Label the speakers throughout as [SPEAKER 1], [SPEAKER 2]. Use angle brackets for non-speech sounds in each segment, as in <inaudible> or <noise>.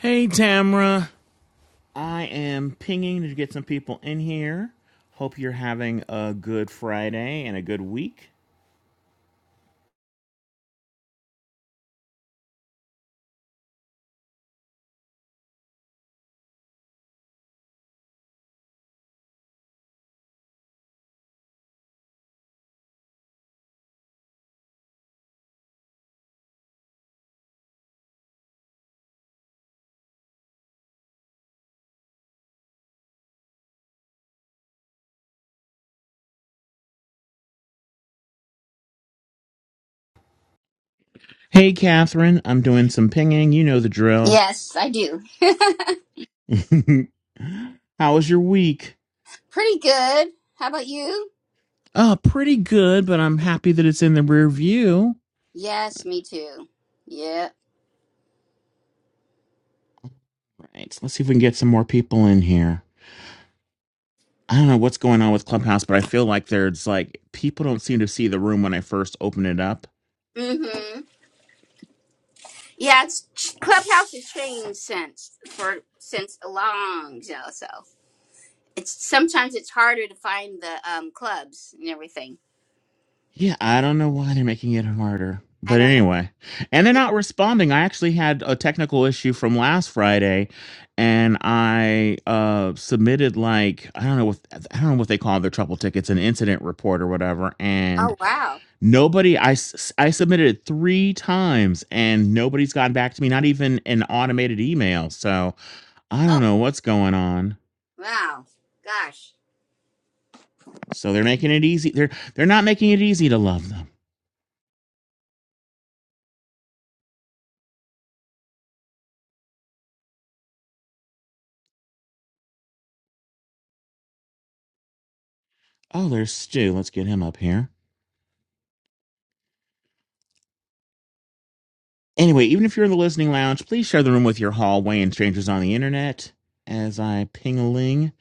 [SPEAKER 1] Hey, Tamra. I am pinging to get some people in here. Hope you're having a good Friday and a good week. Hey, Catherine. I'm doing some pinging. You know the drill.
[SPEAKER 2] Yes, I do.
[SPEAKER 1] <laughs> How was your week?
[SPEAKER 2] Pretty good. How about you?
[SPEAKER 1] Uh, pretty good, but I'm happy that it's in the rear view.
[SPEAKER 2] Yes, me too. Yeah.
[SPEAKER 1] Right. Let's see if we can get some more people in here. I don't know what's going on with Clubhouse, but I feel like there's like people don't seem to see the room when I first open it up.
[SPEAKER 2] Mm-hmm. Yeah, it's Clubhouse has changed since for since a long you know, so it's sometimes it's harder to find the um clubs and everything.
[SPEAKER 1] Yeah, I don't know why they're making it harder.
[SPEAKER 2] I
[SPEAKER 1] But
[SPEAKER 2] don't know.
[SPEAKER 1] anyway, and they're
[SPEAKER 2] Yeah.
[SPEAKER 1] not responding. I actually had a technical issue from last Friday and I uh submitted like I don't know what I don't know what they call their trouble tickets, an incident report or whatever, and
[SPEAKER 2] Oh wow.
[SPEAKER 1] nobody I s- I submitted it 3 times and nobody's gotten back to me, not even an automated email. So, I don't
[SPEAKER 2] Oh
[SPEAKER 1] know what's going on.
[SPEAKER 2] wow. Gosh.
[SPEAKER 1] So they're making it easy. They're they're not making it easy to love them. Oh, there's Stu. Let's get him up here. Anyway, even if you're in the listening lounge, please share the room with your hallway and strangers on the internet. As I ping a ling,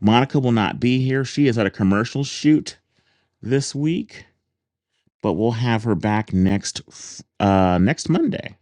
[SPEAKER 1] Monica will not be here. She is at a commercial shoot this week, but we'll have her back next f- uh, next Monday.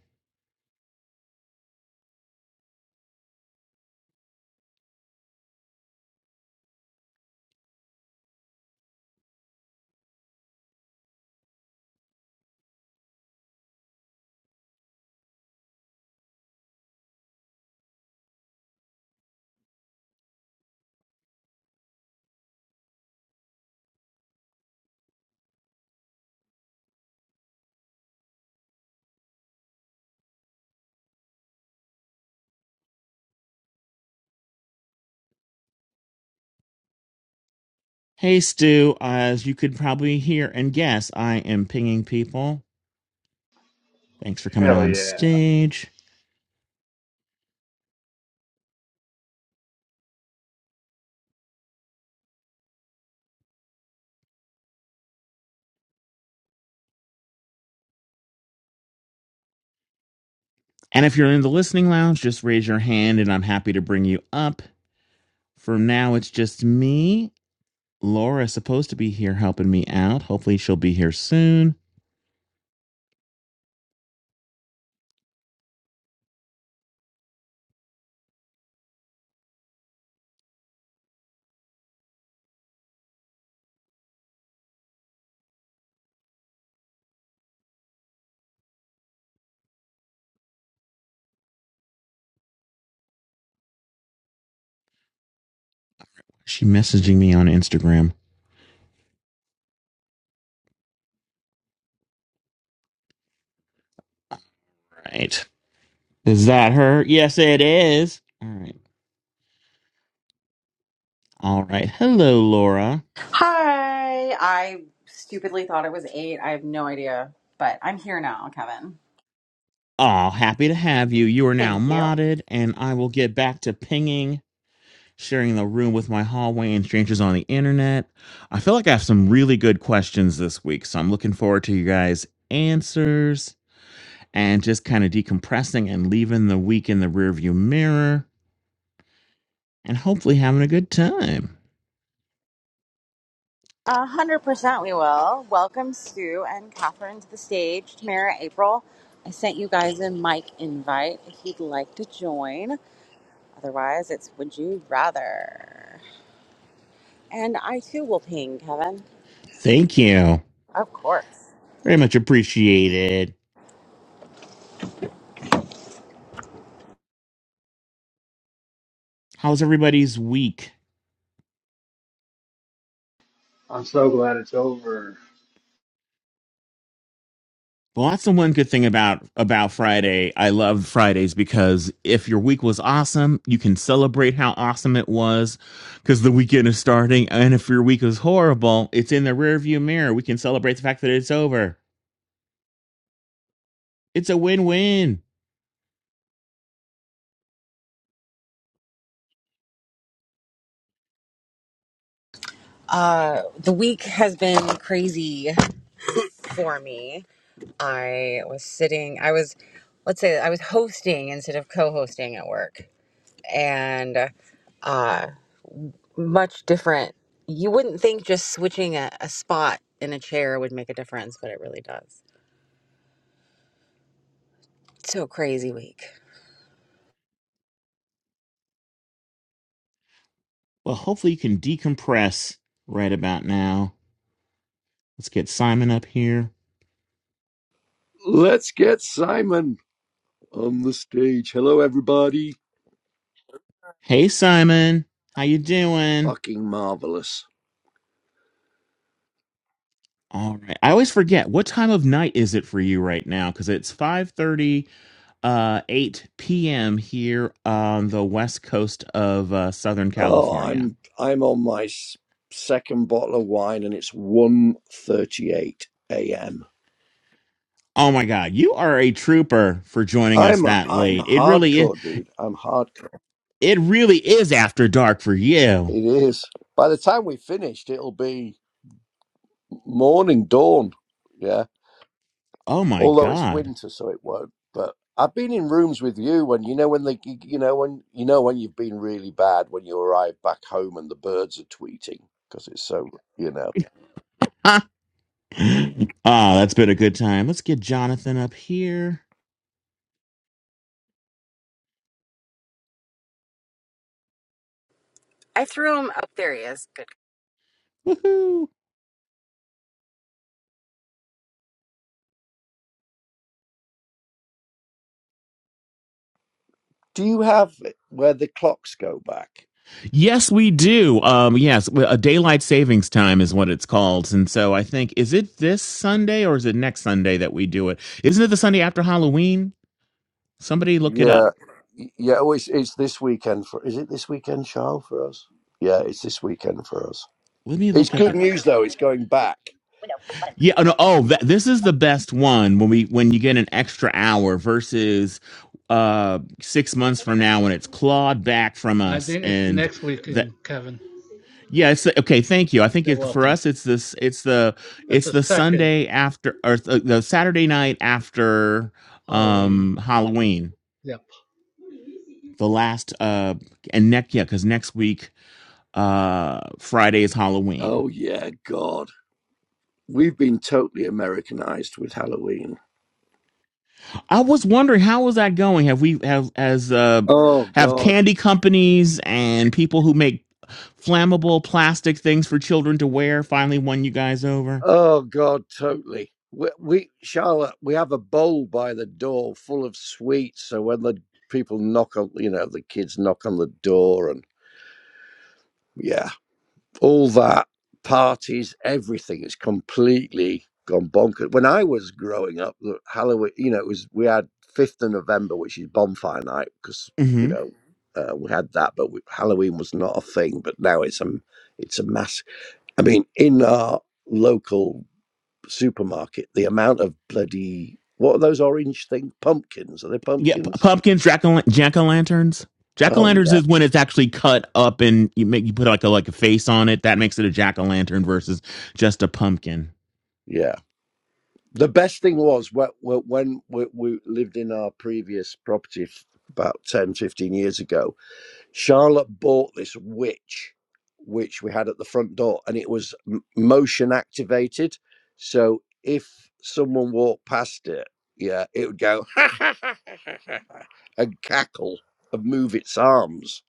[SPEAKER 1] Hey, Stu, as you could probably hear and guess, I am pinging people. Thanks for coming
[SPEAKER 3] Hell
[SPEAKER 1] on
[SPEAKER 3] yeah.
[SPEAKER 1] stage. And if you're in the listening lounge, just raise your hand and I'm happy to bring you up. For now, it's just me Laura is supposed to be here helping me out. Hopefully, she'll be here soon. She messaging me on Instagram. Right. Is that her? Yes, it is. All right. All right. Hello, Laura.
[SPEAKER 4] Hi. I stupidly thought it was eight. I have no idea, but I'm here now, Kevin.
[SPEAKER 1] Oh, happy to have you. You are now
[SPEAKER 4] Thank you.
[SPEAKER 1] modded, and I will get back to pinging, sharing the room with my hallway and strangers on the internet. I feel like I have some really good questions this week, so I'm looking forward to you guys' answers and just kind of decompressing and leaving the week in the rearview mirror. and hopefully having a good time.
[SPEAKER 4] A hundred percent, we will. Welcome Sue and Catherine to the stage. Tamara, April. I sent you guys a mic invite if you'd like to join. Otherwise, it's would you rather. And I too will ping Kevin,
[SPEAKER 1] Thank you.
[SPEAKER 4] of course.
[SPEAKER 1] Very much appreciated. How's everybody's week?
[SPEAKER 3] I'm so glad it's over.
[SPEAKER 1] Well, that's the one good thing about about Friday. I love Fridays because if your week was awesome, you can celebrate how awesome it was because the weekend is starting. And if your week was horrible, it's in the rearview mirror. We can celebrate the fact that it's over. It's a win-win.
[SPEAKER 4] Uh, the week has been crazy. for me. I was sitting, I was, let's say, I was hosting instead of co hosting at work. And uh, much different. You wouldn't think just switching a, a spot in a chair would make a difference, but it really does. So crazy week.
[SPEAKER 1] Well, hopefully you can decompress right about now. Let's get Simon up here.
[SPEAKER 5] Let's get Simon on the stage. Hello, everybody.
[SPEAKER 1] Hey, Simon, how you doing?
[SPEAKER 5] Fucking marvelous.
[SPEAKER 1] All right. I always forget what time of night is it for you right now because it's 5:30 uh 8 p.m. here on the west coast of uh, Southern
[SPEAKER 5] Oh,
[SPEAKER 1] California.
[SPEAKER 5] I'm I'm on my s- second bottle of wine, and it's 1.38 a.m.
[SPEAKER 1] Oh my god, you are a trooper for joining us
[SPEAKER 5] I'm a,
[SPEAKER 1] that
[SPEAKER 5] I'm a
[SPEAKER 1] late. It really is
[SPEAKER 5] hardcore, dude. I'm hardcore.
[SPEAKER 1] it really is after dark for you.
[SPEAKER 5] It is. By the time we finished, it'll be morning, dawn. Yeah.
[SPEAKER 1] Oh my
[SPEAKER 5] although it's
[SPEAKER 1] god.
[SPEAKER 5] winter, so it won't. But I've been in rooms with you when you know when they, you know when you know when you've been really bad when you arrive back home and the birds are tweeting because it's so you know.
[SPEAKER 1] <laughs> Ah, that's been a good time. Let's get Jonathan up here.
[SPEAKER 4] I threw him up. There he is. Good.
[SPEAKER 1] Woohoo.
[SPEAKER 5] Do you have it where the clocks go back?
[SPEAKER 1] Yes, we do. Um, yes, a daylight savings time is what it's called, and so I think is it this Sunday or is it next Sunday that we do it? Isn't it the Sunday after Halloween? Somebody look it up.
[SPEAKER 5] Yeah, Y- yeah. Oh, it's, it's this weekend for. Is it this weekend, Charles, for us? Yeah, it's this weekend for us.
[SPEAKER 1] Let me
[SPEAKER 5] It's
[SPEAKER 1] look up
[SPEAKER 5] good
[SPEAKER 1] it.
[SPEAKER 5] news though. It's going back.
[SPEAKER 1] Yeah. Oh, no, oh that, this is the best one when we when you get an extra hour versus uh six months from now when it's clawed back from
[SPEAKER 6] I
[SPEAKER 1] us
[SPEAKER 6] think it's
[SPEAKER 1] and
[SPEAKER 6] next
[SPEAKER 1] that.
[SPEAKER 6] weekend, Kevin.
[SPEAKER 1] Yeah, it's the, okay. Thank you. I think
[SPEAKER 6] You're
[SPEAKER 1] it, for
[SPEAKER 6] welcome.
[SPEAKER 1] us, it's this. It's the
[SPEAKER 6] It's
[SPEAKER 1] it's
[SPEAKER 6] the
[SPEAKER 1] the
[SPEAKER 6] second
[SPEAKER 1] Sunday after or the, the Saturday night after
[SPEAKER 6] Halloween.
[SPEAKER 1] um Halloween.
[SPEAKER 6] Yep.
[SPEAKER 1] The last uh and next yeah, because next week uh Friday is Halloween.
[SPEAKER 5] Oh yeah, God, we've been totally Americanized with Halloween.
[SPEAKER 1] I was wondering how was that going? Have we have as uh
[SPEAKER 5] Oh
[SPEAKER 1] have
[SPEAKER 5] God.
[SPEAKER 1] candy companies and people who make flammable plastic things for children to wear finally won you guys over?
[SPEAKER 5] Oh God, totally. We, we, Charlotte, we have a bowl by the door full of sweets. So when the people knock on, you know, the kids knock on the door, and yeah, all that parties, everything is completely gone bonkers. When I was growing up, the Halloween, you know, it was we had fifth of November, which is bonfire night, because
[SPEAKER 1] hmm
[SPEAKER 5] you know. Uh, we had that, but we, Halloween was not a thing. But now it's a, it's a mass. I mean, in our local supermarket, the amount of bloody what are those orange things? Pumpkins? Are they
[SPEAKER 1] Yeah, p-
[SPEAKER 5] pumpkins?
[SPEAKER 1] pumpkins, jack o' jack o' lanterns. Jack o'
[SPEAKER 5] Oh
[SPEAKER 1] lanterns
[SPEAKER 5] yeah,
[SPEAKER 1] is when it's actually cut up and you make you put like a like a face on it. That makes it a jack o' lantern versus just a pumpkin.
[SPEAKER 5] yeah. The best thing was wh- wh- when we, we lived in our previous property f- about 10, 15 years ago. Charlotte bought this witch, which we had at the front door, and it was m- motion activated. So if someone walked past it, yeah, it would go <laughs> and cackle and move its arms.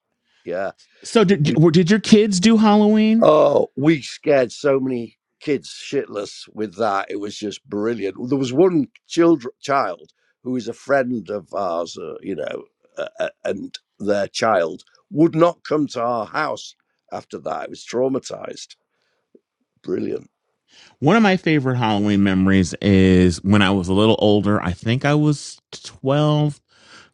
[SPEAKER 5] Yeah
[SPEAKER 1] So did did your kids do Halloween?
[SPEAKER 5] Oh, we scared so many kids shitless with that. It was just brilliant. There was one children, child who is a friend of ours, uh, you know, uh, uh, and their child would not come to our house after that. It was traumatized. Brilliant.
[SPEAKER 1] One of my favorite Halloween memories is when I was a little older. I think I was 12,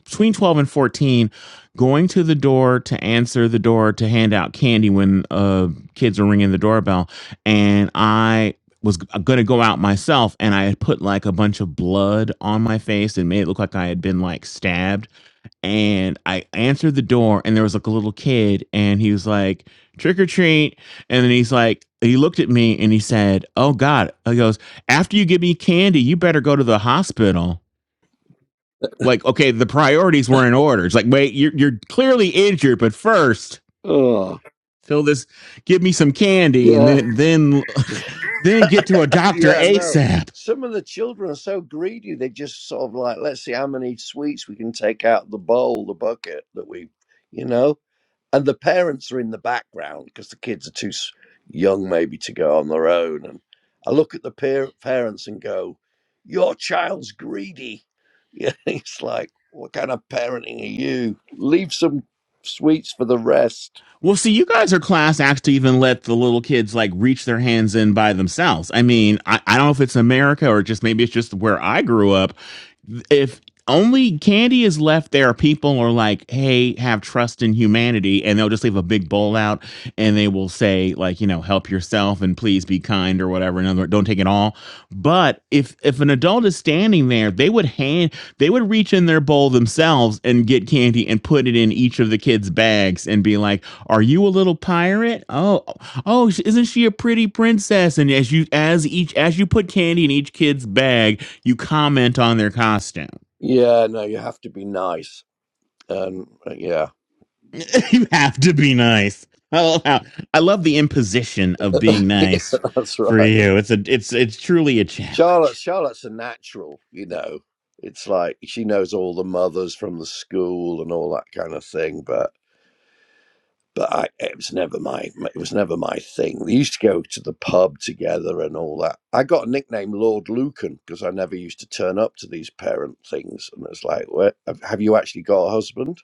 [SPEAKER 1] between 12 and 14, going to the door to answer the door to hand out candy when uh, kids were ringing the doorbell. And I was going to go out myself and I had put like a bunch of blood on my face and made it look like I had been like stabbed and I answered the door, and there was like a little kid, and he was like, "Trick or treat!" And then he's like, he looked at me and he said, "Oh God!" He goes, "After you give me candy, you better go to the hospital." Like, okay, the priorities were in order. It's like, wait, you're you're clearly injured, but first,
[SPEAKER 5] Oh,
[SPEAKER 1] fill this, give me some candy, and
[SPEAKER 5] yeah.
[SPEAKER 1] then then <laughs> then get to a
[SPEAKER 5] <laughs>
[SPEAKER 1] doctor
[SPEAKER 5] yeah, no.
[SPEAKER 1] asap.
[SPEAKER 5] Some of the children are so greedy, they just sort of like, let's see how many sweets we can take out the bowl, the bucket that we, you know. And the parents are in the background because the kids are too s- young, maybe, to go on their own. And I look at the peer- parents and go, Your child's greedy. <laughs> Yeah, it's like, What kind of parenting are you? Leave some sweets for the rest.
[SPEAKER 1] Well, see, you guys are class acts to even let the little kids like reach their hands in by themselves. I mean, I, I don't know if it's America or just maybe it's just where I grew up. If only candy is left there, people are like, hey, have trust in humanity. And they'll just leave a big bowl out and they will say, like, you know, help yourself and please be kind or whatever. In other words, don't take it all. But if if an adult is standing there, they would hand they would reach in their bowl themselves and get candy and put it in each of the kids' bags and be like, "Are you a little pirate? Oh, oh, isn't she a pretty princess?" And as you as each as you put candy in each kid's bag, you comment on their costume.
[SPEAKER 5] Yeah, no, you have to be nice. And uh, yeah,
[SPEAKER 1] <laughs> you have to be nice. I love, how, I love the imposition of being nice
[SPEAKER 5] <laughs> that's
[SPEAKER 1] for
[SPEAKER 5] right.
[SPEAKER 1] you. It's a it's it's truly a
[SPEAKER 5] Charlotte,
[SPEAKER 1] challenge.
[SPEAKER 5] Charlotte's a natural, you know. It's like she knows all the mothers from the school and all that kind of thing. But but I, it was never my it was never my thing. We used to go to the pub together and all that. I got a nickname Lord Lucan because I never used to turn up to these parent things. And it's like, Where, have you actually got a husband?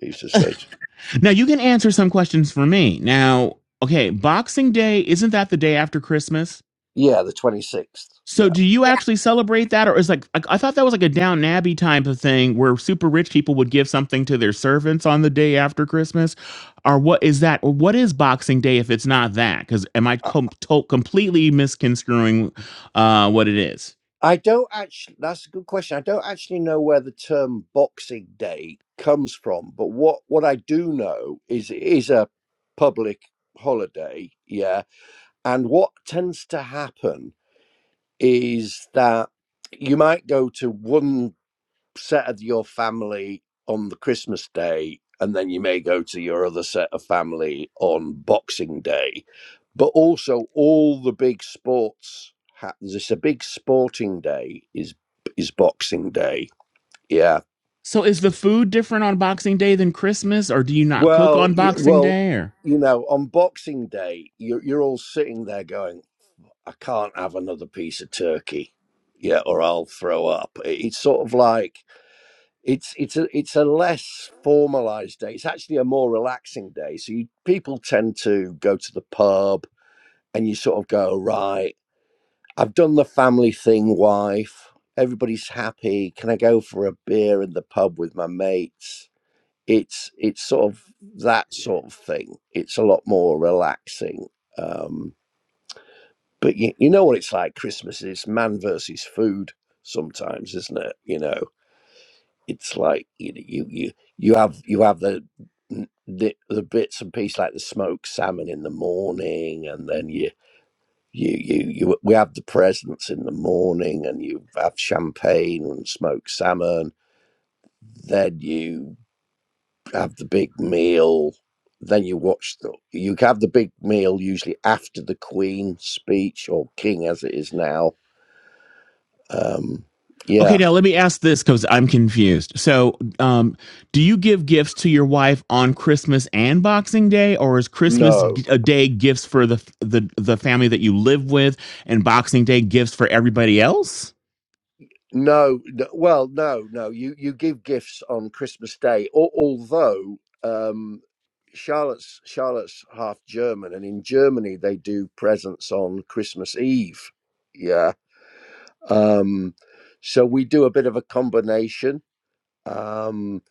[SPEAKER 5] He used to say, to-
[SPEAKER 1] Now you can answer some questions for me. Now, okay, Boxing Day isn't that the day after Christmas?
[SPEAKER 5] Yeah, the twenty sixth.
[SPEAKER 1] So do you
[SPEAKER 2] Yeah.
[SPEAKER 1] actually celebrate that, or is like I, I thought that was like a Down Abbey type of thing where super rich people would give something to their servants on the day after Christmas, or what is that, or what is Boxing Day if it's not that? Because am I com- to- completely misconstruing uh, what it is?
[SPEAKER 5] I don't actually. That's a good question. I don't actually know where the term Boxing Day comes from, but what what I do know is it is a public holiday. Yeah, and what tends to happen is that you might go to one set of your family on the Christmas day, and then you may go to your other set of family on Boxing Day but also all the big sports happens. It's a big sporting day. Is is Boxing Day? Yeah.
[SPEAKER 1] So is the food different on Boxing Day than Christmas, or do you not cook
[SPEAKER 5] Well,
[SPEAKER 1] on
[SPEAKER 5] y-
[SPEAKER 1] Boxing
[SPEAKER 5] well,
[SPEAKER 1] Day? Or
[SPEAKER 5] you know, on Boxing Day, you're you're all sitting there going, "I can't have another piece of turkey, yeah, or I'll throw up." It- It's sort of like it's it's a it's a less formalized day. It's actually a more relaxing day. So you, people tend to go to the pub, and you sort of go right. I've done the family thing, wife. Everybody's happy. Can I go for a beer in the pub with my mates? It's it's sort of that sort of thing. It's a lot more relaxing. Um, but you, you know what it's like. Christmas is man versus food sometimes, isn't it? You know, it's like you you you, you have you have the the, the bits and pieces like the smoked salmon in the morning, and then you you you you we have the presents in the morning and you have champagne and smoked salmon then you have the big meal then you watch the you have the big meal usually after the queen speech or king as it is now um
[SPEAKER 1] Okay,
[SPEAKER 5] yeah
[SPEAKER 1] now let me ask this because I'm confused. So, um, do you give gifts to your wife on Christmas and Boxing Day, or is Christmas
[SPEAKER 5] no,
[SPEAKER 1] g- a day gifts for the the the family that you live with, and Boxing Day gifts for everybody else?
[SPEAKER 5] No, no, well, no, no. You you give gifts on Christmas Day, al- although um, Charlotte's Charlotte's half German, and in Germany they do presents on Christmas Eve. Yeah, um, so we do a bit of a combination, um,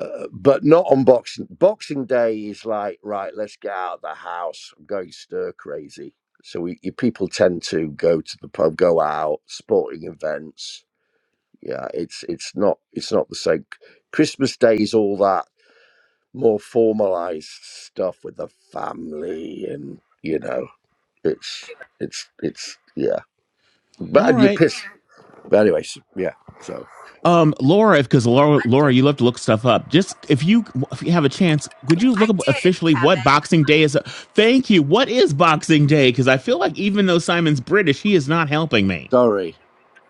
[SPEAKER 5] uh, but not on Boxing Boxing Day. Is like right, let's get out of the house. I'm going stir crazy. So we, you people tend to go to the pub, go out, sporting events yeah it's it's not it's not the same christmas day is all that more formalized stuff with the family and you know it's it's it's yeah but
[SPEAKER 1] All
[SPEAKER 5] and you
[SPEAKER 1] right.
[SPEAKER 5] piss but anyways yeah so
[SPEAKER 1] Um, Laura, because Laura, Laura, you love to look stuff up. Just if you if you have a chance, could you
[SPEAKER 4] I
[SPEAKER 1] look up
[SPEAKER 4] did,
[SPEAKER 1] officially what
[SPEAKER 4] Kevin.
[SPEAKER 1] Boxing Day is? Thank you. What is Boxing Day? Because I feel like even though Simon's British, he is not helping me.
[SPEAKER 5] sorry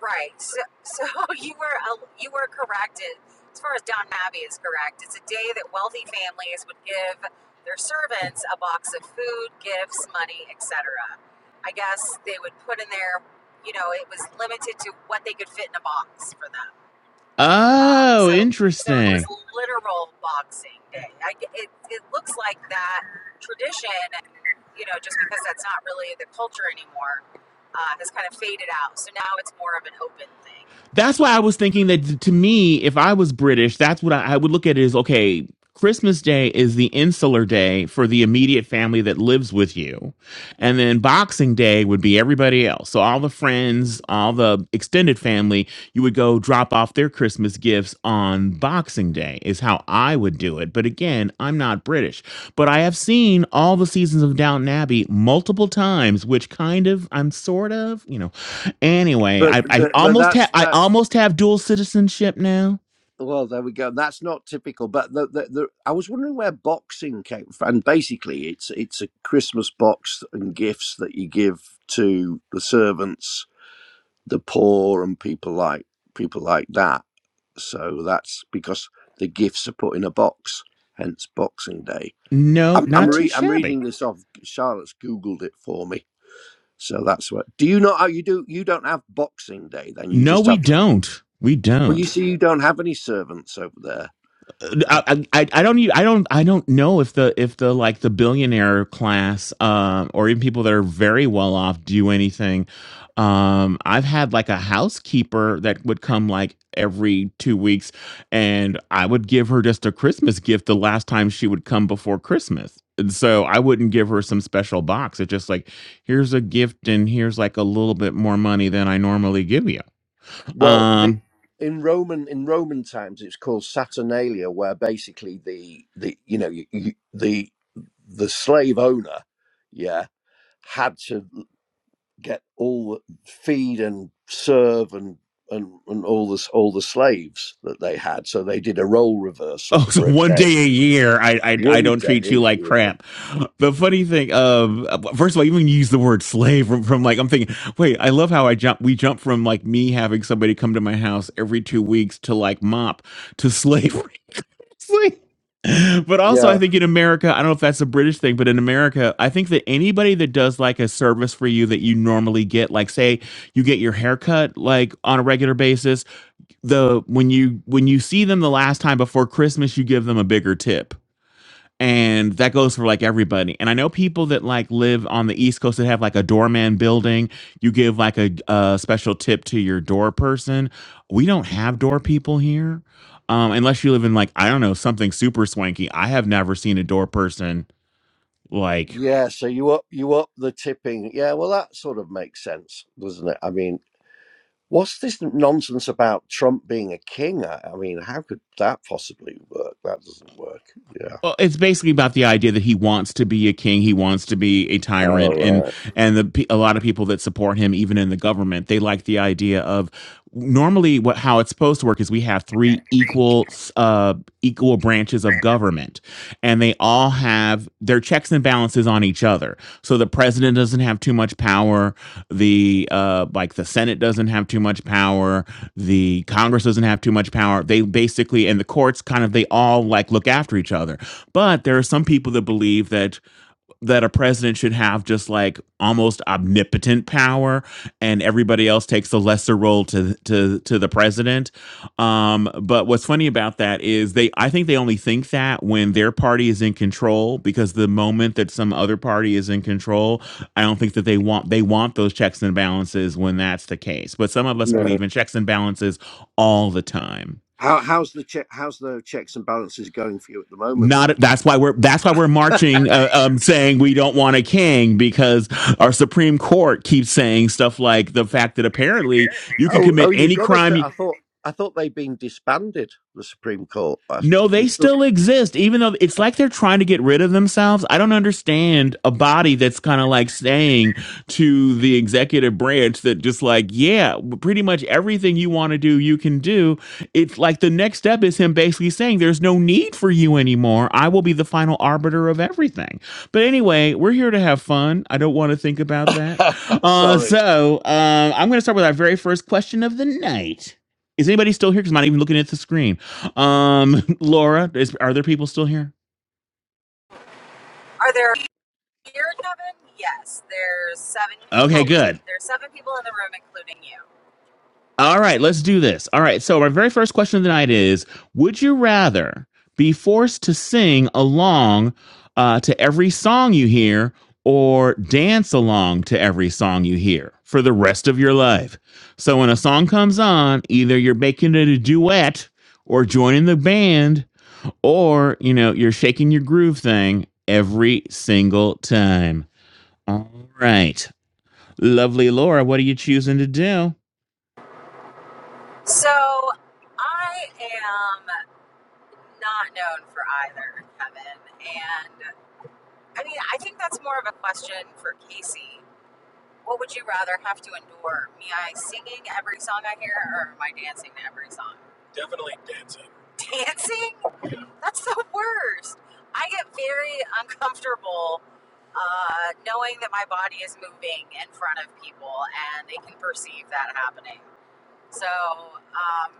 [SPEAKER 4] Right. So, so <laughs> you were a- you were corrected as far as Don Mabby is correct. It's a day that wealthy families would give their servants a box of food, gifts, money, etc. I guess they would put in there, you know, it was limited to what they could fit in a box for them. Um,
[SPEAKER 1] Oh,
[SPEAKER 4] so so it was
[SPEAKER 1] interesting.
[SPEAKER 4] literal Boxing Day. I, g- it it looks like that tradition, you know, just because that's not really the culture anymore, uh, has kind of faded out. So now it's more of an open thing.
[SPEAKER 1] That's why I was thinking that to me, if I was British, that's what I, I would look at it as okay, Christmas Day is the insular day for the immediate family that lives with you. And then Boxing Day would be everybody else. So all the friends, all the extended family, you would go drop off their Christmas gifts on Boxing Day, is how I would do it. But again, I'm not British. But I have seen all the seasons of Downton Abbey multiple times, which kind of, I'm sort of, you know, Anyway,
[SPEAKER 5] but
[SPEAKER 1] I, I
[SPEAKER 5] but, but
[SPEAKER 1] almost have
[SPEAKER 5] that's
[SPEAKER 1] I
[SPEAKER 5] that's
[SPEAKER 1] almost have dual citizenship now.
[SPEAKER 5] well there we go that's not typical but the, the, the, i was wondering where boxing came from and basically it's it's a christmas box and gifts that you give to the servants the poor and people like people like that So that's because the gifts are put in a box, hence Boxing Day.
[SPEAKER 1] No,
[SPEAKER 5] I'm I'm,
[SPEAKER 1] not too
[SPEAKER 5] re- I'm
[SPEAKER 1] shabby.
[SPEAKER 5] reading this off. Charlotte's googled it for me, so that's what. Do you not? oh, You do? You don't have Boxing Day? Then you
[SPEAKER 1] No,
[SPEAKER 5] just
[SPEAKER 1] we
[SPEAKER 5] have.
[SPEAKER 1] don't. We
[SPEAKER 5] Well, you
[SPEAKER 1] don't.
[SPEAKER 5] see, you don't have any servants over there. Uh,
[SPEAKER 1] I, I I don't even I don't I don't know if the if the like the billionaire class um or even people that are very well off do anything. Um I've had like a housekeeper that would come like every 2 weeks and I would give her just a Christmas gift the last time she would come before Christmas. And so I wouldn't give her some special box. It's just like here's a gift and here's like a little bit more money than I normally give you.
[SPEAKER 5] well, the,
[SPEAKER 1] Um
[SPEAKER 5] in Roman in Roman times, it's called Saturnalia, where basically the the you know you, you, the the slave owner, yeah, had to get all the feed and serve and and, and all this all the slaves that they had. So they did a role
[SPEAKER 1] Oh,
[SPEAKER 5] reversal
[SPEAKER 1] so
[SPEAKER 5] for a
[SPEAKER 1] one
[SPEAKER 5] day.
[SPEAKER 1] day a year, I, I I
[SPEAKER 5] One
[SPEAKER 1] don't treat you
[SPEAKER 5] day,
[SPEAKER 1] like
[SPEAKER 5] yeah,
[SPEAKER 1] crap. The funny thing, um, first of all, even use the word slave from, from like I'm thinking. Wait, I love how I jump. We jump from like me having somebody come to my house every two weeks to like mop to slavery. <laughs> It's like- but also, I
[SPEAKER 5] yeah,
[SPEAKER 1] think in America, I don't know if that's a British thing, but in America, I think that anybody that does like a service for you that you normally get, like say you get your haircut like on a regular basis, the when you when you see them the last time before Christmas, you give them a bigger tip. And that goes for like everybody. And I know people that like live on the East Coast that have like a doorman building. You give like a, a special tip to your door person. We don't have door people here, um, unless you live in like I don't know something super swanky. I have never seen a door person like
[SPEAKER 5] yeah. So you up you up the tipping. Yeah, well that sort of makes sense, doesn't it? I mean, what's this nonsense about Trump being a king? I, I mean, how could that possibly work? That doesn't work. Yeah.
[SPEAKER 1] Well, it's basically about the idea that he wants to be a king, he wants to be a
[SPEAKER 5] Oh
[SPEAKER 1] tyrant, and
[SPEAKER 5] right.
[SPEAKER 1] and the a lot of people that support him, even in the government, they like the idea of normally what how it's supposed to work is we have three equal uh equal branches of government, and they all have their checks and balances on each other. So the president doesn't have too much power, the uh like the Senate doesn't have too much power, the Congress doesn't have too much power. They basically and the courts kind of they all like look after each other. But there are some people that believe that that a president should have just like almost omnipotent power, and everybody else takes a lesser role to to to the president. Um, but what's funny about that is they I think they only think that when their party is in control, because the moment that some other party is in control, I don't think that they want they want those checks and balances when that's the case. But some of us
[SPEAKER 5] No.
[SPEAKER 1] believe in checks and balances all the time.
[SPEAKER 5] How how's the che- how's the checks and balances going for you at the moment then?
[SPEAKER 1] not that's why we're that's why we're
[SPEAKER 5] <laughs>
[SPEAKER 1] marching uh, um saying we don't want a king because our supreme court keeps saying stuff like the fact that apparently you can
[SPEAKER 5] Oh,
[SPEAKER 1] commit
[SPEAKER 5] oh, you've
[SPEAKER 1] any
[SPEAKER 5] got to <laughs> say.
[SPEAKER 1] crime
[SPEAKER 5] I thought, I thought they'd been disbanded. The Supreme Court. I,
[SPEAKER 1] No,
[SPEAKER 5] you,
[SPEAKER 1] they still exist, even though it's like they're trying to get rid of themselves. I don't understand a body that's kind of like saying to the executive branch that just like, yeah, pretty much everything you want to do, you can do. It's like the next step is him basically saying, there's no need for you anymore. I will be the final arbiter of everything. But anyway, we're here to have fun. I don't want to think about that.
[SPEAKER 5] <laughs>
[SPEAKER 1] Uh,
[SPEAKER 5] sorry.
[SPEAKER 1] so uh, I'm going to start with our very first question of the night. Is anybody still here? Because I'm not even looking at the screen. Um, <laughs> Laura, is are there people still here?
[SPEAKER 4] Are there here, Kevin? Yes, there's seven
[SPEAKER 1] Okay,
[SPEAKER 4] people.
[SPEAKER 1] good.
[SPEAKER 4] There's seven people in the room, including you.
[SPEAKER 1] All right, let's do this. All right, so our very first question of the night is: Would you rather be forced to sing along uh, to every song you hear, or dance along to every song you hear for the rest of your life? So when a song comes on, either you're making it a duet, or joining the band, or you know you're shaking your groove thing every single time. All right. Lovely Laura, what are you choosing to do?
[SPEAKER 4] So I am not known for either, Kevin. And I mean, I think that's more of a question for Casey. What would you rather have to endure? Me I singing every song I hear or my dancing to every song? Definitely dancing. That's the worst. I get very uncomfortable uh, knowing that my body is moving in front of people and they can perceive that happening. So, um,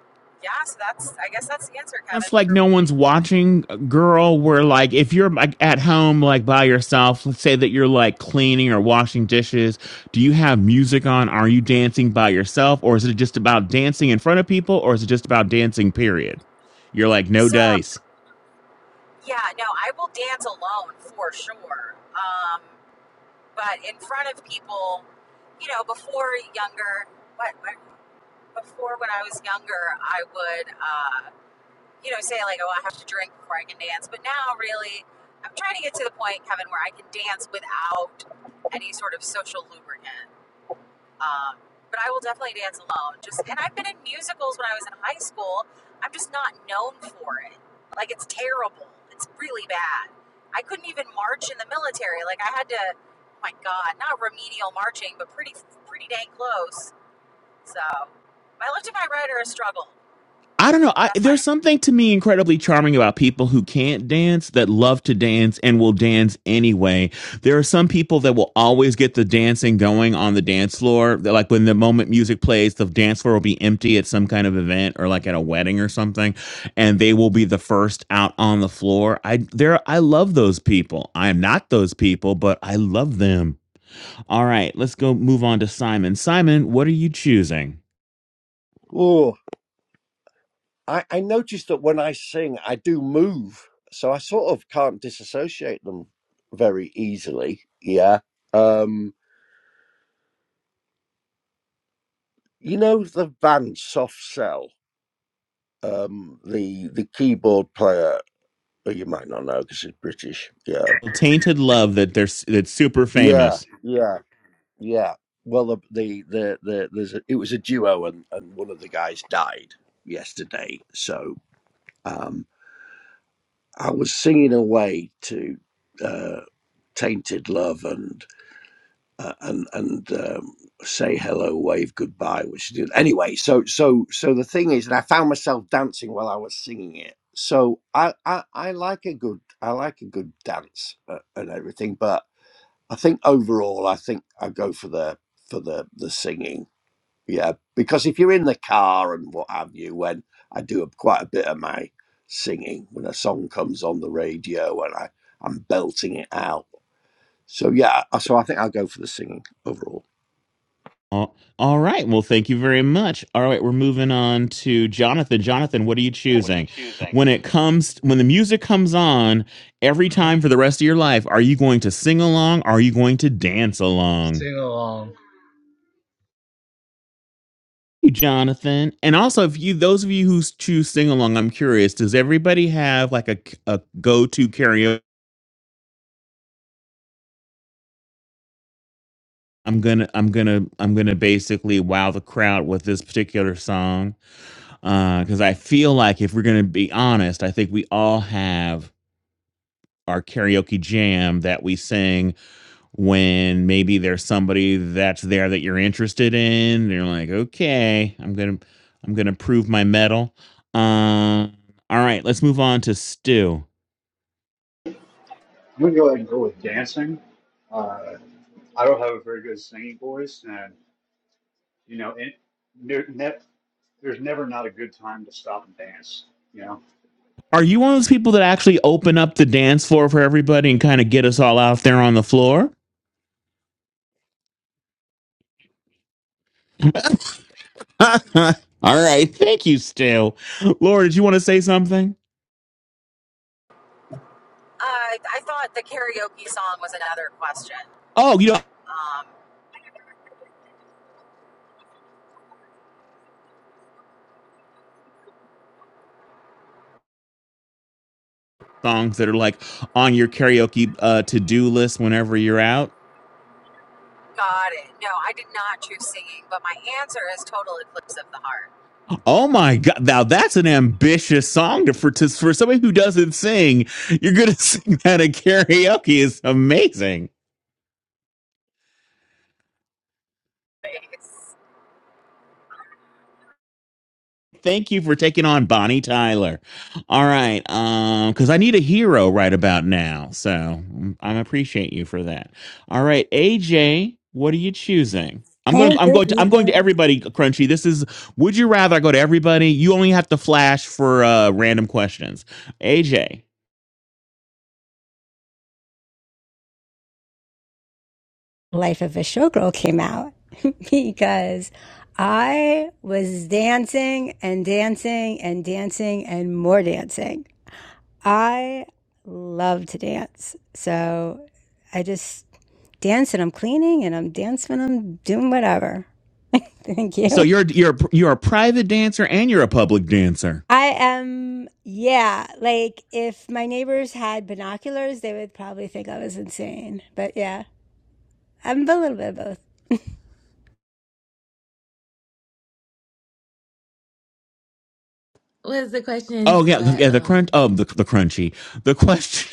[SPEAKER 4] yeah, so that's, I guess that's the answer, Kevin,
[SPEAKER 1] It's like
[SPEAKER 4] for
[SPEAKER 1] no
[SPEAKER 4] me.
[SPEAKER 1] one's watching, uh, girl. Where like if you're like at home, like by yourself, let's say that you're like cleaning or washing dishes. Do you have music on? Are you dancing by yourself, or is it just about dancing in front of people, or is it just about dancing? Period. You're like no
[SPEAKER 4] So,
[SPEAKER 1] dice.
[SPEAKER 4] yeah, no, I will dance alone for sure. Um, but in front of people, you know, before younger, but before when I was younger, I would. uh, you know, say like, oh, I have to drink before I can dance. But now, really, I'm trying to get to the point, Kevin, where I can dance without any sort of social lubricant. Um, but I will definitely dance alone. Just and I've been in musicals when I was in high school. I'm just not known for it. Like it's terrible. It's really bad. I couldn't even march in the military. Like I had to. Oh my God, not remedial marching, but pretty pretty dang close. So my left and my right are a struggle.
[SPEAKER 1] I don't know. I,
[SPEAKER 4] That's my
[SPEAKER 1] there's something to me incredibly charming about people who can't dance that love to dance and will dance anyway. There are some people that will always get the dancing going on the dance floor. They're Like when the moment music plays, the dance floor will be empty at some kind of event or like at a wedding or something, and they will be the first out on the floor. I there I love those people. I am not those people, but I love them. All right, let's go move on to Simon. Simon, what are you choosing?
[SPEAKER 5] Oh, I, I noticed that when I sing, I do move, so I sort of can't disassociate them very easily. Yeah. Um, you know the band Soft Cell. Um, the the keyboard player. oh, You might not know because he's British. Yeah.
[SPEAKER 1] Tainted love that they're s- that's super
[SPEAKER 5] Yeah.
[SPEAKER 1] famous.
[SPEAKER 5] Yeah. Yeah. Well, the the the, the there's a, it was a duo, and and one of the guys died yesterday. So um, I was singing away to uh, "Tainted Love" and uh, and and um, "Say Hello, Wave Goodbye," which did anyway. So so so the thing is, and I found myself dancing while I was singing it. So I I, I like a good I like a good dance uh, and everything, but I think overall, I think I go for the for the the singing Yeah, because if you're in the car and what have you, when I do quite a bit of my singing, when a song comes on the radio and I, I'm belting it out. So yeah, I- so I think I'll go for the singing overall.
[SPEAKER 1] All, all right. Well, thank you very much. All right, we're moving on to Jonathan. Jonathan, what are you
[SPEAKER 6] And What are
[SPEAKER 1] choosing? When it comes, when the music comes on every
[SPEAKER 6] Uh-huh.
[SPEAKER 1] time for the rest of your life, are you going to sing along? Are you going to dance along?
[SPEAKER 6] Sing along.
[SPEAKER 1] You, Jonathan. And also, if you, those of you who choose sing along, I'm curious, does everybody have like a, a go to karaoke? I'm gonna I'm gonna I'm gonna basically wow the crowd with this particular song because I feel like if we're gonna be honest, I think we all have our karaoke jam that we sing when maybe there's somebody that's there that you're interested in. And you're like, okay, I'm gonna I'm gonna prove my metal. Um, all right, let's move on to Stu.
[SPEAKER 3] I'm gonna go ahead and go with dancing. Uh, I don't have a very good singing voice, and you know, it, there, ne- there's never not a good time to stop and dance. You know.
[SPEAKER 1] Are you one of those people that actually open up the dance floor for everybody and kind of get us all out there on the floor? <laughs> All right. Thank you, Stu. Laura, did you want to say something?
[SPEAKER 4] Uh, I thought the karaoke song was another question.
[SPEAKER 1] Oh, you know
[SPEAKER 4] Um,
[SPEAKER 1] songs that are like on your karaoke uh, to-do list whenever you're out.
[SPEAKER 4] got it. No, I did not choose singing, but my answer is Total Eclipse of the Heart.
[SPEAKER 1] Oh my god, now that's an ambitious song to, for to, for somebody who doesn't sing. You're gonna <laughs> sing that at karaoke is amazing.
[SPEAKER 4] It's-
[SPEAKER 1] Thank you for taking on Bonnie Tyler. All right, um, because I need a hero right about now, so mm, I appreciate you for that. All right, AJ, what are you choosing? I'm going.
[SPEAKER 7] Hey,
[SPEAKER 1] I'm
[SPEAKER 7] good
[SPEAKER 1] going to. I'm going to
[SPEAKER 7] evening.
[SPEAKER 1] everybody. Crunchy. This is. Would you rather I go to everybody? You only have to flash for uh, random questions. AJ,
[SPEAKER 7] Life of a Showgirl came out <laughs> because I was dancing and dancing and dancing and more dancing. I love to dance. So I just dance and I'm cleaning and I'm dancing and I'm doing whatever. <laughs> Thank
[SPEAKER 1] so
[SPEAKER 7] you.
[SPEAKER 1] you're you're you're a private dancer and you're a public dancer.
[SPEAKER 7] I am, yeah, like if my neighbors had binoculars, they would probably think I was insane. But yeah, I'm a little bit of both.
[SPEAKER 8] What's the question?
[SPEAKER 1] Oh yeah,
[SPEAKER 8] Do I
[SPEAKER 1] yeah. The crunch.
[SPEAKER 8] um
[SPEAKER 1] Oh the the crunchy. The question.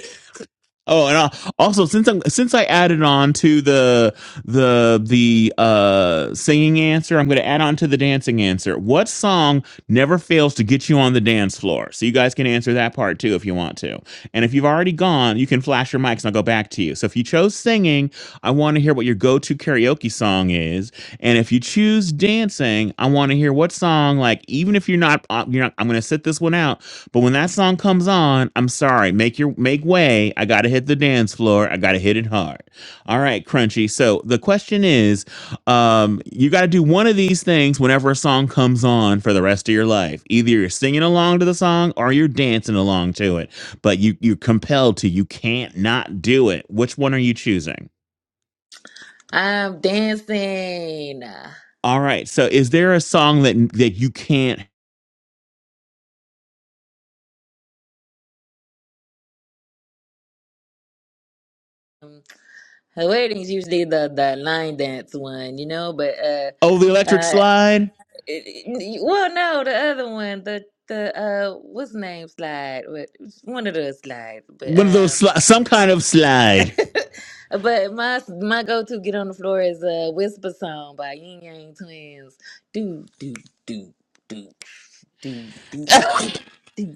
[SPEAKER 1] Oh, and uh, also since I'm since I added on to the the the uh singing answer, I'm going to add on to the dancing answer. What song never fails to get you on the dance floor? So you guys can answer that part too if you want to. And if you've already gone, you can flash your mics and I'll go back to you. So if you chose singing, I want to hear what your go-to karaoke song is. And if you choose dancing, I want to hear what song like even if you're not uh, you're not I'm going to sit this one out but when that song comes on, I'm sorry, make your make way. I gotta hit the dance floor. I gotta hit it hard. All right, Crunchy. So the question is, um, you gotta do one of these things whenever a song comes on for the rest of your life. Either you're singing along to the song or you're dancing along to it. But you you're compelled to. You can't not do it. Which one are you choosing?
[SPEAKER 8] I'm dancing.
[SPEAKER 1] All right. So is there a song that that you can't?
[SPEAKER 8] Um, her wedding's usually the the line dance one, you know, but uh
[SPEAKER 1] Oh, the electric
[SPEAKER 8] uh
[SPEAKER 1] slide.
[SPEAKER 8] it- it- well no, the other one, the the uh what's the name slide? What one of those slides. But
[SPEAKER 1] One of
[SPEAKER 8] um,
[SPEAKER 1] those sli- some kind of slide.
[SPEAKER 8] <laughs> But my my go to get on the floor is a whisper song by Yin Yang Twins. Do do do do do do do. do.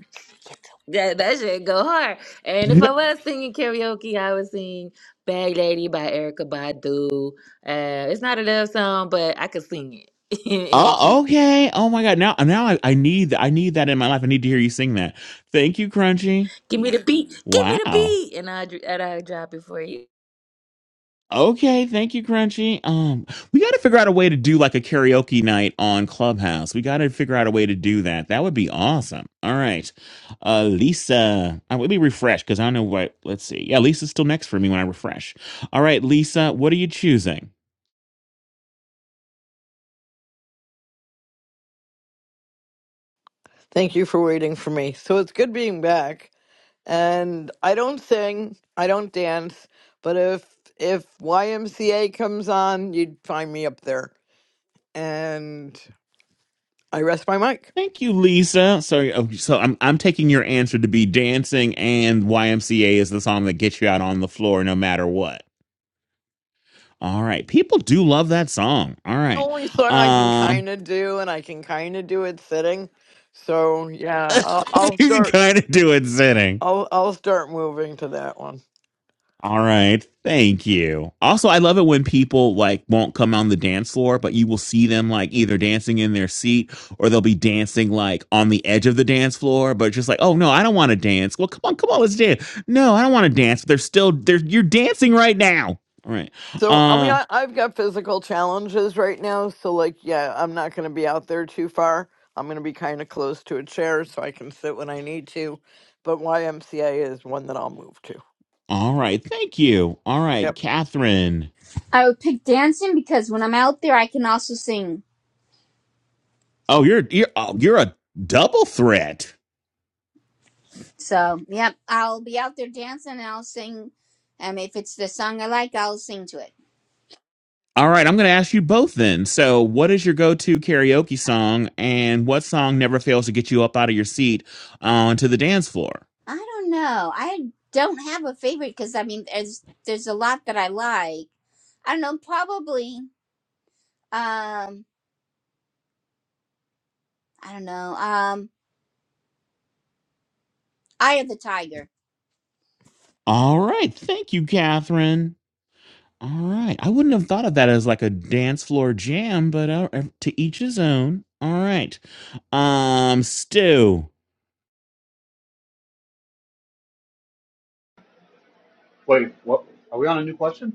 [SPEAKER 8] That that shit go hard. And
[SPEAKER 1] <laughs>
[SPEAKER 8] if I was singing karaoke, I would sing "Bag Lady" by Erica Badu. Uh, it's not a love song, but I could sing it <laughs> in, in key.
[SPEAKER 1] Oh, okay. Oh my God. Now, now I, I need I need that in my life. I need to hear you sing that. Thank you, Crunchy.
[SPEAKER 8] Give me the beat, give me the
[SPEAKER 1] Wow.
[SPEAKER 8] beat, and I and I drop it for you.
[SPEAKER 1] Okay. Thank you, Crunchy. Um, we got to figure out a way to do like a karaoke night on Clubhouse. We got to figure out a way to do that. That would be awesome. All right. Uh, Lisa, I let me refresh because I don't know what. Let's see. Yeah, Lisa's still next for me when I refresh. All right, Lisa, what are you choosing?
[SPEAKER 9] Thank you for waiting for me. So it's good being back. And I don't sing, I don't dance, but if if YMCA comes on, you'd find me up there. And I rest my mic.
[SPEAKER 1] Thank you, Lisa. So, oh, so I'm I'm taking your answer to be dancing and YMCA is the song that gets you out on the floor no matter what. All right, people do love that song. All
[SPEAKER 9] The
[SPEAKER 1] right,
[SPEAKER 9] only song I can
[SPEAKER 1] um,
[SPEAKER 9] kind of do, and I can kind of do it sitting. So
[SPEAKER 1] <laughs>
[SPEAKER 9] yeah, I'll, I'll
[SPEAKER 1] you can
[SPEAKER 9] start.
[SPEAKER 1] kind of do it sitting.
[SPEAKER 9] I'll I'll start moving to that one.
[SPEAKER 1] All right. Thank you. Also, I love it when people like won't come on the dance floor, but you will see them like either dancing in their seat or they'll be dancing like on the edge of the dance floor, but just like, oh no, I don't want to dance. Well, come on, come on, let's dance. No, I don't want to dance. But They're still they're you're dancing right now. All right.
[SPEAKER 9] So, I mean,
[SPEAKER 1] Uh
[SPEAKER 9] I, I've got physical challenges right now. So, like, yeah, I'm not going to be out there too far. I'm going to be kind of close to a chair so I can sit when I need to. But YMCA is one that I'll move to.
[SPEAKER 1] all right. Thank you. All right,
[SPEAKER 9] Yep.
[SPEAKER 1] Catherine.
[SPEAKER 2] I would pick dancing because when I'm out there I can also sing.
[SPEAKER 1] Oh, you're you're oh, you're a double threat.
[SPEAKER 2] So yep, I'll be out there dancing and I'll sing um if it's the song I like, I'll sing to it.
[SPEAKER 1] All right, I'm going to ask you both then. So, what is your go-to karaoke song, and what song never fails to get you up out of your seat onto the dance floor?
[SPEAKER 2] I don't know. I don't have a favorite because I mean, there's there's a lot that I like. I don't know. Probably. Um. I don't know. Um. Eye of the Tiger.
[SPEAKER 1] All right, thank you, Catherine. All right, I wouldn't have thought of that as like a dance floor jam, but uh, to each his own. All right, um, Stu,
[SPEAKER 3] Wait, what? Are we on a new question?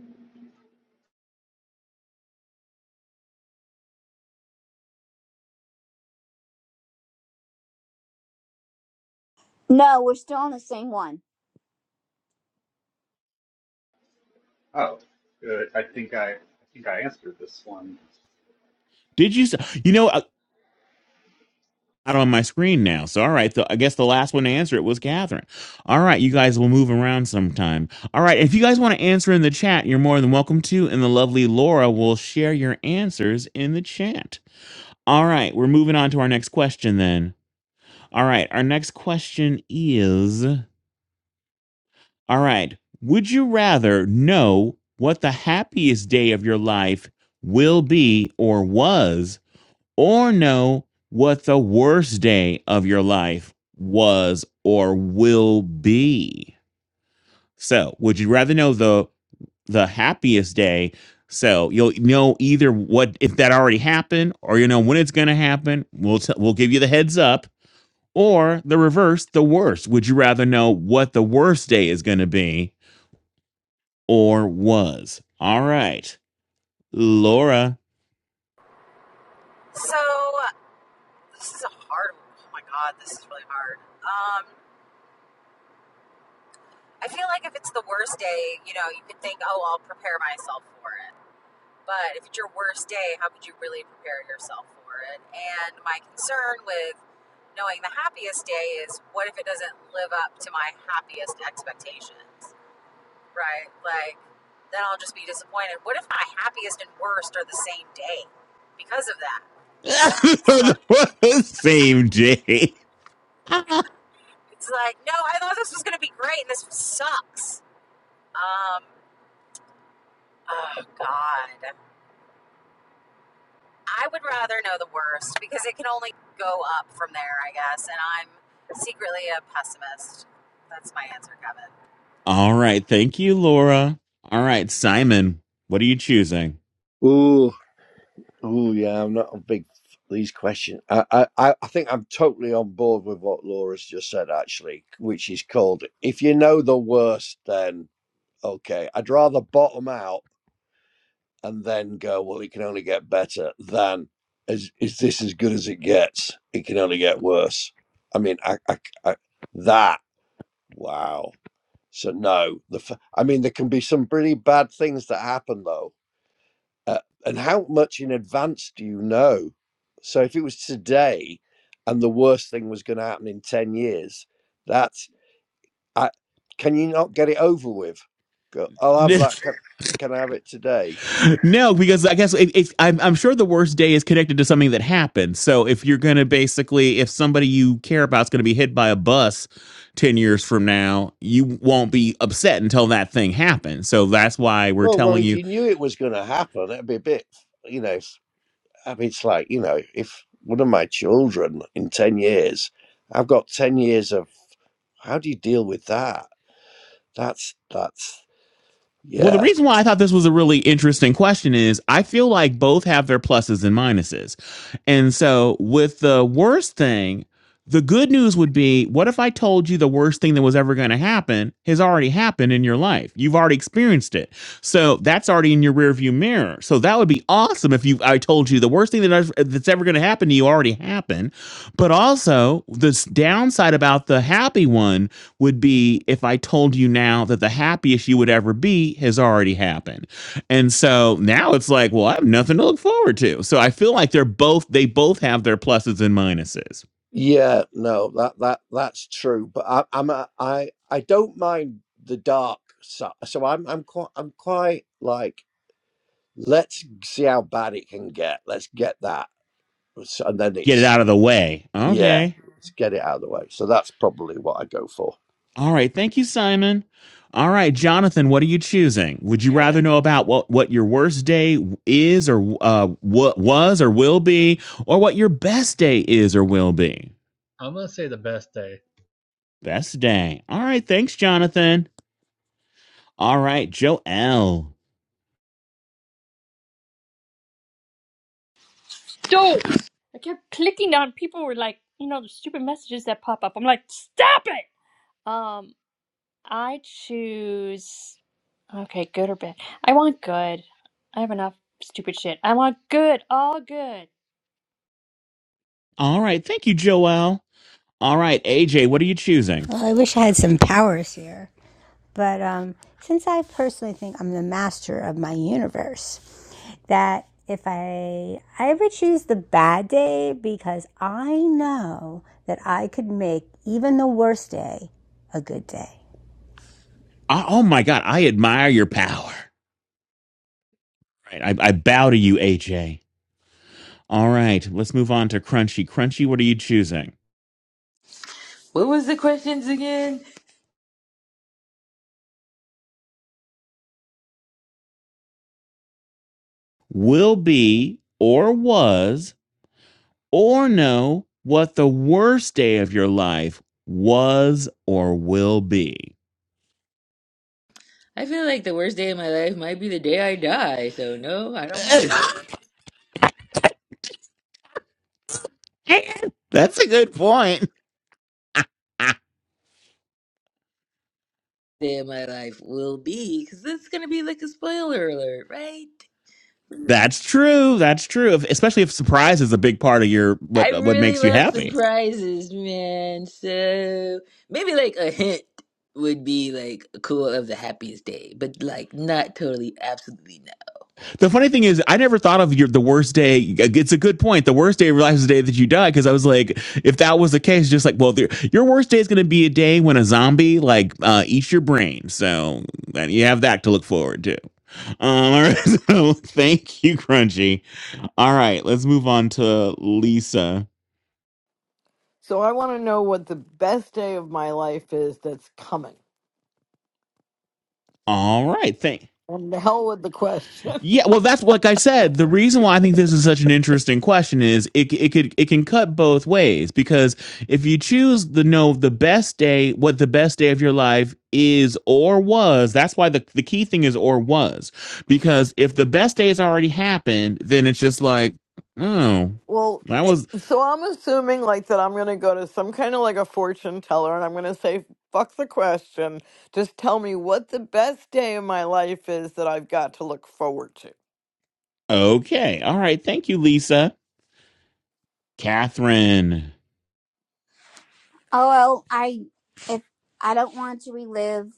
[SPEAKER 2] No, we're still on the same one.
[SPEAKER 3] Oh, good. I think I, I think I answered this one.
[SPEAKER 1] did you? s- You know, not on my screen now. So all right, the, I guess the last one to answer it was Catherine. All right, you guys will move around sometime. All right, if you guys want to answer in the chat, you're more than welcome to, and the lovely Laura will share your answers in the chat. All right, we're moving on to our next question then. All right, our next question is All right, would you rather know what the happiest day of your life will be or was or know what the worst day of your life was or will be. So, would you rather know the the happiest day? So you'll know either what if that already happened, or you know when it's going to happen. We'll t- we'll give you the heads up, or the reverse, the worst. Would you rather know what the worst day is going to be or was? All right, Laura.
[SPEAKER 4] so, this is a hard one. Oh my God, this is really hard. Um, I feel like if it's the worst day, you know, you could think, oh, I'll prepare myself for it. But if it's your worst day, how could you really prepare yourself for it? And my concern with knowing the happiest day is what if it doesn't live up to my happiest expectations? right? Like, then I'll just be disappointed. What if my happiest and worst are the same day because of that?
[SPEAKER 1] <laughs>
[SPEAKER 4] So
[SPEAKER 1] the same day. <laughs>
[SPEAKER 4] it's like, no, I thought this was going to be great and this sucks. Um, oh, God. I would rather know the worst because it can only go up from there, I guess. And I'm secretly a pessimist. That's my answer, Kevin.
[SPEAKER 1] All right. Thank you, Laura. All right, Simon, what are you choosing?
[SPEAKER 5] Ooh, ooh, yeah, I'm not a big f- these questions. I, I, I I think I'm totally on board with what Laura's just said, actually, which is called if you know the worst, then okay. I'd rather bottom out and then go, well, it can only get better than is, is this as good as it gets? It can only get worse. I mean, I, I, I that wow. So no, the f- I mean, there can be some pretty bad things that happen though. Uh, and how much in advance do you know? So if it was today, and the worst thing was going to happen in ten years, that's I, can you not get it over with? Go, I'll
[SPEAKER 1] <laughs>
[SPEAKER 5] have that. Can, can I have it today?
[SPEAKER 1] No, because I guess it, it's I'm, I'm sure the worst day is connected to something that happened. So if you're going to basically, if somebody you care about is going to be hit by a bus 10 years from now, you won't be upset until that thing happens. So that's why we're
[SPEAKER 5] Well, well,
[SPEAKER 1] telling you
[SPEAKER 5] if you knew it was going to happen, it'd be a bit, you know. if- I mean, it's like you know, if one of my children in ten years, I've got ten years of how do you deal with that? That's that's
[SPEAKER 1] Well, the
[SPEAKER 5] yeah,
[SPEAKER 1] reason why I thought this was a really interesting question is I feel like both have their pluses and minuses. And so, with the worst thing, the good news would be what if I told you the worst thing that was ever going to happen has already happened in your life? You've already experienced it. So, that's already in your rearview mirror. So, that would be awesome if you I told you the worst thing that I've- that's ever going to happen to you already happened. But also, this downside about the happy one would be if I told you now that the happiest you would ever be has already happened. And so now it's like, well, I have nothing to look forward to. So I feel like they're both they both have their pluses and minuses.
[SPEAKER 5] yeah. No, that that that's true. But I, I'm a, I I don't mind the dark side. So I'm I'm quite I'm quite like let's see how bad it can get. Let's get that, So- and then
[SPEAKER 1] Get it
[SPEAKER 5] it's
[SPEAKER 1] out of the way.
[SPEAKER 5] yeah,
[SPEAKER 1] Okay.
[SPEAKER 5] let's get it out of the way. So that's probably what I go for.
[SPEAKER 1] All right. Thank you, Simon. All right, Jonathan, what are you choosing? Would you rather
[SPEAKER 6] Choosing.
[SPEAKER 1] know about what, what your worst day is or uh, what was or will be, or what your best day is or will be?
[SPEAKER 6] I'm gonna say the best day.
[SPEAKER 1] Best day. All right, thanks, Jonathan. All right, Joel.
[SPEAKER 10] dope. I kept clicking on people were like, you know, the stupid messages that pop up. I'm like, stop it. Um, I choose okay, good or bad. I want good. I have enough stupid shit. I want good, all good.
[SPEAKER 1] All right. Thank you, Joelle. All right, AJ, what are you choosing?
[SPEAKER 7] Well, I wish I had some powers here. But um, since I personally think I'm the master of my universe, that if I I ever choose the bad day because I know that I could make even the worst day a good day.
[SPEAKER 1] I, oh my God, I admire your power. Right. I, I bow to you, AJ. All right, let's move on to Crunchy. Crunchy, what are you choosing?
[SPEAKER 8] What was the questions again?
[SPEAKER 1] Will be or was or know what the worst day of your life was or will be.
[SPEAKER 8] I feel like the worst day of my life might be the day I die. So no, I don't want to know
[SPEAKER 1] <laughs>
[SPEAKER 8] what
[SPEAKER 1] That's a good point. <laughs> Ah,
[SPEAKER 8] the day of my life will be because it's gonna be like a spoiler alert, right?
[SPEAKER 1] That's true. That's true. If, especially if surprise is a big part of your
[SPEAKER 8] I
[SPEAKER 1] what what
[SPEAKER 8] really
[SPEAKER 1] makes you
[SPEAKER 8] love
[SPEAKER 1] happy.
[SPEAKER 8] surprises, man. So maybe like a hint would be like cool of the happiest day, but like not totally, absolutely
[SPEAKER 1] The funny thing is, I never thought of your the worst day. It's a good point. The worst day of your life is the day that you die, because I was like, if that was the case, just like, well, the, your worst day is going to be a day when a zombie like uh, eats your brain. So and you have that to look forward to. Um, all right, <laughs> so thank you, Crunchy. All right, let's move on to Lisa.
[SPEAKER 9] So, I want to know what the best day of my life is that's coming.
[SPEAKER 1] All right, thank.
[SPEAKER 9] And the hell with the question.
[SPEAKER 1] Yeah, well, that's what, like I said. The reason why I think this is such an interesting question is it it could it can cut both ways because if you choose the no the best day, what the best day of your life is or was, that's why the the key thing is or was because if the best day has already happened, then it's just like oh
[SPEAKER 9] <laughs> well,
[SPEAKER 1] that
[SPEAKER 9] it-
[SPEAKER 1] was
[SPEAKER 9] so I'm assuming like that I'm going to go to some kind of like a fortune teller and I'm going to say, fuck the question. Just tell me what the best day of my life is that I've got to look forward to.
[SPEAKER 1] okay, all right, thank you, Lisa, Catherine.
[SPEAKER 2] Oh, well, I if I don't want to relive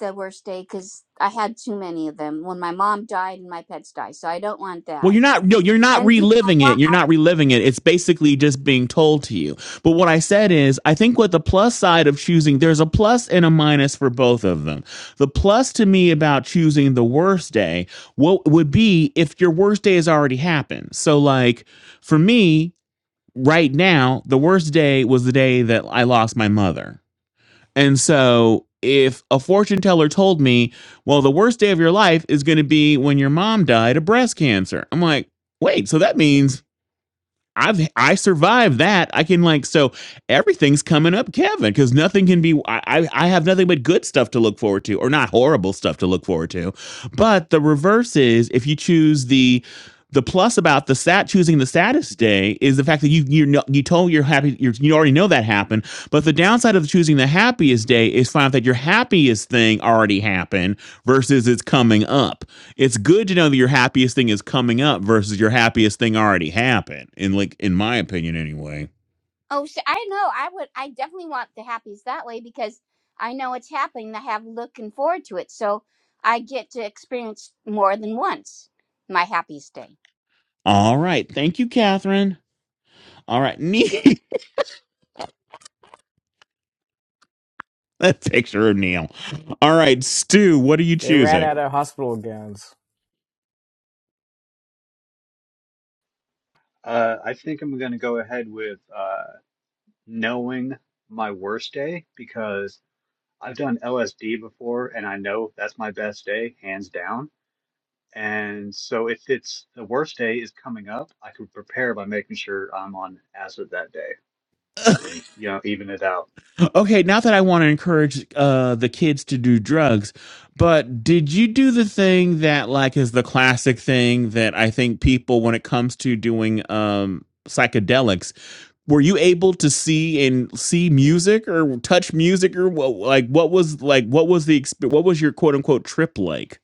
[SPEAKER 2] the worst day because I had too many of them when my mom died and my pets died. So I don't want
[SPEAKER 1] Well,
[SPEAKER 2] that.
[SPEAKER 1] you're not no, you're not
[SPEAKER 2] And do I
[SPEAKER 1] reliving
[SPEAKER 2] want?
[SPEAKER 1] it. You're not reliving it. It's basically just being told to you. But what I said is, I think what the plus side of choosing, there's a plus and a minus for both of them. The plus to me about choosing the worst day, what would be if your worst day has already happened. So like for me, right now, the worst day was the day that I lost my mother. And so, if a fortune teller told me, well, the worst day of your life is going to be when your mom died of breast cancer, I'm like, wait, so that means I've I survived that. I can like so everything's coming up, Kevin, because nothing can be. I I I have nothing but good stuff to look forward to, or not horrible stuff to look forward to. But the reverse is if you choose the the plus about the sat choosing the saddest day is the fact that you you know you told you're happy you're, you already know that happened. But the downside of choosing the happiest day is find out that your happiest thing already happened versus it's coming up it's good to know that your happiest thing is coming up versus your happiest thing already happened. In like in my opinion, anyway.
[SPEAKER 2] Oh, sh I know. I would. I definitely want the happies that way because I know it's happening. and I have looking forward to it, so I get to experience more than once my happiest day.
[SPEAKER 1] All right, thank you, Catherine. All right, <laughs> Neil. that picture of Neil. All right, Stu, what are you
[SPEAKER 11] They ran
[SPEAKER 1] choosing?
[SPEAKER 11] out of hospital gowns.
[SPEAKER 3] Uh, I think I'm gonna go ahead with uh, knowing my worst day because I've done LSD before, and I know that's my best day, hands down And so if it's the worst day is coming up, I can prepare by making sure I'm on acid that day and, you know, even it out.
[SPEAKER 1] Okay, not that I want to encourage uh, the kids to do drugs, but did you do the thing that like is the classic thing that I think people, when it comes to doing um, psychedelics, were you able to see and see music or touch music or what like what was like what was the exp- what was your quote unquote trip like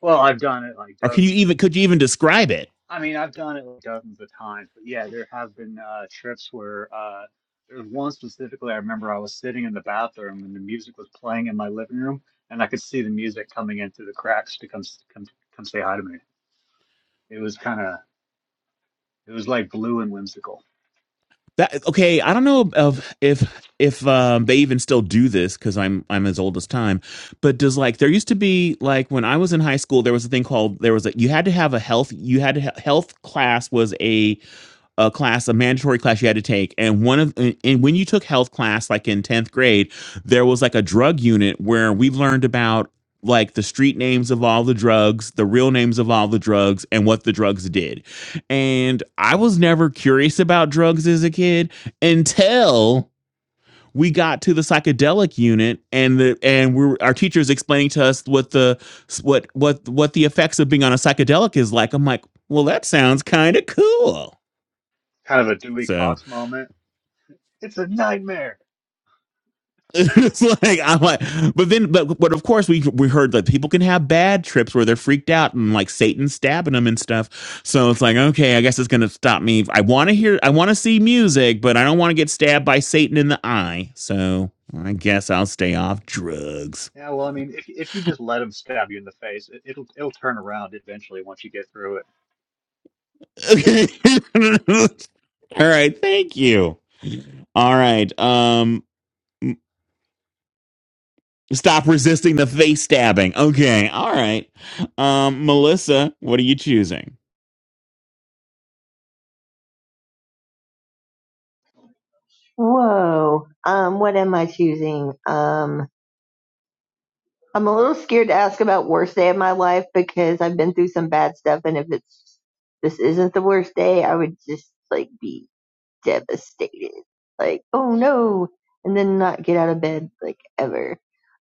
[SPEAKER 3] Well, I've done it like
[SPEAKER 1] or can you
[SPEAKER 3] dozens of,
[SPEAKER 1] even could you even describe it
[SPEAKER 3] I mean, I've done it like dozens of times, but yeah, there have been uh, trips where uh, there was one specifically I remember I was sitting in the bathroom and the music was playing in my living room and I could see the music coming in through the cracks to come, s- come, come say hi to me. It was kind of, it was like blue and whimsical,
[SPEAKER 1] that okay i don't know of if if um they even still do this because i'm i'm as old as time but does like there used to be like when i was in high school there was a thing called there was a you had to have a health you had to ha- health class was a a class, a mandatory class you had to take. And one of and when you took health class, like in 10th grade, there was like a drug unit where we learned about like the street names of all the drugs, the real names of all the drugs, and what the drugs did. And I was never curious about drugs as a kid until we got to the psychedelic unit and the and we were, our teachers explaining to us what the what what what the effects of being on a psychedelic is like. I'm like, well, that sounds kind of cool.
[SPEAKER 3] kind of a Dewey
[SPEAKER 1] So
[SPEAKER 3] Cox moment. It's a nightmare.
[SPEAKER 1] <laughs> it's like I'm like, but then, but but of course we we heard that people can have bad trips where they're freaked out and like Satan stabbing them and stuff. So it's like, okay, I guess it's gonna stop me. I want to hear, I want to see music, but I don't want to get stabbed by Satan in the eye. So I guess I'll stay off drugs.
[SPEAKER 3] Yeah, well, I mean, if if you just let them stab you in the face, it, it'll it'll turn around eventually once you get through it.
[SPEAKER 1] <laughs> Okay. <laughs> All right. Thank you. All right. Um. Stop resisting the face stabbing. Okay. All right. Um, Melissa, what are you choosing?
[SPEAKER 12] Whoa. Um, what am I choosing? Um, I'm a little scared to ask about worst day of my life because I've been through some bad stuff, and if it's this isn't the worst day, I would just like be devastated, like oh no, and then not get out of bed like ever.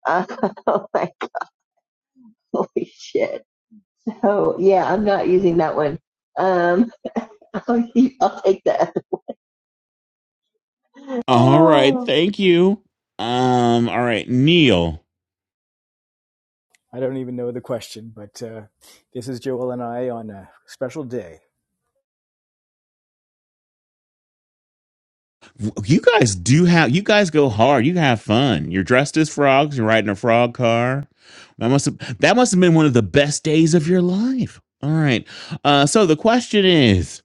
[SPEAKER 12] Uh, <laughs> like holy shit. Oh yeah, I'm not using that one. Um, <laughs> I'll, I'll take that. <laughs>
[SPEAKER 1] All right,
[SPEAKER 12] Oh,
[SPEAKER 1] thank you. Um, all right, Neil.
[SPEAKER 11] I don't even know the question, but uh, this is Joel and I on a special day.
[SPEAKER 1] You guys do have you guys go hard. You have fun. You're dressed as frogs, you're riding a frog car. That must have that must have been one of the best days of your life. All right. Uh so the question is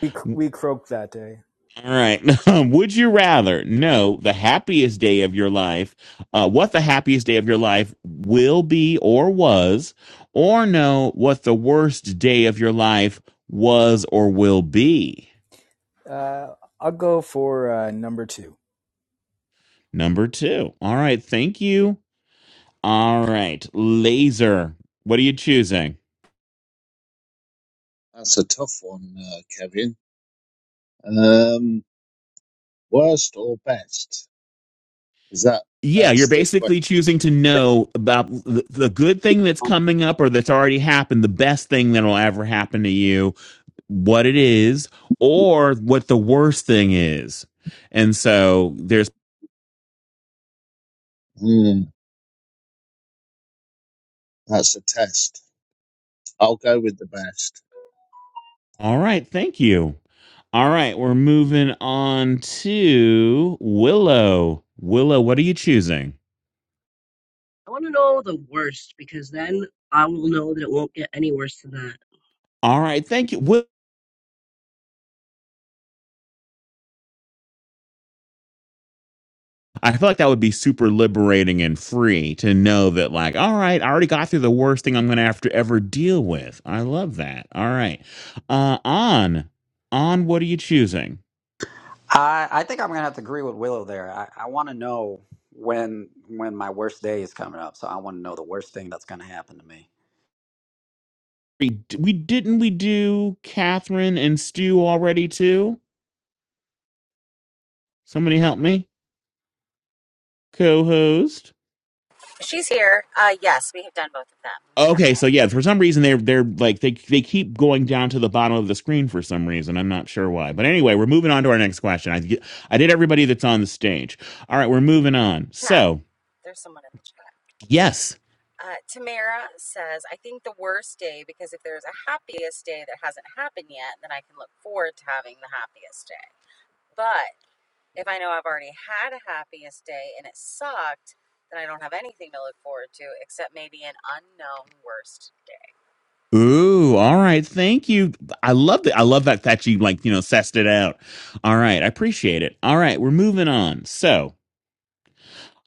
[SPEAKER 11] We
[SPEAKER 1] all
[SPEAKER 11] we croaked that day.
[SPEAKER 1] right. <laughs> Would you rather know the happiest day of your life, uh, what the happiest day of your life will be or was, or know what the worst day of your life was or will be?
[SPEAKER 11] Uh, I'll go for uh, number two.
[SPEAKER 1] Number two. All right. Thank you. All right. Laser. What are you choosing?
[SPEAKER 13] That's a tough one, uh, Kevin. Um, worst or best? Is that
[SPEAKER 1] Yeah, you're
[SPEAKER 13] that's the question?
[SPEAKER 1] basically choosing to know about the, the good thing that's coming up or that's already happened, the best thing that'll ever happen to you, what it is, or what the worst thing is. And so there's,
[SPEAKER 13] Hmm, that's a test. I'll go with the best.
[SPEAKER 1] all right, thank you. All right, we're moving on to Willow. Willow, what are you choosing?
[SPEAKER 14] I want to know the worst because then I will know that it won't get any worse than that.
[SPEAKER 1] All right, thank you. I feel like that would be super liberating and free to know that, like, all right, I already got through the worst thing I'm going to have to ever deal with. I love that. All right, uh, on, on. What are you choosing?
[SPEAKER 15] I I think I'm gonna have to agree with Willow there. I, I want to know when when my worst day is coming up, so I want to know the worst thing that's gonna happen to me.
[SPEAKER 1] We, we didn't we do Catherine and Stu already too? Somebody help me, co-host.
[SPEAKER 4] She's here. Uh, yes, we have done both of them,
[SPEAKER 1] Okay, so
[SPEAKER 4] Kevin.
[SPEAKER 1] yeah,
[SPEAKER 4] Look
[SPEAKER 1] for some reason they're they're like they they keep going down to the bottom of the screen for some reason. I'm not sure why, but anyway, we're moving on to our next question. I I did everybody that's on the stage. All right, we're moving on. So
[SPEAKER 4] There's someone in the chat.
[SPEAKER 1] Yes.
[SPEAKER 4] Uh, Tamara says, I think the worst day, because if there's a happiest day that hasn't happened yet, then I can look forward to having the happiest day. But if I know I've already had a happiest day and it sucked, then I don't have anything to look forward to except maybe an unknown worst day.
[SPEAKER 1] Ooh, all right. Thank you. I love that. I love that that you like, you know, sussed it out. All right, I appreciate it. All right, we're moving on. So,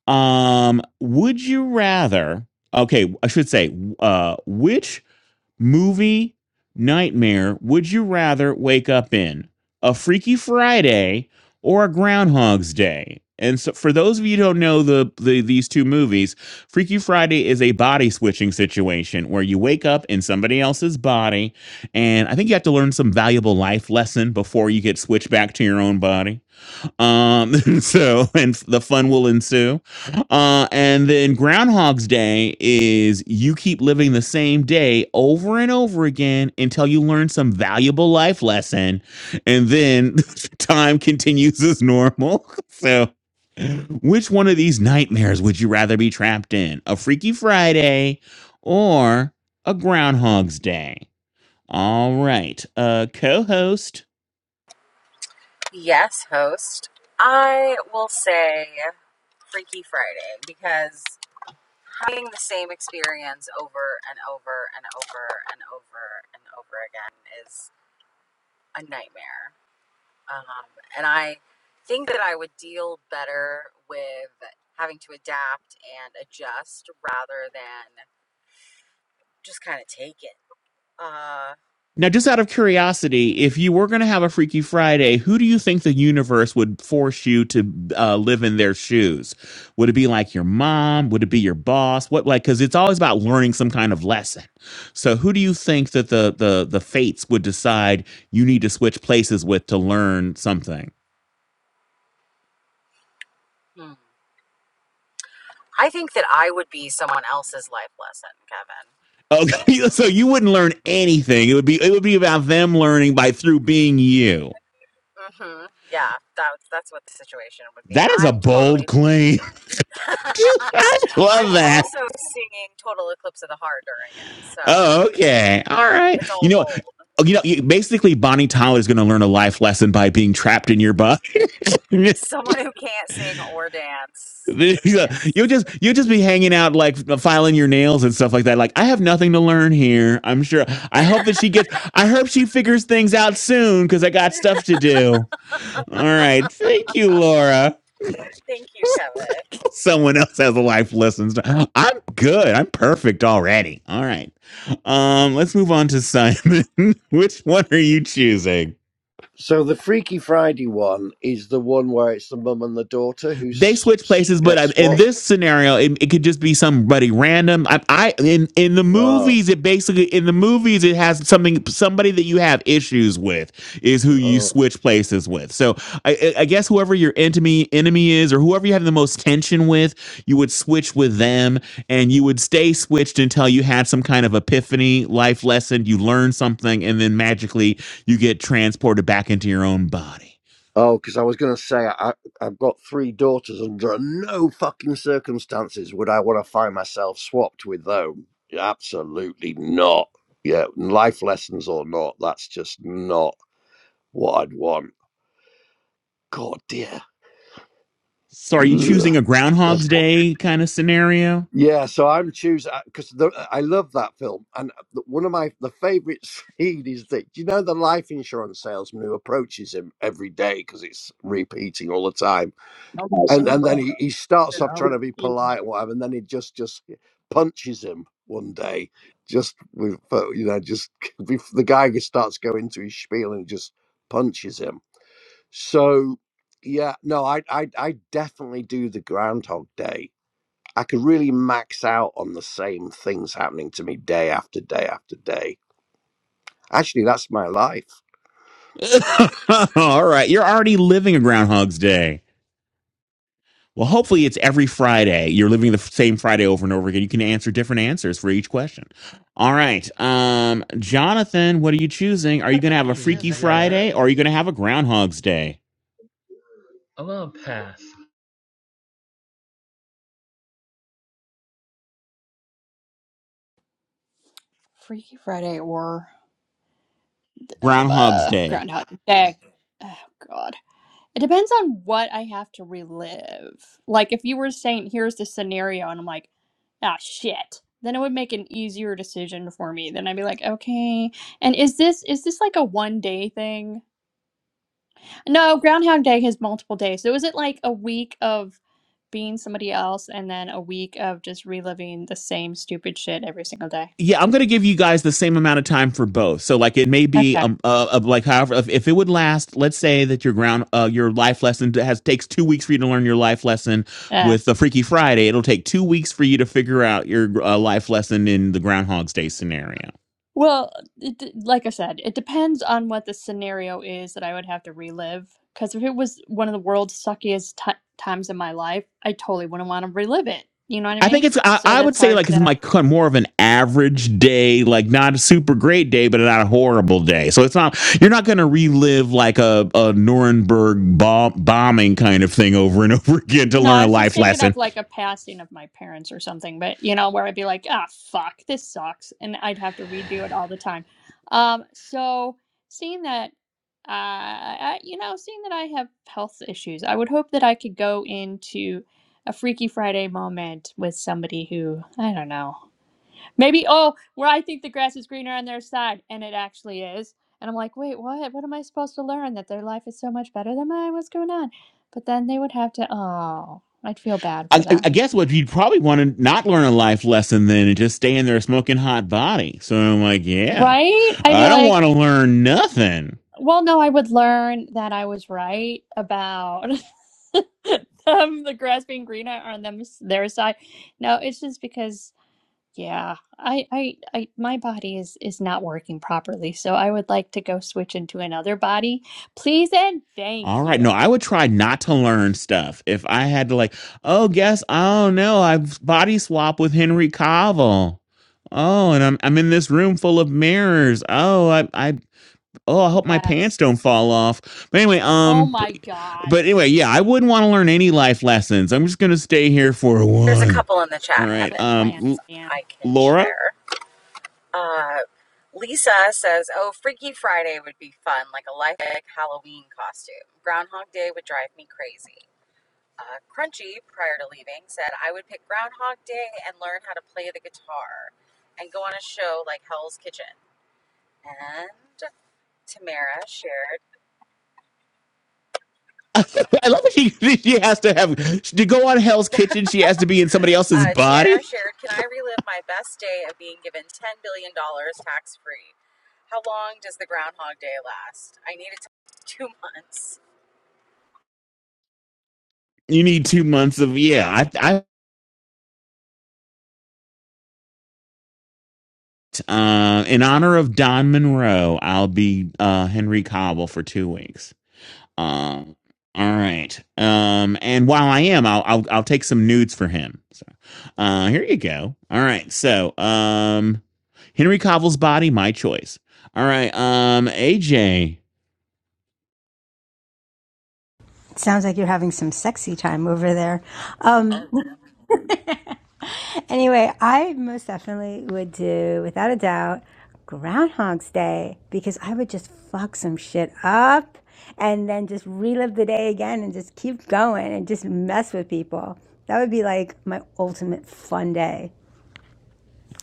[SPEAKER 1] um, would you rather Okay, I should say, uh, which movie nightmare would you rather wake up in? A Freaky Friday or a Groundhog's Day? And so, for those of you who don't know the, the these two movies, Freaky Friday is a body switching situation where you wake up in somebody else's body, and I think you have to learn some valuable life lesson before you get switched back to your own body. Um, <laughs> so and the fun will ensue. Uh, and then Groundhog's Day is you keep living the same day over and over again until you learn some valuable life lesson, and then <laughs> time continues as normal. <laughs> So, which one of these nightmares would you rather be trapped in? A Freaky Friday or a Groundhog's Day? All right, uh, co-host.
[SPEAKER 4] Yes, host. I will say Freaky Friday because having the same experience over and over and over and over and over and over again is a nightmare Um, and I think that I would deal better with having to adapt and adjust rather than just kind of take it. Uh,
[SPEAKER 1] Now, just out of curiosity, if you were going to have a Freaky Friday, who do you think the universe would force you to uh, live in their shoes? Would it be like your mom? Would it be your boss? What like because it's always about learning some kind of lesson. So, who do you think that the the the fates would decide you need to switch places with to learn something?
[SPEAKER 4] hmm. I think that I would be someone else's life lesson, Kevin.
[SPEAKER 1] Okay, <laughs> so you wouldn't learn anything. It would be it would be about them learning by through being you.
[SPEAKER 4] hmm Yeah, that's that's what the situation would be.
[SPEAKER 1] That is a
[SPEAKER 4] I'm
[SPEAKER 1] bold
[SPEAKER 4] totally.
[SPEAKER 1] claim.
[SPEAKER 4] <laughs>
[SPEAKER 1] <laughs> I
[SPEAKER 4] I'm
[SPEAKER 1] love that.
[SPEAKER 4] also singing "Total Eclipse of the Heart" during it, so
[SPEAKER 1] Oh, okay. All right.
[SPEAKER 4] it's
[SPEAKER 1] You
[SPEAKER 4] all
[SPEAKER 1] know,
[SPEAKER 4] bold.
[SPEAKER 1] oh, you know, you- basically Bonnie Tyler is going to learn a life lesson by being trapped in your butt. <laughs>
[SPEAKER 4] Someone who can't sing or dance.
[SPEAKER 1] you'll
[SPEAKER 4] Yes.
[SPEAKER 1] just you'll just be hanging out like filing your nails and stuff like that. Like I have nothing to learn here. I'm sure. I hope that she gets. I hope she figures things out soon because I got stuff to do. All right. Thank you, Laura.
[SPEAKER 4] Thank you, Kevin.
[SPEAKER 1] Someone else has a life lesson. I'm good. I'm perfect already. All right. Um. Let's move on to Simon. <laughs> Which one are you choosing?
[SPEAKER 5] So the Freaky Friday one is the one where it's the mum and the daughter who
[SPEAKER 1] they
[SPEAKER 5] s-
[SPEAKER 1] switch
[SPEAKER 5] s-
[SPEAKER 1] places but
[SPEAKER 5] get
[SPEAKER 1] I, in
[SPEAKER 5] swapped.
[SPEAKER 1] this scenario it, it could just be somebody random I, I in in the
[SPEAKER 5] Oh,
[SPEAKER 1] movies it basically in the movies it has something somebody that you have issues with is who you
[SPEAKER 5] oh,
[SPEAKER 1] switch places with so i i I guess whoever your enemy enemy is or whoever you have the most tension with you would switch with them and you would stay switched until you had some kind of epiphany life lesson you learn something and then magically you get transported back into your own body
[SPEAKER 5] oh! Because I was going to say I, I've got three daughters. Under no fucking circumstances would I want to find myself swapped with them. Absolutely not. Yeah, life lessons or not, that's just not what I'd want. God dear.
[SPEAKER 1] So are you
[SPEAKER 5] Ugh.
[SPEAKER 1] choosing a Groundhog's Day kind of scenario?
[SPEAKER 5] Yeah, so I'm choosing because I love that film, and uh, the- one of my the favorite <laughs> scene is that do you know the life insurance salesman who approaches him every day because it's repeating all the time,
[SPEAKER 13] I'm Right.
[SPEAKER 5] and
[SPEAKER 13] saying,
[SPEAKER 5] and then he, he starts off trying to be
[SPEAKER 13] best.
[SPEAKER 5] polite and whatever, and then he just just punches him one day, just with uh, you know just <laughs> bef- the guy just starts going to his spiel and he just punches him. So yeah, no, I I I definitely do the Groundhog Day I could really max out on the same things happening to me day after day after day. Actually, that's my life.
[SPEAKER 1] <laughs> All right. You're already living a Groundhog's Day. Well, hopefully it's every Friday. You're living the f- same Friday over and over again. You can answer different answers for each question. All right. Um, Jonathan, what are you choosing?
[SPEAKER 6] Are
[SPEAKER 1] Are you going to have a
[SPEAKER 6] you
[SPEAKER 1] Freaky
[SPEAKER 6] choosing?
[SPEAKER 1] Friday or
[SPEAKER 6] Yes.
[SPEAKER 1] are you going to have a Groundhog's Day?
[SPEAKER 6] I'm gonna pass.
[SPEAKER 10] Freaky Friday or
[SPEAKER 1] Groundhog's
[SPEAKER 10] uh,
[SPEAKER 1] Day.
[SPEAKER 10] Groundhog Day. Oh God. It depends on what I have to relive. Like if you were saying here's the scenario and I'm like, ah shit, then it would make an easier decision for me. Then I'd be like, okay, and is this is this like a one day thing? No, Groundhog Day has multiple days. So is it like a week of being somebody else and then a week of just reliving the same stupid shit every single day?
[SPEAKER 1] Yeah, I'm going to give you guys the same amount of time for both. So, like, it may be
[SPEAKER 10] Okay.
[SPEAKER 1] um uh, of like however if, if it would last. Let's say that your ground uh your life lesson has takes two weeks for you to learn your life lesson
[SPEAKER 10] Uh,
[SPEAKER 1] with the Freaky Friday. It'll take two weeks for you to figure out your uh, life lesson in the Groundhog's Day scenario.
[SPEAKER 10] Well, it, d- like I said, it depends on what the scenario is that I would have to relive. Because if it was one of the world's suckiest ti times of my life, I totally wouldn't want to relive it. You know what I
[SPEAKER 1] I think
[SPEAKER 10] mean?
[SPEAKER 1] it's I,
[SPEAKER 10] So
[SPEAKER 1] I would
[SPEAKER 10] that's
[SPEAKER 1] say
[SPEAKER 10] hard
[SPEAKER 1] like it's
[SPEAKER 10] to.
[SPEAKER 1] my more of an average day, like not a super great day, but not a horrible day. So it's not you're not going to relive like a, a Nuremberg bomb, bombing kind of thing over and <laughs> over again to
[SPEAKER 10] No,
[SPEAKER 1] learn
[SPEAKER 10] I
[SPEAKER 1] a
[SPEAKER 10] was just
[SPEAKER 1] life
[SPEAKER 10] thinking of
[SPEAKER 1] lesson.
[SPEAKER 10] like a passing of my parents or something, but you know, where I'd be like, ah, fuck, this sucks. And I'd have to redo it all the time. Um, so seeing that, uh, I, you know, seeing that I have health issues, I would hope that I could go into a Freaky Friday moment with somebody who, I don't know, Maybe, oh, where I think the grass is greener on their side, and it actually is. And I'm like, wait, what? What am I supposed to learn? That their life is so much better than mine? What's going on? But then they would have to, oh, I'd feel bad for
[SPEAKER 1] I I
[SPEAKER 10] them.
[SPEAKER 1] guess what you'd probably want to not learn a life lesson then and just stay in there smoking hot body. So I'm like, yeah,
[SPEAKER 10] Right? I'd be
[SPEAKER 1] I don't want
[SPEAKER 10] like,
[SPEAKER 1] to learn nothing.
[SPEAKER 10] well, no, I would learn that I was right about <laughs> them, the grass being greener on them, their side. No, it's just because Yeah, I, I, I, my body is is not working properly, so I would like to go switch into another body, please and thank
[SPEAKER 1] All right. No,
[SPEAKER 10] you.
[SPEAKER 1] I would try not to learn stuff. If I had to like, oh, guess, I don't know, I body swap with Henry Cavill. Oh, and I'm I'm in this room full of mirrors. Oh, I I oh, I hope my pants
[SPEAKER 10] Yes.
[SPEAKER 1] don't fall off. But anyway,
[SPEAKER 10] Oh
[SPEAKER 1] um but,
[SPEAKER 10] my God,
[SPEAKER 1] but anyway, yeah, I wouldn't want to learn any life lessons. I'm just going to stay here for a
[SPEAKER 4] There's a
[SPEAKER 1] while.
[SPEAKER 4] couple in the
[SPEAKER 1] All
[SPEAKER 4] chat,
[SPEAKER 10] sounds
[SPEAKER 1] right.
[SPEAKER 10] like a
[SPEAKER 4] Kevin,
[SPEAKER 1] Um
[SPEAKER 10] plan,
[SPEAKER 4] if
[SPEAKER 1] L-
[SPEAKER 10] Stan.
[SPEAKER 4] I can
[SPEAKER 1] Laura?
[SPEAKER 4] share. Uh, Lisa says, Oh, Freaky Friday would be fun, like a life hack Halloween costume. Groundhog Day would drive me crazy. Uh, Crunchy, prior to leaving, said, I would pick Groundhog Day and learn how to play the guitar and go on a show like Hell's Kitchen. And Tamara shared.
[SPEAKER 1] <laughs> I love that she, she has to have to go on Hell's Kitchen. She has to be in somebody else's
[SPEAKER 4] Uh, Tamara
[SPEAKER 1] body.
[SPEAKER 4] shared, Can I relive my best day of being given $10 billion tax free? How long does the Groundhog Day last? I need it to <laughs> two months.
[SPEAKER 1] You need two months of yeah. I, I uh, in honor of Don Monroe, I'll be uh, Henry Cobble for two weeks. Um, all right. Um, and while I am, I'll I'll, I'll take some nudes for him. So, uh, here you go. All right. So, um, Henry Cobble's body, my choice. All right. Um, AJ.
[SPEAKER 7] Sounds like you're having some sexy time over there. Um, <laughs> Anyway, I most definitely would do, without a doubt, Groundhog's Day because I would just fuck some shit up and then just relive the day again and just keep going and just mess with people. That would be like my ultimate fun day.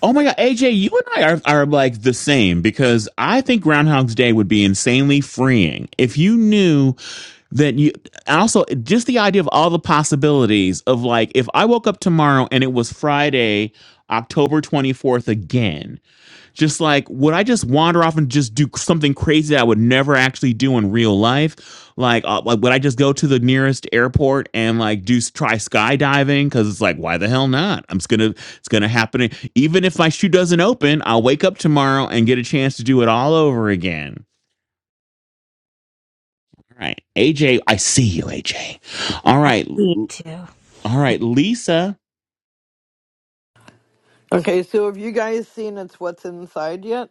[SPEAKER 1] Oh my god, AJ, you and I are, are like the same because I think Groundhog's Day would be insanely freeing if you knew that you and also just the idea of all the possibilities of like if I woke up tomorrow and it was Friday, October 24th again just like would i just wander off and just do something crazy that i would never actually do in real life like, uh, like would i just go to the nearest airport and like do try skydiving because it's like why the hell not i'm just gonna it's gonna happen even if my shoe doesn't open i'll wake up tomorrow and get a chance to do it all over again all right aj i see you aj all
[SPEAKER 7] I
[SPEAKER 1] right
[SPEAKER 7] see you too.
[SPEAKER 1] all right lisa
[SPEAKER 9] Okay, so have you guys seen It's What's Inside yet?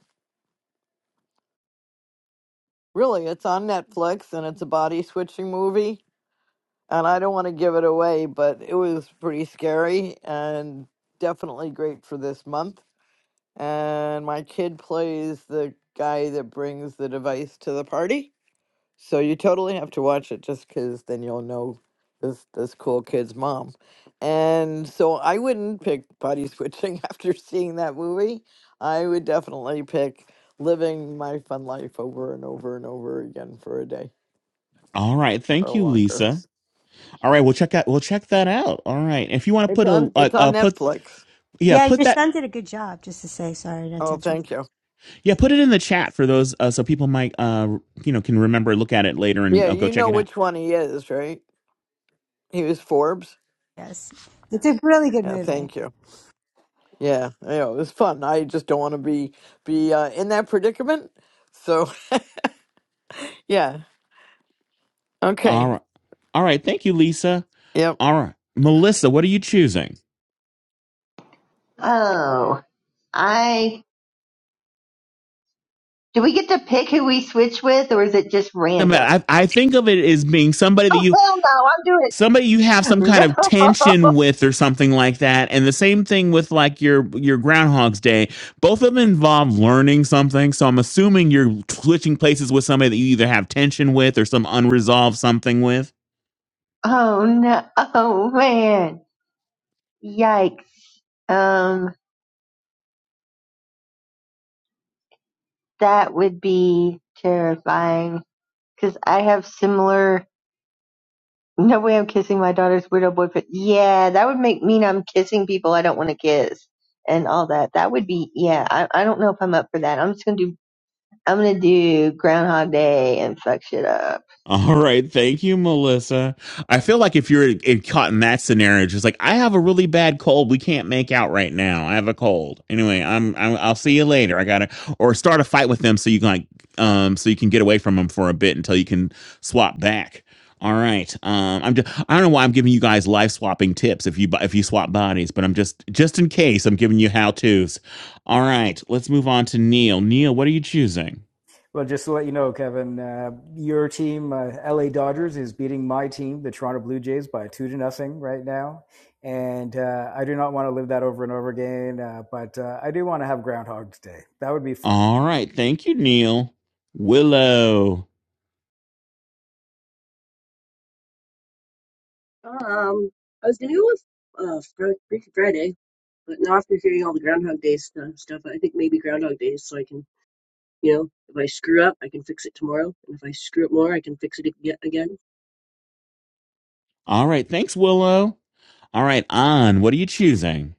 [SPEAKER 9] Really, it's on Netflix and it's a body switching movie. And I don't want to give it away, but it was pretty scary and definitely great for this month. And my kid plays the guy that brings the device to the party. So you totally have to watch it just because then you'll know this this cool kid's mom. And so I wouldn't pick body switching <laughs> after seeing that movie. I would definitely pick living my fun life over and over and over again for a day
[SPEAKER 1] all right thank
[SPEAKER 9] or
[SPEAKER 1] you
[SPEAKER 9] longer.
[SPEAKER 1] lisa all right we'll check out we'll check that out all right if you want to
[SPEAKER 9] It's
[SPEAKER 1] put
[SPEAKER 9] on
[SPEAKER 1] a, a,
[SPEAKER 9] it's on
[SPEAKER 1] a put
[SPEAKER 9] Netflix.
[SPEAKER 1] yeah,
[SPEAKER 7] Yeah,
[SPEAKER 1] put
[SPEAKER 7] your
[SPEAKER 1] that
[SPEAKER 7] son did a good job, just to say sorry, That's to
[SPEAKER 9] Oh,
[SPEAKER 7] interrupt.
[SPEAKER 9] thank you.
[SPEAKER 1] Yeah, put it in the chat for those uh, so people might uh you know can remember look at it later and
[SPEAKER 9] Yeah,
[SPEAKER 1] uh, go
[SPEAKER 9] you
[SPEAKER 1] check
[SPEAKER 9] know
[SPEAKER 1] it out.
[SPEAKER 9] which one he is, right? He was Forbes.
[SPEAKER 7] Yes. It's a really good
[SPEAKER 9] Yeah,
[SPEAKER 7] movie.
[SPEAKER 9] thank you. Yeah, you know, it was fun. I just don't want to be be uh, in that predicament. So, <laughs> yeah.
[SPEAKER 1] All
[SPEAKER 9] Okay,
[SPEAKER 1] right. All right, thank you Lisa.
[SPEAKER 9] Yep.
[SPEAKER 1] All right. Melissa, what are you choosing?
[SPEAKER 12] oh, I Do we get to pick who we switch with, or is it just
[SPEAKER 1] I mean,
[SPEAKER 12] random?
[SPEAKER 1] I, I think of it as being somebody that
[SPEAKER 12] Oh
[SPEAKER 1] you
[SPEAKER 12] hell
[SPEAKER 1] somebody you have some
[SPEAKER 12] no! I'm doing
[SPEAKER 1] kind
[SPEAKER 12] it. <laughs>
[SPEAKER 1] of
[SPEAKER 12] No.
[SPEAKER 1] tension with or something like that and the same thing with like your your groundhog's day both of them involve learning something so i'm assuming you're switching places with somebody that you either have tension with or some unresolved something with
[SPEAKER 12] Oh no. Oh man. Yikes. Um, that would be terrifying because I have similar. No way I'm kissing my daughter's weirdo boyfriend. Yeah, that would make mean I'm kissing people I don't want to kiss and all that. That would be yeah. I I don't know if I'm up for that. I'm just gonna do. I'm gonna do Groundhog Day and fuck shit up.
[SPEAKER 1] All right, thank you, Melissa. I feel like if you're in, caught in that scenario, just like I have a really bad cold, we can't make out right now. I have a cold. Anyway, I'm, I'm I'll see you later. I gotta or start a fight with them so you can like um so you can get away from them for a bit until you can swap back. All right. Um, I'm just, I don't know why I'm giving you guys life swapping tips if you bu- if you swap bodies, but I'm just just in case I'm giving you how tos. All right, let's move on to Neil. Neil, what are you choosing?
[SPEAKER 11] Well, just to let you know, Kevin, uh, your team, uh, LA Dodgers, is beating my team, the Toronto Blue Jays, by two to nothing right now, and uh, I do not want to live that over and over again. Uh, but uh, I do want to have Groundhog Day. That would be fun.
[SPEAKER 1] All right. Thank you, Neil. Willow.
[SPEAKER 14] Um, I was gonna go with uh Fri- Freaky Friday, but now after hearing all the Groundhog Day stuff, stuff, I think maybe Groundhog Day, so I can, you know, if I screw up, I can fix it tomorrow, and if I screw up more, I can fix it ag- again.
[SPEAKER 1] All right. Thanks, Willow. All right, An, what are you choosing?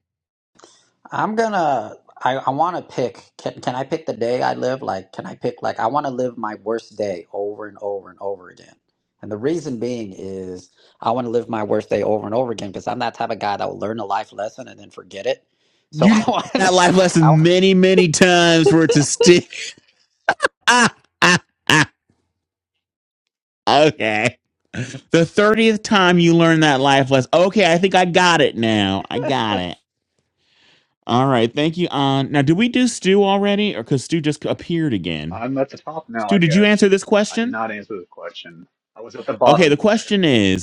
[SPEAKER 15] I'm gonna I, I want to pick. Can can I pick the day I live? Like, can I pick? Like, I want to live my worst day over and over and over again. And the reason being is I want to live my worst day over and over again because I'm that type of guy that will learn a life lesson and then forget it. So <laughs>
[SPEAKER 1] You
[SPEAKER 15] I
[SPEAKER 1] did
[SPEAKER 15] want.
[SPEAKER 1] that life lesson
[SPEAKER 15] I
[SPEAKER 1] many, many times for it to stick. <laughs> Ah, ah, ah. Okay. The 30th time you learned that life lesson. Okay, I think I got it now. I got it. All right. Thank you, An. Now, did we do Stu already? Or because Stu just appeared again?
[SPEAKER 3] I'm at the top now,
[SPEAKER 1] Stu,
[SPEAKER 3] I
[SPEAKER 1] did you
[SPEAKER 3] guess.
[SPEAKER 1] answer this
[SPEAKER 3] I did
[SPEAKER 1] question?
[SPEAKER 3] not answer the question. I was at the
[SPEAKER 1] Okay, the
[SPEAKER 3] bottom a second
[SPEAKER 1] question
[SPEAKER 3] ago.
[SPEAKER 1] is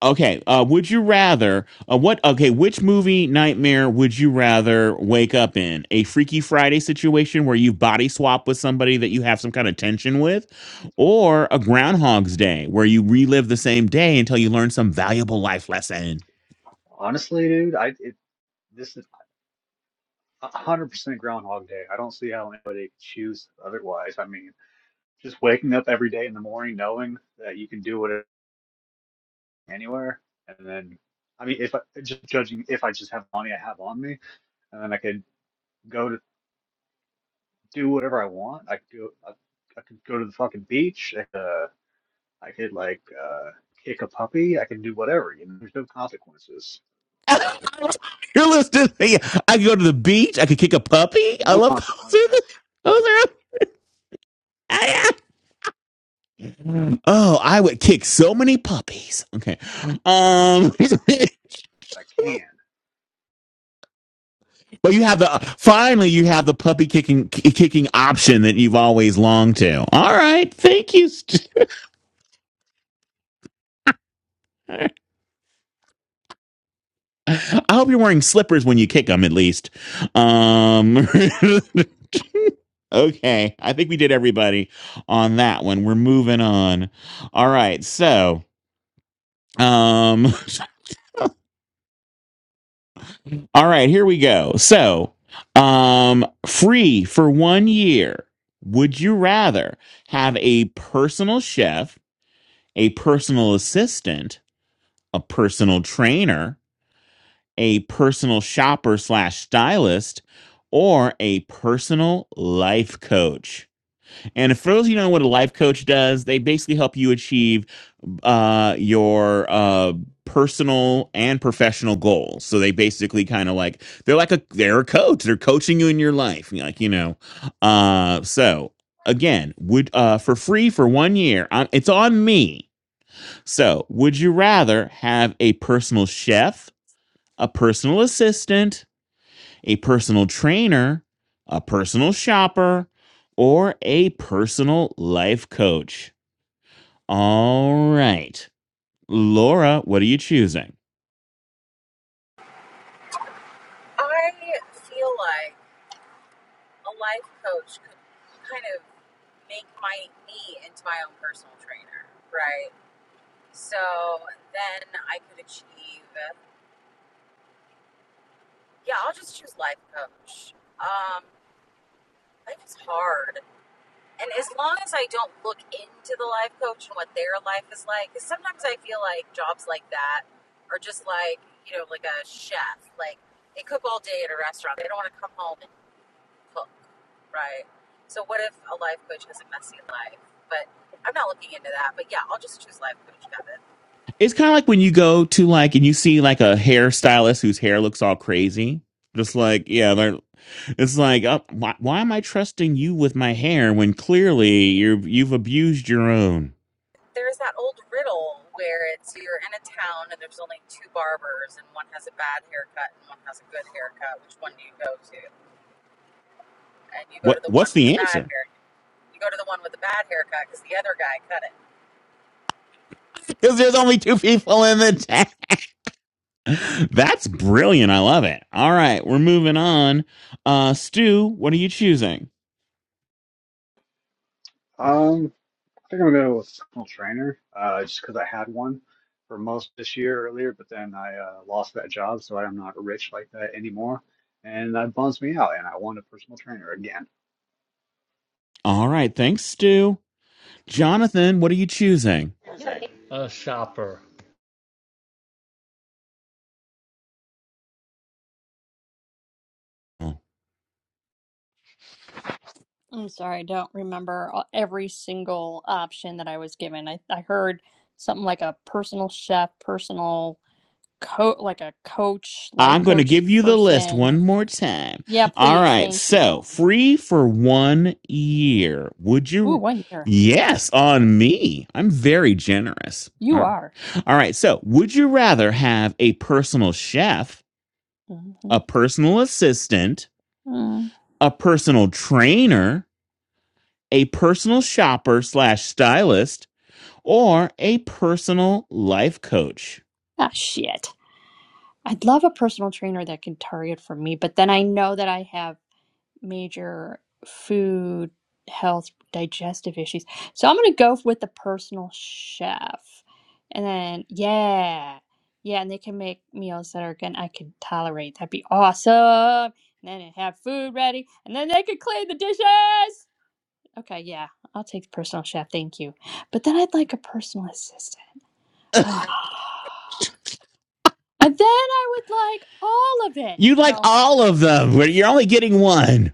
[SPEAKER 1] Okay. Uh, would you rather? Uh, what? Okay. Which movie nightmare would you rather wake up in? A Freaky Friday situation where you body swap with somebody that you have some kind of tension with, or a Groundhog's Day where you relive the same day until you learn some valuable life lesson?
[SPEAKER 3] Honestly, dude, I it, this is 100% Groundhog Day. I don't see how anybody could choose otherwise. I mean, just waking up every day in the morning knowing that you can do whatever anywhere, and then, I mean, if I, just judging if I just have money I have on me, and then I could go to do whatever I want. I could go, I, I could go to the fucking beach. I could, uh, I could like uh, kick a puppy. I can do whatever. You know, there's no consequences.
[SPEAKER 1] <laughs> You're listening. I could go to the beach. I could kick a puppy. I
[SPEAKER 3] No
[SPEAKER 1] love those. <laughs>
[SPEAKER 3] consequences.
[SPEAKER 1] Those are. Ah, yeah. Oh, I would kick so many puppies. Okay. Um, <laughs>
[SPEAKER 3] I can.
[SPEAKER 1] but you have the finally you have the puppy kicking kicking option that you've always longed to. All right. Thank you. St- <laughs> I hope you're wearing slippers when you kick them at least. Um <laughs> Okay, I think we did everybody on that one. We're moving on. All right. So, Um, <laughs> all right, here we go. So, um, free for one year. Would you rather have a personal chef, a personal assistant, a personal trainer, a personal shopper slash stylist, or a personal life coach? And for those of you who don't know what a life coach does, they basically help you achieve uh, your uh, personal and professional goals. So they basically kind of like they're like a they're a coach. They're coaching you in your life, like you know. Uh, so again, would uh, for free for one year? i it's on me. So would you rather have a personal chef, a personal assistant, a personal trainer, a personal shopper, or a personal life coach? All right. Laura, what are you choosing?
[SPEAKER 4] I feel like a life coach could kind of make my me into my own personal trainer, right? So then I could achieve. Yeah, I'll just choose life coach. Um, life is hard. And as long as I don't look into the life coach and what their life is like, because sometimes I feel like jobs like that are just like, you know, like a chef. Like they cook all day at a restaurant. They don't want to come home and cook, right? So what if a life coach has a messy life? But I'm not looking into that. But yeah, I'll just choose life coach, Kevin.
[SPEAKER 1] It's kind of like when you go to like and you see like a hairstylist whose hair looks all crazy. Just like, yeah, they're it's like, uh, why, why am I trusting you with my hair when clearly you've you've abused your own?
[SPEAKER 4] There's that old riddle where it's you're in a town and there's only two barbers and one has a bad haircut and one has a good haircut. Which one do you go to? And you go to
[SPEAKER 1] What
[SPEAKER 4] the one
[SPEAKER 1] what's
[SPEAKER 4] with the
[SPEAKER 1] the
[SPEAKER 4] bad
[SPEAKER 1] answer? <laughs>
[SPEAKER 4] haircut You go to the one with the bad haircut because the other guy cut it.
[SPEAKER 1] Because there's only two people in the chat. <laughs> That's brilliant. I love it. All right, we're moving on. Uh, Stu, what are you choosing?
[SPEAKER 3] Um, I think I'm gonna go with personal trainer. Uh, just because I had one for most this year earlier, but then I uh, lost that job, so I'm not rich like that anymore, and that bums me out. And I want a personal trainer again.
[SPEAKER 1] All right, thanks, Stu. Jonathan, what are you choosing?
[SPEAKER 6] A shopper.
[SPEAKER 1] Oh,
[SPEAKER 10] I'm sorry, I don't remember a- every single option that I was given. I, I heard something like a personal chef, personal coach, like a coach, life
[SPEAKER 1] I'm going to
[SPEAKER 10] coach
[SPEAKER 1] give you the list
[SPEAKER 10] person.
[SPEAKER 1] one more time.
[SPEAKER 10] Yeah,
[SPEAKER 1] All
[SPEAKER 10] please,
[SPEAKER 1] right.
[SPEAKER 10] thank
[SPEAKER 1] So,
[SPEAKER 10] you.
[SPEAKER 1] free for one year. Would
[SPEAKER 10] Ooh,
[SPEAKER 1] you?
[SPEAKER 10] one year.
[SPEAKER 1] Yes, on me. I'm very generous. All
[SPEAKER 10] You are.
[SPEAKER 1] right. All right. So, would you rather have a personal chef,
[SPEAKER 10] Mm-hmm.
[SPEAKER 1] a personal assistant,
[SPEAKER 10] Mm.
[SPEAKER 1] a personal trainer, a personal shopper slash stylist, or a personal life coach?
[SPEAKER 10] Ah, shit. I'd love a personal trainer that can target for me, but then I know that I have major food, health, digestive issues. So I'm going to go with the personal chef. And then, yeah, yeah, and they can make meals that are good. I can tolerate. That'd be awesome. And then I have food ready, and then they can clean the dishes. Okay, yeah, I'll take the personal chef. Thank you. But then I'd like a personal assistant. Ah. And then I would like all of it.
[SPEAKER 1] You like
[SPEAKER 10] No.
[SPEAKER 1] all of them, but you're only getting one.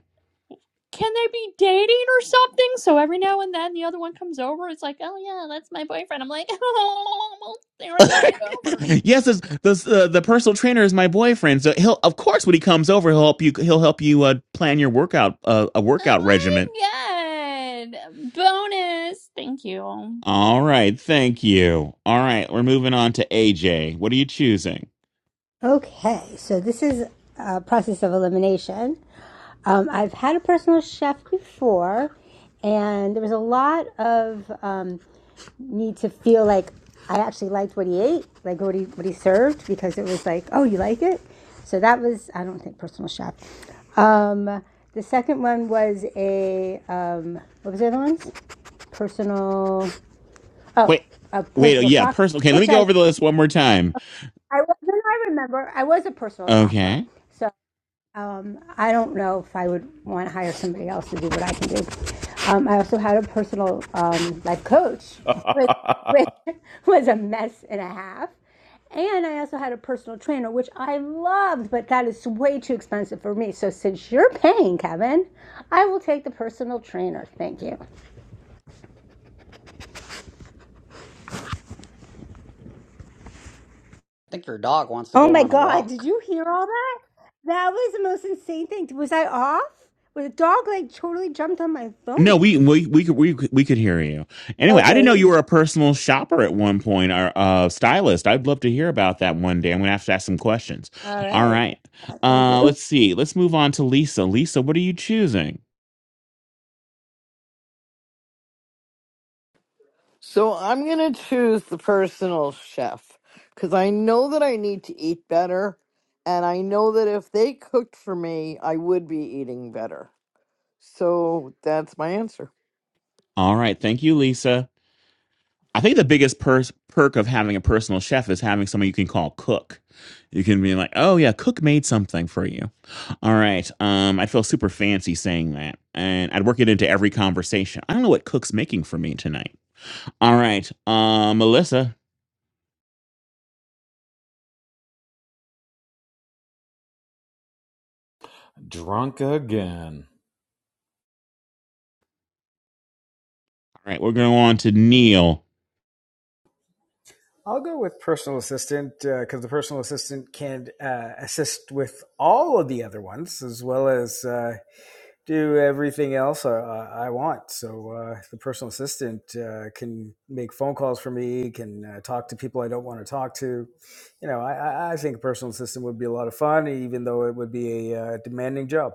[SPEAKER 10] can they be dating or something? So every now and then the other one comes over. It's like, oh yeah, that's my boyfriend. I'm like, <laughs> oh, well, they were invited
[SPEAKER 1] <laughs>
[SPEAKER 10] over.
[SPEAKER 1] yes, this, this, uh, the personal trainer is my boyfriend. So he'll, of course, when he comes over, he'll help you. He'll help you uh, plan your workout, uh, a workout regimen.
[SPEAKER 10] Oh my god! Bonus. Thank you.
[SPEAKER 1] All right, thank you. All right, we're moving on to AJ. What are you choosing?
[SPEAKER 7] Okay, so this is a process of elimination. Um, I've had a personal chef before, and there was a lot of um, need to feel like I actually liked what he ate, like what he what he served, because it was like, oh, you like it. So that was I don't think personal chef. Um, the second one was a um, what was the other ones? Personal oh,
[SPEAKER 1] Wait,
[SPEAKER 7] a
[SPEAKER 1] wait. oh,
[SPEAKER 7] personal
[SPEAKER 1] Yeah,
[SPEAKER 7] shopper,
[SPEAKER 1] personal. Okay, let me
[SPEAKER 7] which
[SPEAKER 1] go
[SPEAKER 7] I
[SPEAKER 1] over the list one more time.
[SPEAKER 7] I was, then I remember I was a personal shopper.
[SPEAKER 1] Okay.
[SPEAKER 7] so. Um, I don't know if I would want to hire somebody else to do what I can do. Um, I also had a personal um, life coach, which,
[SPEAKER 16] <laughs>
[SPEAKER 7] which <laughs> was a mess and a half. And I also had a personal trainer, which I loved, but that is way too expensive for me. So since you're paying, Kevin, I will take the personal trainer. Thank you.
[SPEAKER 15] think your dog wants to
[SPEAKER 7] Oh
[SPEAKER 15] go
[SPEAKER 7] my
[SPEAKER 15] on a
[SPEAKER 7] God, did
[SPEAKER 15] walk.
[SPEAKER 7] you hear all that? That was the most insane thing. Was I off? Was a dog like totally jumped on my
[SPEAKER 1] No, we
[SPEAKER 7] phone?
[SPEAKER 1] we we could we, we could hear you. Anyway, I didn't know
[SPEAKER 7] Okay.
[SPEAKER 1] you were a personal shopper at one point or uh, stylist. I'd love to hear about that one day. I'm gonna have to ask some questions.
[SPEAKER 7] All
[SPEAKER 1] All
[SPEAKER 7] right.
[SPEAKER 1] right,
[SPEAKER 7] Thank
[SPEAKER 1] uh,
[SPEAKER 7] you.
[SPEAKER 1] let's see. Let's move on to Lisa. Lisa, what are you choosing?
[SPEAKER 9] So I'm going to choose the personal chef because I know that I need to eat better. And I know that if they cooked for me, I would be eating better. So that's my answer.
[SPEAKER 1] All right, thank you, Lisa. I think the biggest per- perk of having a personal chef is having someone you can call cook. You can be like, "Oh yeah, cook made something for you." All right, um, I feel super fancy saying that, and I'd work it into every conversation. I don't know what cook's making for me tonight All right, uh, Melissa.
[SPEAKER 16] Drunk again.
[SPEAKER 1] All right, we're going on to Neil.
[SPEAKER 11] I'll go with personal assistant because uh, the personal assistant can uh, assist with all of the other ones as well as uh, do everything else I, I I want. So uh, the personal assistant uh, can make phone calls for me, can uh, talk to people I don't want to talk to. You know, I, I I think a personal assistant would be a lot of fun, even though it would be a uh, demanding job.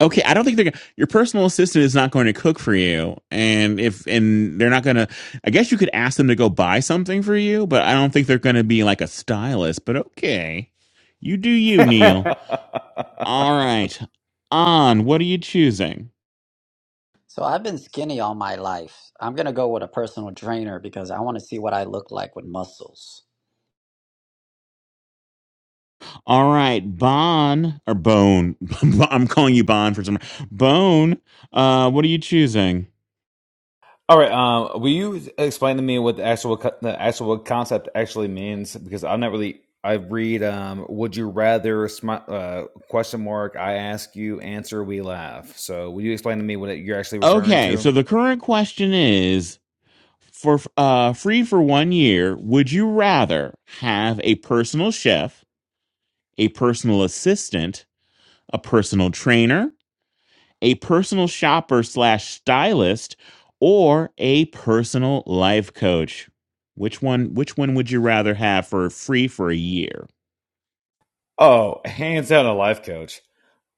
[SPEAKER 1] Okay, I don't think they're gonna, your personal assistant is not going to cook for you, and if and they're not going to. I guess you could ask them to go buy something for you, but I don't think they're going to be like a stylist. But okay, you do you,
[SPEAKER 16] <laughs>
[SPEAKER 1] Neil.
[SPEAKER 11] <laughs>
[SPEAKER 1] All right, on. What are you choosing?
[SPEAKER 15] So I've been skinny all my life. I'm gonna go with a personal trainer because I want to see what I look like with muscles.
[SPEAKER 1] All right, Bon or Bone. <laughs> I'm calling you Bon for some. Bone. Uh, what are you choosing?
[SPEAKER 16] All right. Um, will you explain to me what the actual co- the actual concept actually means? Because I'm not really. I read. Um, would you rather? Smi- uh, question mark. I ask you. Answer. We laugh. So, will you explain to me what it, you're actually referring
[SPEAKER 1] Okay, so
[SPEAKER 16] to?
[SPEAKER 1] the current question is for uh, free for one year, would you rather have a personal chef, a personal assistant, a personal trainer, a personal shopper slash stylist, or a personal life coach? Which one? Which one would you rather have for free for a year?
[SPEAKER 16] Oh, hands down, a life coach.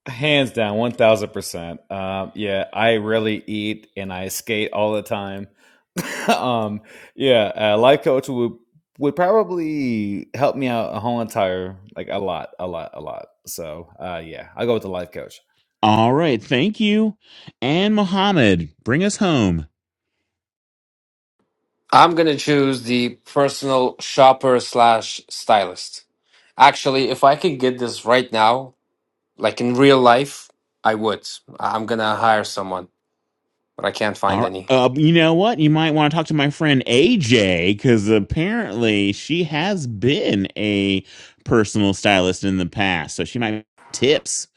[SPEAKER 16] Hands down, one thousand percent. Um, yeah, I really eat and I skate all the time. <laughs> um, yeah, a life coach would would probably help me out a whole entire like a lot, a lot, a lot. So uh, yeah, I'll go with the life coach.
[SPEAKER 1] All right, thank you, and Mohammed, bring us home.
[SPEAKER 17] I'm gonna choose the personal shopper slash stylist. Actually, if I could get this right now, like in real life, I would. I- I'm gonna hire someone, but I can't find
[SPEAKER 1] All right.
[SPEAKER 17] any.
[SPEAKER 1] Uh, you know what? You might want to talk to my friend AJ because apparently she has been a personal stylist in the past. So she might have tips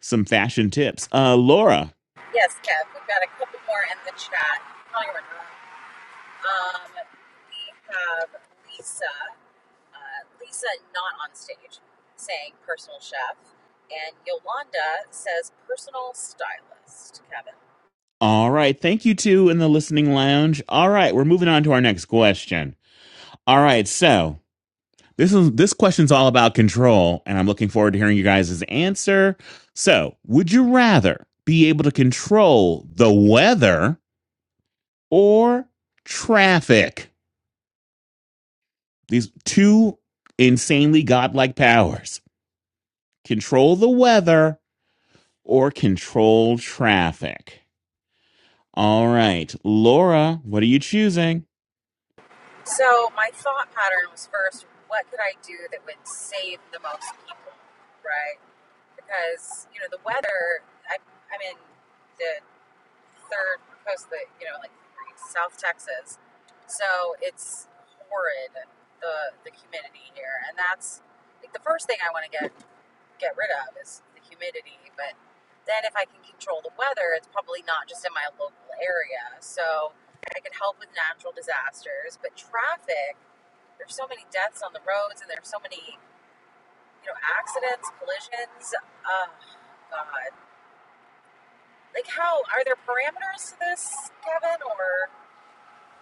[SPEAKER 1] some fashion tips. Uh, Laura.
[SPEAKER 4] Yes, Kev, we've got a couple more in the chat. No, you're right. Um, we have Lisa, uh, Lisa not on stage, saying personal chef. And Yolanda says personal stylist, Kevin.
[SPEAKER 1] All right. Thank you two in the listening lounge. All right. We're moving on to our next question. All right. So this is this question's all about control, and I'm looking forward to hearing you guys' answer. So, would you rather be able to control the weather or traffic? These two insanely godlike powers control the weather or control traffic. All right, Laura, what are you choosing?
[SPEAKER 4] So my thought pattern was first, what could I do that would save the most people, right? Because, you know, the weather, I, I'm in the third coast that you know like South Texas, so it's horrid the the humidity here, and that's like the first thing I want to get get rid of is the humidity. But then if I can control the weather, it's probably not just in my local area, so I can help with natural disasters. But traffic, there's so many deaths on the roads, and there's so many you know accidents, collisions. Oh God. Like, how are there parameters to this, Kevin, or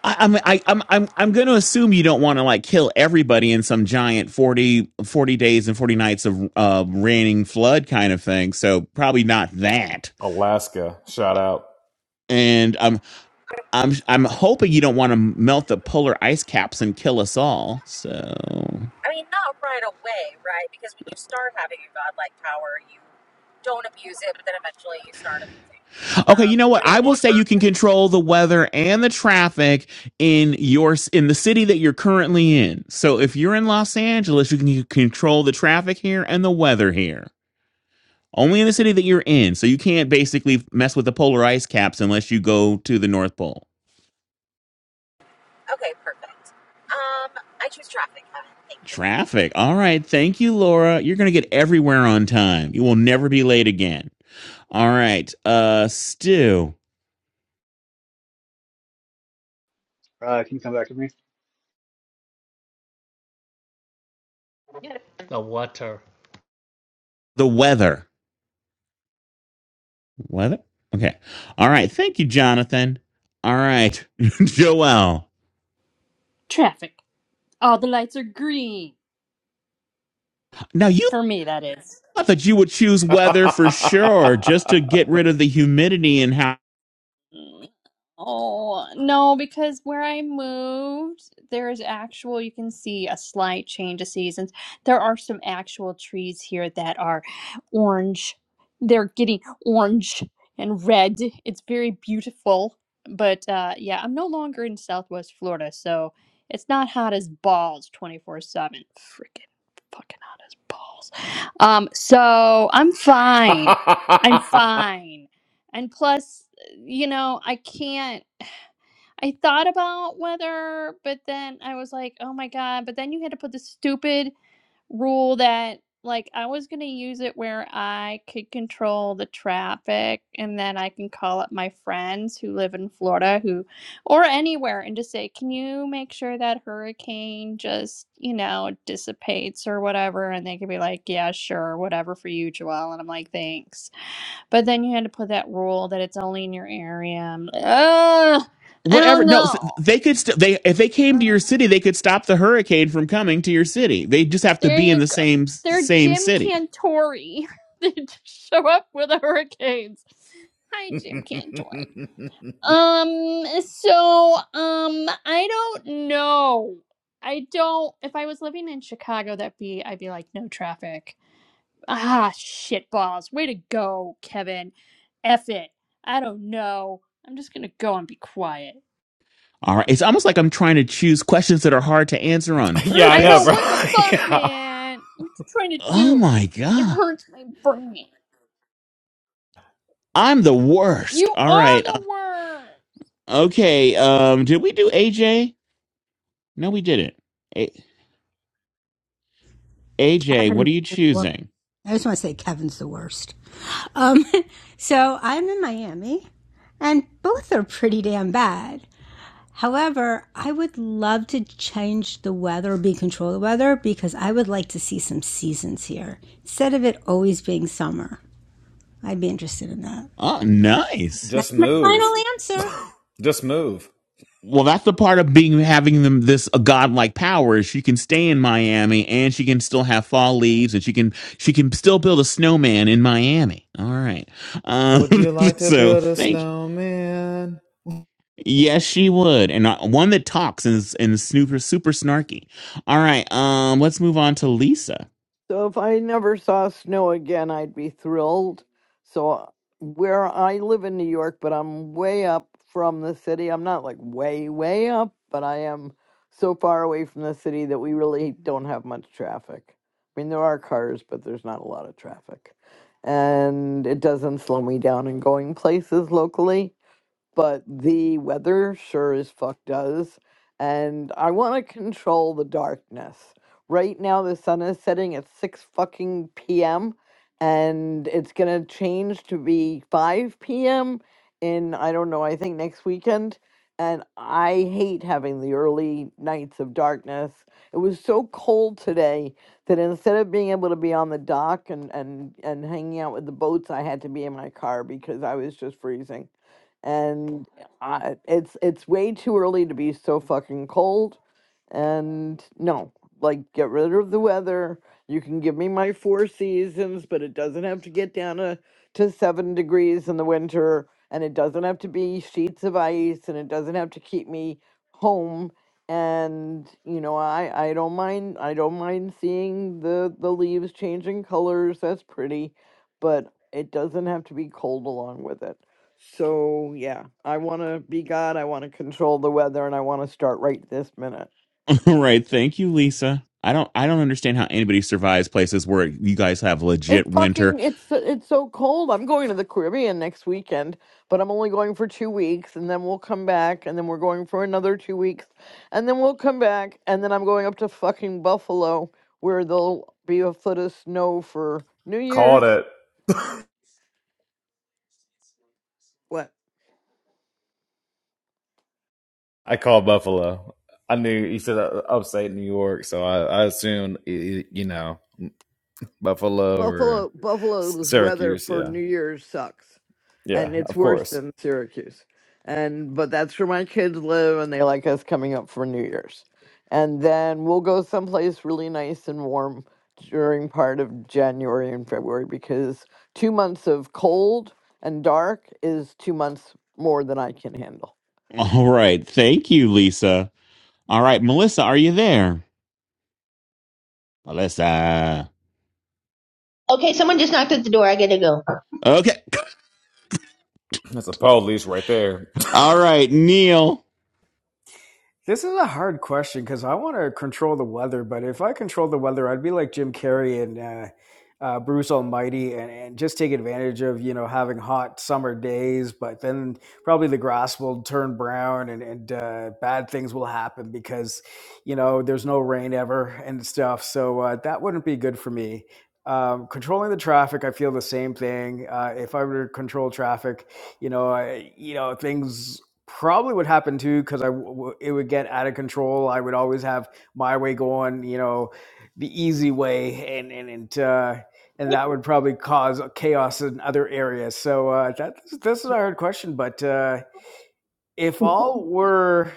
[SPEAKER 1] I, I'm I, I'm I'm I'm going to assume you don't want to like kill everybody in some giant 40 40 days and forty nights of uh, raining flood kind of thing. So probably not that.
[SPEAKER 16] Alaska, shout out.
[SPEAKER 1] And I'm I'm I'm hoping you don't want to melt the polar ice caps and kill us all. So
[SPEAKER 4] I mean, not right away, right? Because when you start having a godlike power, you don't abuse it, but then eventually you start abusing it. So
[SPEAKER 1] Okay, you know
[SPEAKER 4] we
[SPEAKER 1] what? I
[SPEAKER 4] don't
[SPEAKER 1] will
[SPEAKER 4] want
[SPEAKER 1] say
[SPEAKER 4] her.
[SPEAKER 1] you can control the weather and the traffic in your in the city that you're currently in. So if you're in Los Angeles, you can control the traffic here and the weather here. Only in the city that you're in. So you can't basically mess with the polar ice caps unless you go to the North Pole.
[SPEAKER 4] Okay, perfect. Um, I choose traffic. Kevin. Thank you.
[SPEAKER 1] Traffic. All right. Thank you, Laura. You're going to get everywhere on time. You will never be late again. All right. Uh Stu,
[SPEAKER 3] Uh, can you come back to me?
[SPEAKER 6] The water.
[SPEAKER 1] the weather. What? Okay. All right. Thank you, Jonathan. All right. <laughs> Joel.
[SPEAKER 10] Traffic. All the lights are green
[SPEAKER 1] Now, you
[SPEAKER 10] for me. That is.
[SPEAKER 1] thought that you would choose
[SPEAKER 16] <laughs> yeah,
[SPEAKER 1] weather for sure just to get rid of the humidity and how.
[SPEAKER 10] Mm, Oh, no, because where I moved, there is actual, you can see a slight change of seasons. There are some actual trees here that are orange. They're getting orange and red. It's very beautiful. But uh, yeah, I'm no longer in Southwest Florida, so it's not hot as balls 24/7. Freaking fucking hot as balls. Um, so I'm fine. I'm fine. And plus, you know, I can't. I thought about whether, but then I was like, oh my God. But then you had to put the stupid rule that, like, I was going to use it where I could control the traffic and then I can call up my friends who live in Florida who, or anywhere, and just say, can you make sure that hurricane just, you know, dissipates or whatever? And they could be like, yeah, sure, whatever for you, Joelle. And I'm like, thanks. But then you had to put that rule that it's only in your area. I'm like, Ugh, I
[SPEAKER 1] Whatever.
[SPEAKER 10] don't
[SPEAKER 1] No, s-
[SPEAKER 10] know.
[SPEAKER 1] they could. St- they if they came to your
[SPEAKER 10] Ugh.
[SPEAKER 1] city, they could stop the hurricane from coming to your city. They just have to
[SPEAKER 10] There
[SPEAKER 1] be in
[SPEAKER 10] you
[SPEAKER 1] the
[SPEAKER 10] go.
[SPEAKER 1] same
[SPEAKER 10] They're
[SPEAKER 1] same
[SPEAKER 10] Jim
[SPEAKER 1] city.
[SPEAKER 10] Cantori. <laughs> they just show up with the hurricanes. Hi, Jim Cantori. Um, so, um, I don't know. I don't. If I was living in Chicago, that'd be, I'd be like, no traffic. Ah, shit balls. Way to go, Kevin. F it. I don't know. I'm just gonna go and be quiet.
[SPEAKER 1] All right. It's almost like I'm trying to choose questions that are hard to answer on
[SPEAKER 16] I
[SPEAKER 10] I
[SPEAKER 16] know,
[SPEAKER 10] know
[SPEAKER 1] purpose.
[SPEAKER 16] bro.
[SPEAKER 10] what the
[SPEAKER 16] <laughs>
[SPEAKER 10] fuck,
[SPEAKER 16] yeah.
[SPEAKER 10] man. What you trying to
[SPEAKER 1] Oh
[SPEAKER 10] do?
[SPEAKER 1] my
[SPEAKER 10] It
[SPEAKER 1] god,
[SPEAKER 10] hurts my brain.
[SPEAKER 1] I'm the worst.
[SPEAKER 10] You
[SPEAKER 1] All
[SPEAKER 10] are
[SPEAKER 1] right. Uh,
[SPEAKER 10] the worst.
[SPEAKER 1] Okay. Um. Did we do AJ? No, we didn't. A- AJ, what
[SPEAKER 7] Kevin's
[SPEAKER 1] are you
[SPEAKER 7] the worst.
[SPEAKER 1] choosing?
[SPEAKER 7] I just want to say Kevin's the worst. Um, <laughs> so I'm in Miami, and both are pretty damn bad. However, I would love to change the weather or be in control of the weather because I would like to see some seasons here instead of it always being summer. I'd be interested in that.
[SPEAKER 1] Oh, nice.
[SPEAKER 7] That's
[SPEAKER 16] Just
[SPEAKER 7] my final
[SPEAKER 16] move. <laughs>
[SPEAKER 7] answer.
[SPEAKER 16] Just move.
[SPEAKER 1] Well, that's the part of being having them this a godlike power is she can stay in Miami and she can still have fall leaves and she can she can still build a snowman in Miami. All right. Um,
[SPEAKER 16] Would you
[SPEAKER 1] <laughs>
[SPEAKER 16] like to
[SPEAKER 1] so
[SPEAKER 16] build a
[SPEAKER 1] thank
[SPEAKER 16] snowman?
[SPEAKER 1] yes she would and uh, one that talks and is, and is super super snarky. All right. Um, let's move on to Lisa.
[SPEAKER 9] So if I never saw snow again, I'd be thrilled. So uh, where I live in New York, but I'm way up from the city. I'm not like way, way up, but I am so far away from the city that we really don't have much traffic. I mean, there are cars, but there's not a lot of traffic. And it doesn't slow me down in going places locally but the weather sure as fuck does. And I want to control the darkness. Right now, the sun is setting at 6 fucking p.m. and it's going to change to be 5 p.m. in, I don't know, I think next weekend. And I hate having the early nights of darkness. It was so cold today that instead of being able to be on the dock and, and, and hanging out with the boats, I had to be in my car because I was just freezing and I, it's it's way too early to be so fucking cold. And no, like get rid of the weather. You can give me my four seasons, but it doesn't have to get down to, to seven degrees in the winter, and it doesn't have to be sheets of ice, and it doesn't have to keep me home. And you know, I I don't mind I don't mind seeing the the leaves changing colors. That's pretty, but it doesn't have to be cold along with it. So yeah, I want to be God. I want to control the weather, and I want to start right this minute.
[SPEAKER 1] <laughs> right. Thank you, Lisa. I don't I don't understand how anybody survives places where you guys have legit
[SPEAKER 9] It's
[SPEAKER 1] winter.
[SPEAKER 9] fucking. It's it's so cold. I'm going to the Caribbean next weekend, but I'm only going for two weeks, and then we'll come back, and then we're going for another two weeks, and then we'll come back, and then I'm going up to fucking Buffalo, where there'll be a foot of snow for New
[SPEAKER 16] Called
[SPEAKER 9] Year's.
[SPEAKER 16] it. <laughs>
[SPEAKER 9] What?
[SPEAKER 16] I called Buffalo. I knew you said uh, upstate New York, so I, I assumed, you know, Buffalo or
[SPEAKER 9] Buffalo Buffalo's weather
[SPEAKER 16] Syracuse.
[SPEAKER 9] for
[SPEAKER 16] Yeah.
[SPEAKER 9] New Year's sucks,
[SPEAKER 16] Yeah,
[SPEAKER 9] and it's
[SPEAKER 16] of
[SPEAKER 9] worse
[SPEAKER 16] course.
[SPEAKER 9] than Syracuse. And but that's where my kids live, and they like us coming up for New Year's. And then we'll go someplace really nice and warm during part of January and February because two months of cold and dark is two months more than I can handle.
[SPEAKER 1] All right. Thank you, Lisa. All right, Melissa, are you there? Melissa.
[SPEAKER 12] Okay, someone just knocked at the door. I gotta go.
[SPEAKER 1] Okay.
[SPEAKER 16] That's a police right there. <laughs>
[SPEAKER 1] All right, Neil.
[SPEAKER 11] This is a hard question because I want to control the weather, but if I control the weather, I'd be like Jim Carrey and uh, uh, Bruce Almighty, and, and just take advantage of you know having hot summer days. But then probably the grass will turn brown, and and uh, bad things will happen because you know there's no rain ever and stuff. So uh, that wouldn't be good for me. Um, controlling the traffic, I feel the same thing. Uh, if I were to control traffic, you know, I, you know, things probably would happen too because I w- w- it would get out of control. I would always have my way going, you know, the easy way, and and and uh, and that would probably cause chaos in other areas. So uh, that this is a hard question, but uh, if all were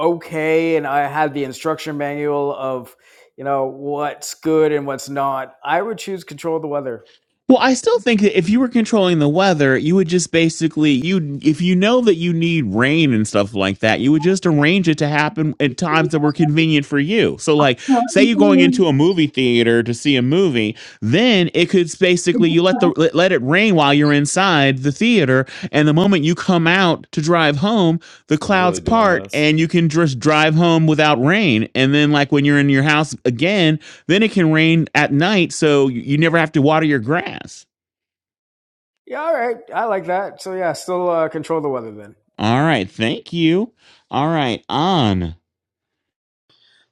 [SPEAKER 11] okay and I had the instruction manual of you know what's good and what's not, I would choose control the weather.
[SPEAKER 1] Well, I still think that if you were controlling the weather, you would just basically you if you know that you need rain and stuff like that, you would just arrange it to happen at times that were convenient for you. So like say you're going into a movie theater to see a movie, then it could s- basically you let the let let it rain while you're inside the theater and the moment you come out to drive home, the
[SPEAKER 16] Are we
[SPEAKER 1] clouds
[SPEAKER 16] really doing
[SPEAKER 1] part
[SPEAKER 16] this?
[SPEAKER 1] and you can just drive home without rain. And then like when you're in your house again, then it can rain at night, so you you never have to water your grass.
[SPEAKER 11] Yeah, all right, I like that. So yeah, still uh, control the weather then.
[SPEAKER 1] All right, thank you. All right, on. <laughs>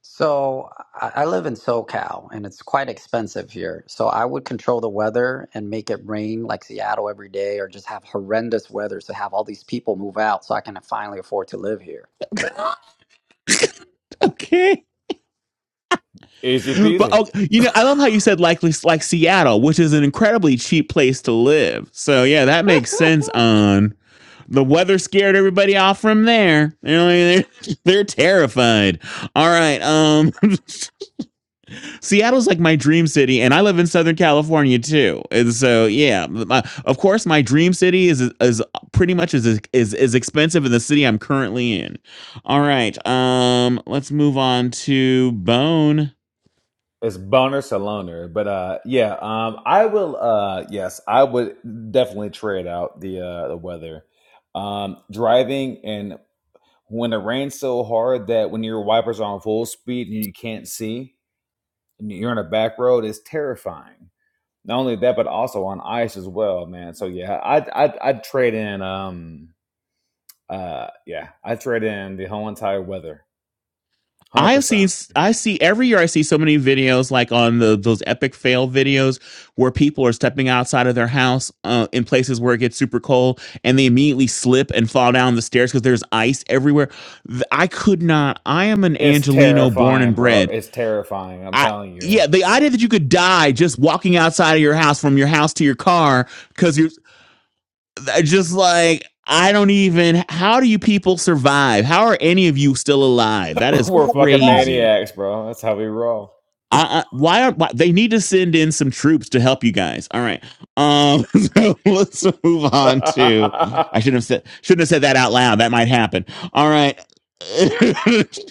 [SPEAKER 15] So I, I live in SoCal and it's quite expensive here. So I would control the weather and make it rain like Seattle every day, or just have horrendous weather to have all these people move out so I can finally afford to live here.
[SPEAKER 1] Okay,
[SPEAKER 16] Easy
[SPEAKER 1] but
[SPEAKER 16] peasy.
[SPEAKER 1] oh, you
[SPEAKER 16] <laughs>
[SPEAKER 1] know, I love how you said like like like Seattle, which is an incredibly cheap place to live. So yeah, that makes sense. On the weather scared everybody off from there. You know, they're, <laughs> they're terrified. All right, um, <laughs> Seattle's like my dream city, and I live in Southern California too. And so, yeah, my- of course, my dream city is is pretty much as is as expensive as the city I'm currently in. All right, um, let's move on to Bone.
[SPEAKER 16] It's boner saloner. But uh yeah, um I will uh yes, I would definitely trade out the uh the weather. Um driving and when it rains so hard that when your wipers are on full speed and you can't see and you're on a back road is terrifying. Not only that, but also on ice as well, man. So yeah, I I would I'd- I'd trade in um uh yeah, I trade in the whole entire weather one Hundred
[SPEAKER 1] I see
[SPEAKER 16] percent.
[SPEAKER 1] I see every year I see so many videos like on the those epic fail videos where people are stepping outside of their house uh, in places where it gets super cold and they immediately slip and fall down the stairs because there's ice everywhere. Th- I could not. I am an
[SPEAKER 16] It's
[SPEAKER 1] Angelino born and
[SPEAKER 16] terrifying, bro.
[SPEAKER 1] bred.
[SPEAKER 16] It's terrifying. I'm
[SPEAKER 1] I
[SPEAKER 16] telling
[SPEAKER 1] yeah,
[SPEAKER 16] you,
[SPEAKER 1] the idea that you could die just walking outside of your house from your house to your car because you're I just like I don't even. How do you people survive? How are any of you still alive? That
[SPEAKER 16] <laughs>
[SPEAKER 1] is
[SPEAKER 16] we're fucking
[SPEAKER 1] crazy.
[SPEAKER 16] maniacs, bro. That's how we roll.
[SPEAKER 1] I, I why are why, they need to send in some troops to help you guys? All right, um, <laughs> so let's move
[SPEAKER 16] <laughs> You're
[SPEAKER 1] on to. I shouldn't have said shouldn't have said that out loud. That might happen. All right, <laughs>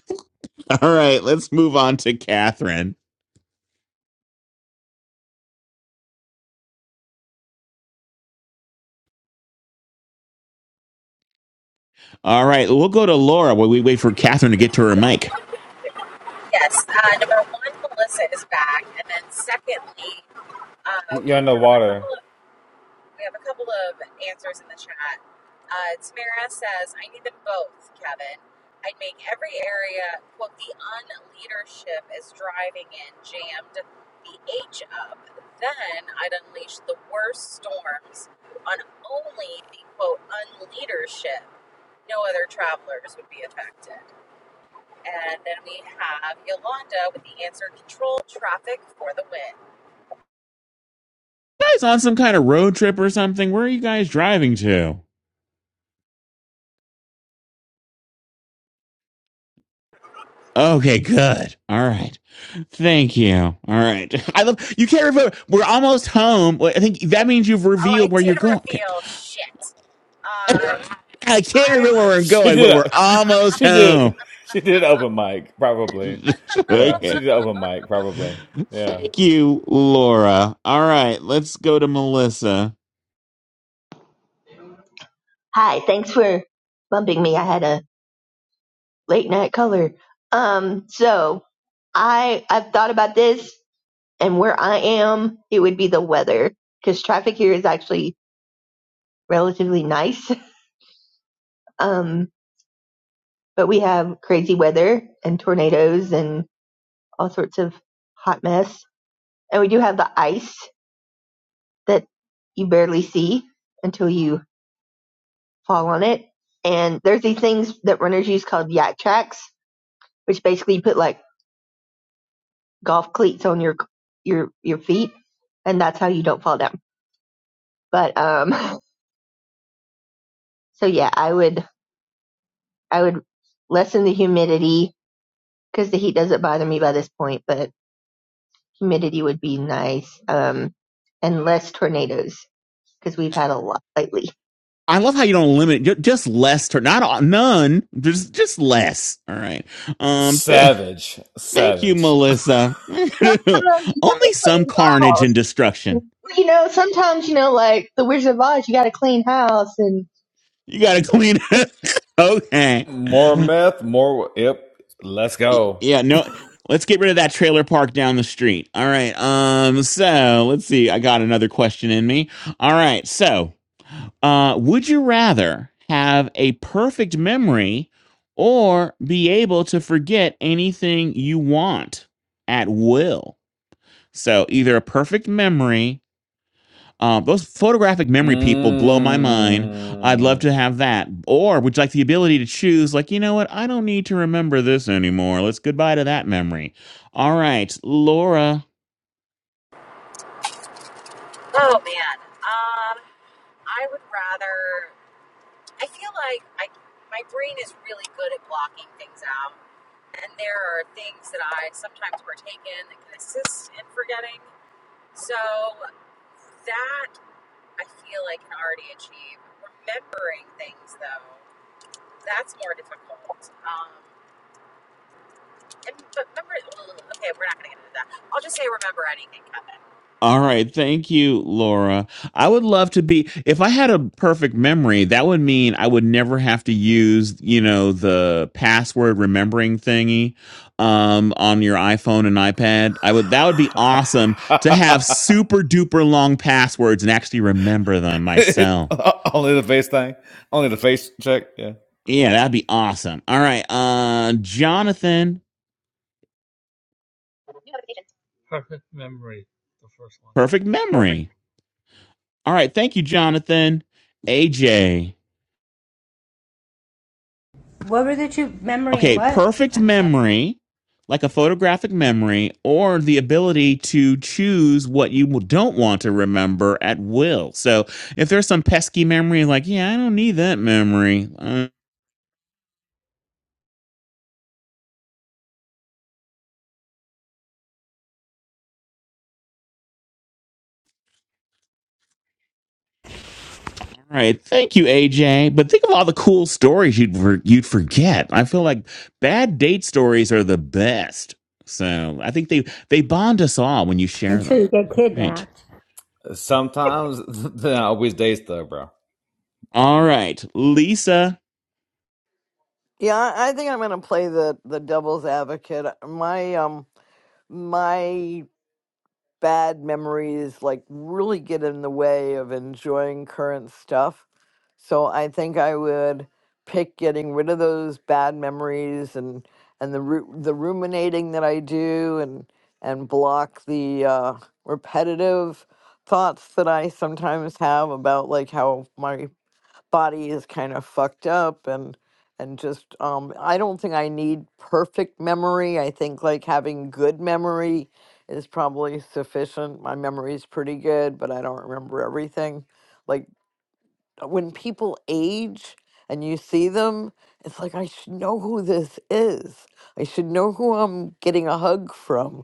[SPEAKER 1] all right. Let's move on to Catherine. All right, we'll go to Laura while we wait for Catherine to get to her mic.
[SPEAKER 4] Yes. Uh, number one, Melissa is back, and then secondly, uh, we
[SPEAKER 16] in the
[SPEAKER 4] have a couple
[SPEAKER 16] water.
[SPEAKER 4] of.
[SPEAKER 16] <laughs>
[SPEAKER 4] We have a couple of answers in the chat. Uh, Tamara says, I need them both, Kevin. I'd make every area, quote, the unleadership is driving in, jammed the H up. Then I'd unleash the worst storms on only the, quote, unleadership. No other travelers would be affected. And then we have Yolanda with the answer control traffic for the win.
[SPEAKER 1] You guys on some kind of road trip or something? Where are you guys driving to? Okay, good. All right. Thank you. All right. <laughs> I love you can't remember. We're almost home. Well, I think that means you've
[SPEAKER 4] Oh, I
[SPEAKER 1] revealed where
[SPEAKER 4] did
[SPEAKER 1] you're going. Okay.
[SPEAKER 4] reveal. Shit. Uh,
[SPEAKER 1] I can't
[SPEAKER 4] I
[SPEAKER 1] remember where we're
[SPEAKER 16] She
[SPEAKER 1] going,
[SPEAKER 16] did.
[SPEAKER 1] but we're
[SPEAKER 16] A, <laughs>
[SPEAKER 1] almost
[SPEAKER 16] she did.
[SPEAKER 1] home.
[SPEAKER 16] She did open mic, probably.
[SPEAKER 1] <laughs>
[SPEAKER 16] Yeah, she
[SPEAKER 1] okay.
[SPEAKER 16] did open mic, probably. Yeah.
[SPEAKER 1] Thank you, Laura. All right. Let's go to Melissa.
[SPEAKER 12] Hi, thanks for bumping me. I had a late night color. Um, so I I've thought about this and where I am, it would be the weather because traffic here is actually relatively nice. <laughs> Um, but we have crazy weather and tornadoes and all sorts of hot mess. And we do have the ice that you barely see until you fall on it. And there's these things that runners use called yak tracks which basically you put like golf cleats on your your your feet, and that's how you don't fall down. But um, <laughs> so yeah, I would I would lessen the humidity because the heat doesn't bother me by this point, but humidity would be nice. Um, and less tornadoes because we've had a lot lately.
[SPEAKER 1] I love how you don't limit just less turn not all, none. Just just less. All right. Um thank
[SPEAKER 16] Savage,
[SPEAKER 1] thank you,
[SPEAKER 16] savage.
[SPEAKER 1] Melissa.
[SPEAKER 12] Sometimes
[SPEAKER 1] <laughs>
[SPEAKER 12] you gotta
[SPEAKER 1] Only some
[SPEAKER 12] clean
[SPEAKER 1] carnage and
[SPEAKER 12] house.
[SPEAKER 1] destruction.
[SPEAKER 12] You know, sometimes you know, like the Wizard of Oz, you gotta clean house, and
[SPEAKER 1] You gotta clean it. <laughs> okay.
[SPEAKER 16] More meth, more. Yep. Let's
[SPEAKER 1] Y-
[SPEAKER 16] go.
[SPEAKER 1] Yeah, no. Let's get rid of that trailer park down the street. All right. Um, so let's see. I got another question in me. All right. So, uh, would you rather have a perfect memory or be able to forget anything you want at will? So either a perfect memory Um, those photographic memory people blow my mind. I'd love
[SPEAKER 16] Mm. <laughs>
[SPEAKER 1] to have that. Or would you like the ability to choose, like, you know what? I don't need to remember this anymore. Let's goodbye to that memory. All right, Laura.
[SPEAKER 4] Oh man. Um, I would rather. I feel like I my brain is really good at blocking things out, and there are things that I sometimes partake in that can assist in forgetting. So that I feel like can already achieve. Remembering things though, that's more difficult. Um, and but remember, okay, we're not going to get into that. I'll just say remember anything, Kevin.
[SPEAKER 1] All right. Thank you, Laura. I would love to be, if I had a perfect memory, that would mean I would never have to use, you know, the password remembering thingy um, on your iPhone and iPad. I would, that would be awesome to have super duper long passwords and actually remember them myself.
[SPEAKER 16] Only the face thing. Only the face check. Yeah.
[SPEAKER 1] Yeah, that'd be awesome. All right. Uh, Jonathan,
[SPEAKER 6] Perfect memory. The first one.
[SPEAKER 1] perfect memory. All right. Thank you, Jonathan. AJ.
[SPEAKER 7] What were the two memory and
[SPEAKER 1] Okay,
[SPEAKER 7] what?
[SPEAKER 1] perfect
[SPEAKER 7] I'm sorry.
[SPEAKER 1] memory, like a photographic memory, or the ability to choose what you don't want to remember at will. So if there's some pesky memory, like, yeah, I don't need that memory. Uh, all right, thank you, AJ. But think of all the cool stories you'd for- you'd forget. I feel like bad date stories are the best. So I think they they bond us all when you share
[SPEAKER 7] Until
[SPEAKER 1] them.
[SPEAKER 7] you get
[SPEAKER 1] All right,
[SPEAKER 7] kidnapped.
[SPEAKER 16] Sometimes, <laughs> then I always days though, bro.
[SPEAKER 1] all right, Lisa.
[SPEAKER 9] Yeah, I I think I'm gonna play the the devil's advocate. My um my bad memories like really get in the way of enjoying current stuff. So I think I would pick getting rid of those bad memories and and the ru- the ruminating that I do and and block the uh, repetitive thoughts that I sometimes have about like how my body is kind of fucked up and and just um I don't think I need perfect memory. I think like having good memory is probably sufficient. My memory is pretty good, but I don't remember everything. Like when people age and you see them, it's like I should know who this is. I should know who I'm getting a hug from.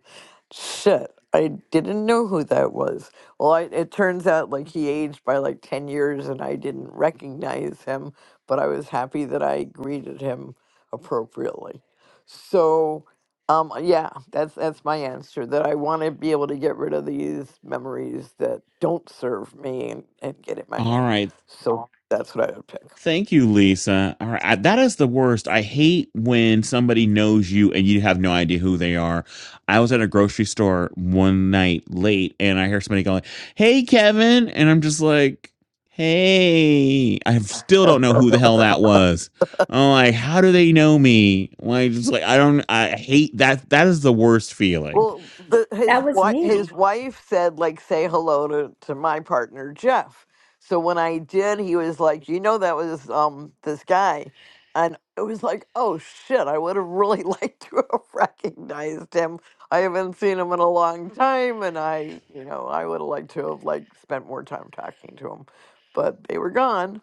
[SPEAKER 9] Shit, I didn't know who that was. Well, I, it turns out like he aged by like 10 years and I didn't recognize him, but I was happy that I greeted him appropriately. So, um yeah, that's that's my answer that I want to be able to get rid of these memories that don't serve me and, and get it my
[SPEAKER 1] All
[SPEAKER 9] way.
[SPEAKER 1] right.
[SPEAKER 9] So that's what I would pick.
[SPEAKER 1] Thank you, Lisa. All right, I- that is the worst. I hate when somebody knows you and you have no idea who they are. I was at a grocery store one night late, and I hear somebody going, "Hey, Kevin," and I'm just like, "Hey." I still don't know who the hell that
[SPEAKER 9] <laughs>
[SPEAKER 1] was. I'm like, how do they know me? Like, just like I don't. I hate that. That is the worst feeling.
[SPEAKER 9] well, the, his
[SPEAKER 7] That was
[SPEAKER 9] wife,
[SPEAKER 7] me.
[SPEAKER 9] his wife said, like, say hello to, to my partner Jeff. So when I did, he was like, you know, that was um this guy, and it was like, oh shit, I would have really <laughs> liked to have recognized him. I haven't seen him in a long time, and I, you know, I would have liked to have like spent more time talking to him, but they were gone.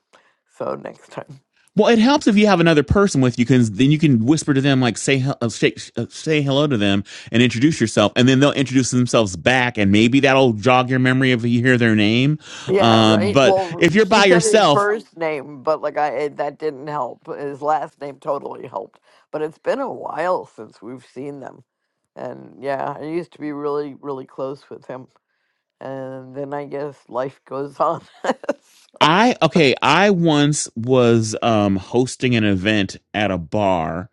[SPEAKER 9] So next time.
[SPEAKER 1] Well, it helps if you have another person with you, because then you can whisper to them, like say uh, say, uh, say hello to them and introduce yourself, and then they'll introduce themselves back, and maybe that'll jog your memory if you hear their name.
[SPEAKER 9] Yeah,
[SPEAKER 1] Um,
[SPEAKER 9] right.
[SPEAKER 1] but
[SPEAKER 9] Well,
[SPEAKER 1] if you're
[SPEAKER 9] she
[SPEAKER 1] by
[SPEAKER 9] said his
[SPEAKER 1] yourself,
[SPEAKER 9] first name, but like I, it- that didn't help. His last name totally helped. But it's been a while since we've seen them, and yeah, I used to be really, really close with him. And then I guess life goes on. <laughs>
[SPEAKER 1] I okay, I once was um, hosting an event at a bar,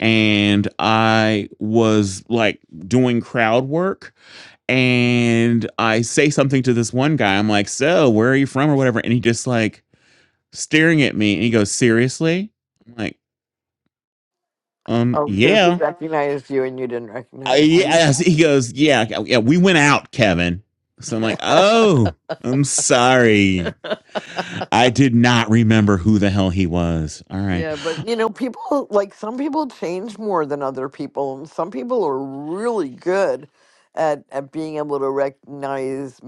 [SPEAKER 1] and I was like doing crowd work, and I say something to this one guy. I'm like, "So, where are you from?" or whatever, and he just like staring at me and he goes, Seriously? I'm like, um,
[SPEAKER 9] oh, because he
[SPEAKER 1] yeah.
[SPEAKER 9] recognized you and you didn't
[SPEAKER 1] I,
[SPEAKER 9] recognize him.
[SPEAKER 1] yes. He goes, yeah, yeah, yeah, we went out, Kevin. So I'm like, oh, I'm sorry. I did not remember who the hell he was. All right.
[SPEAKER 9] Yeah, but you know, people like some people change more than other people. and Some people are really good at at being able to recognize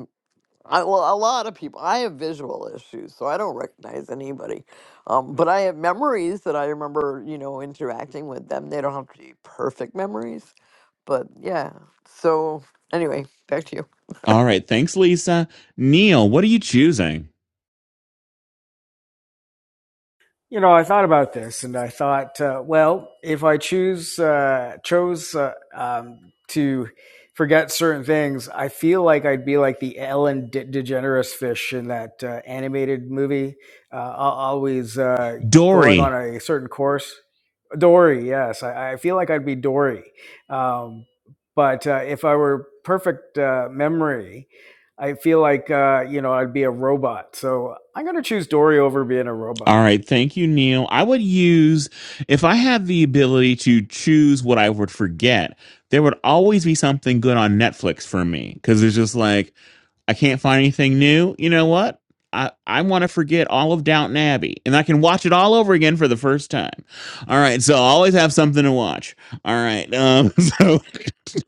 [SPEAKER 9] I, well, a lot of people. I have visual issues, so I don't recognize anybody. Um, but I have memories that I remember, you know, interacting with them. They don't have to be perfect memories, but yeah. So anyway, back to
[SPEAKER 1] All right. Thanks, Lisa. Neil, what are you choosing?
[SPEAKER 11] You know, I thought about this, and I thought, uh, well, if I choose uh, chose uh, um, to forget certain things, I feel like I'd be like the Ellen De- DeGeneres fish in that uh, animated movie, uh, al- always uh, going
[SPEAKER 1] Dory.
[SPEAKER 11] on a certain course. Dory, yes, I, I feel like I'd be Dory, um, but uh, if I were perfect uh, memory. I feel like uh, you know I'd be a robot, so I'm gonna choose Dory over being a robot.
[SPEAKER 1] All right. Thank you, Neil. I would use, if I had the ability to choose what I would forget, there would always be something good on Netflix for me because it's just like, I can't find anything new. You know what? I, I want to forget all of Downton Abbey and I can watch it all over again for the first time. All right. So I always have something to watch. All right. Um, <laughs> so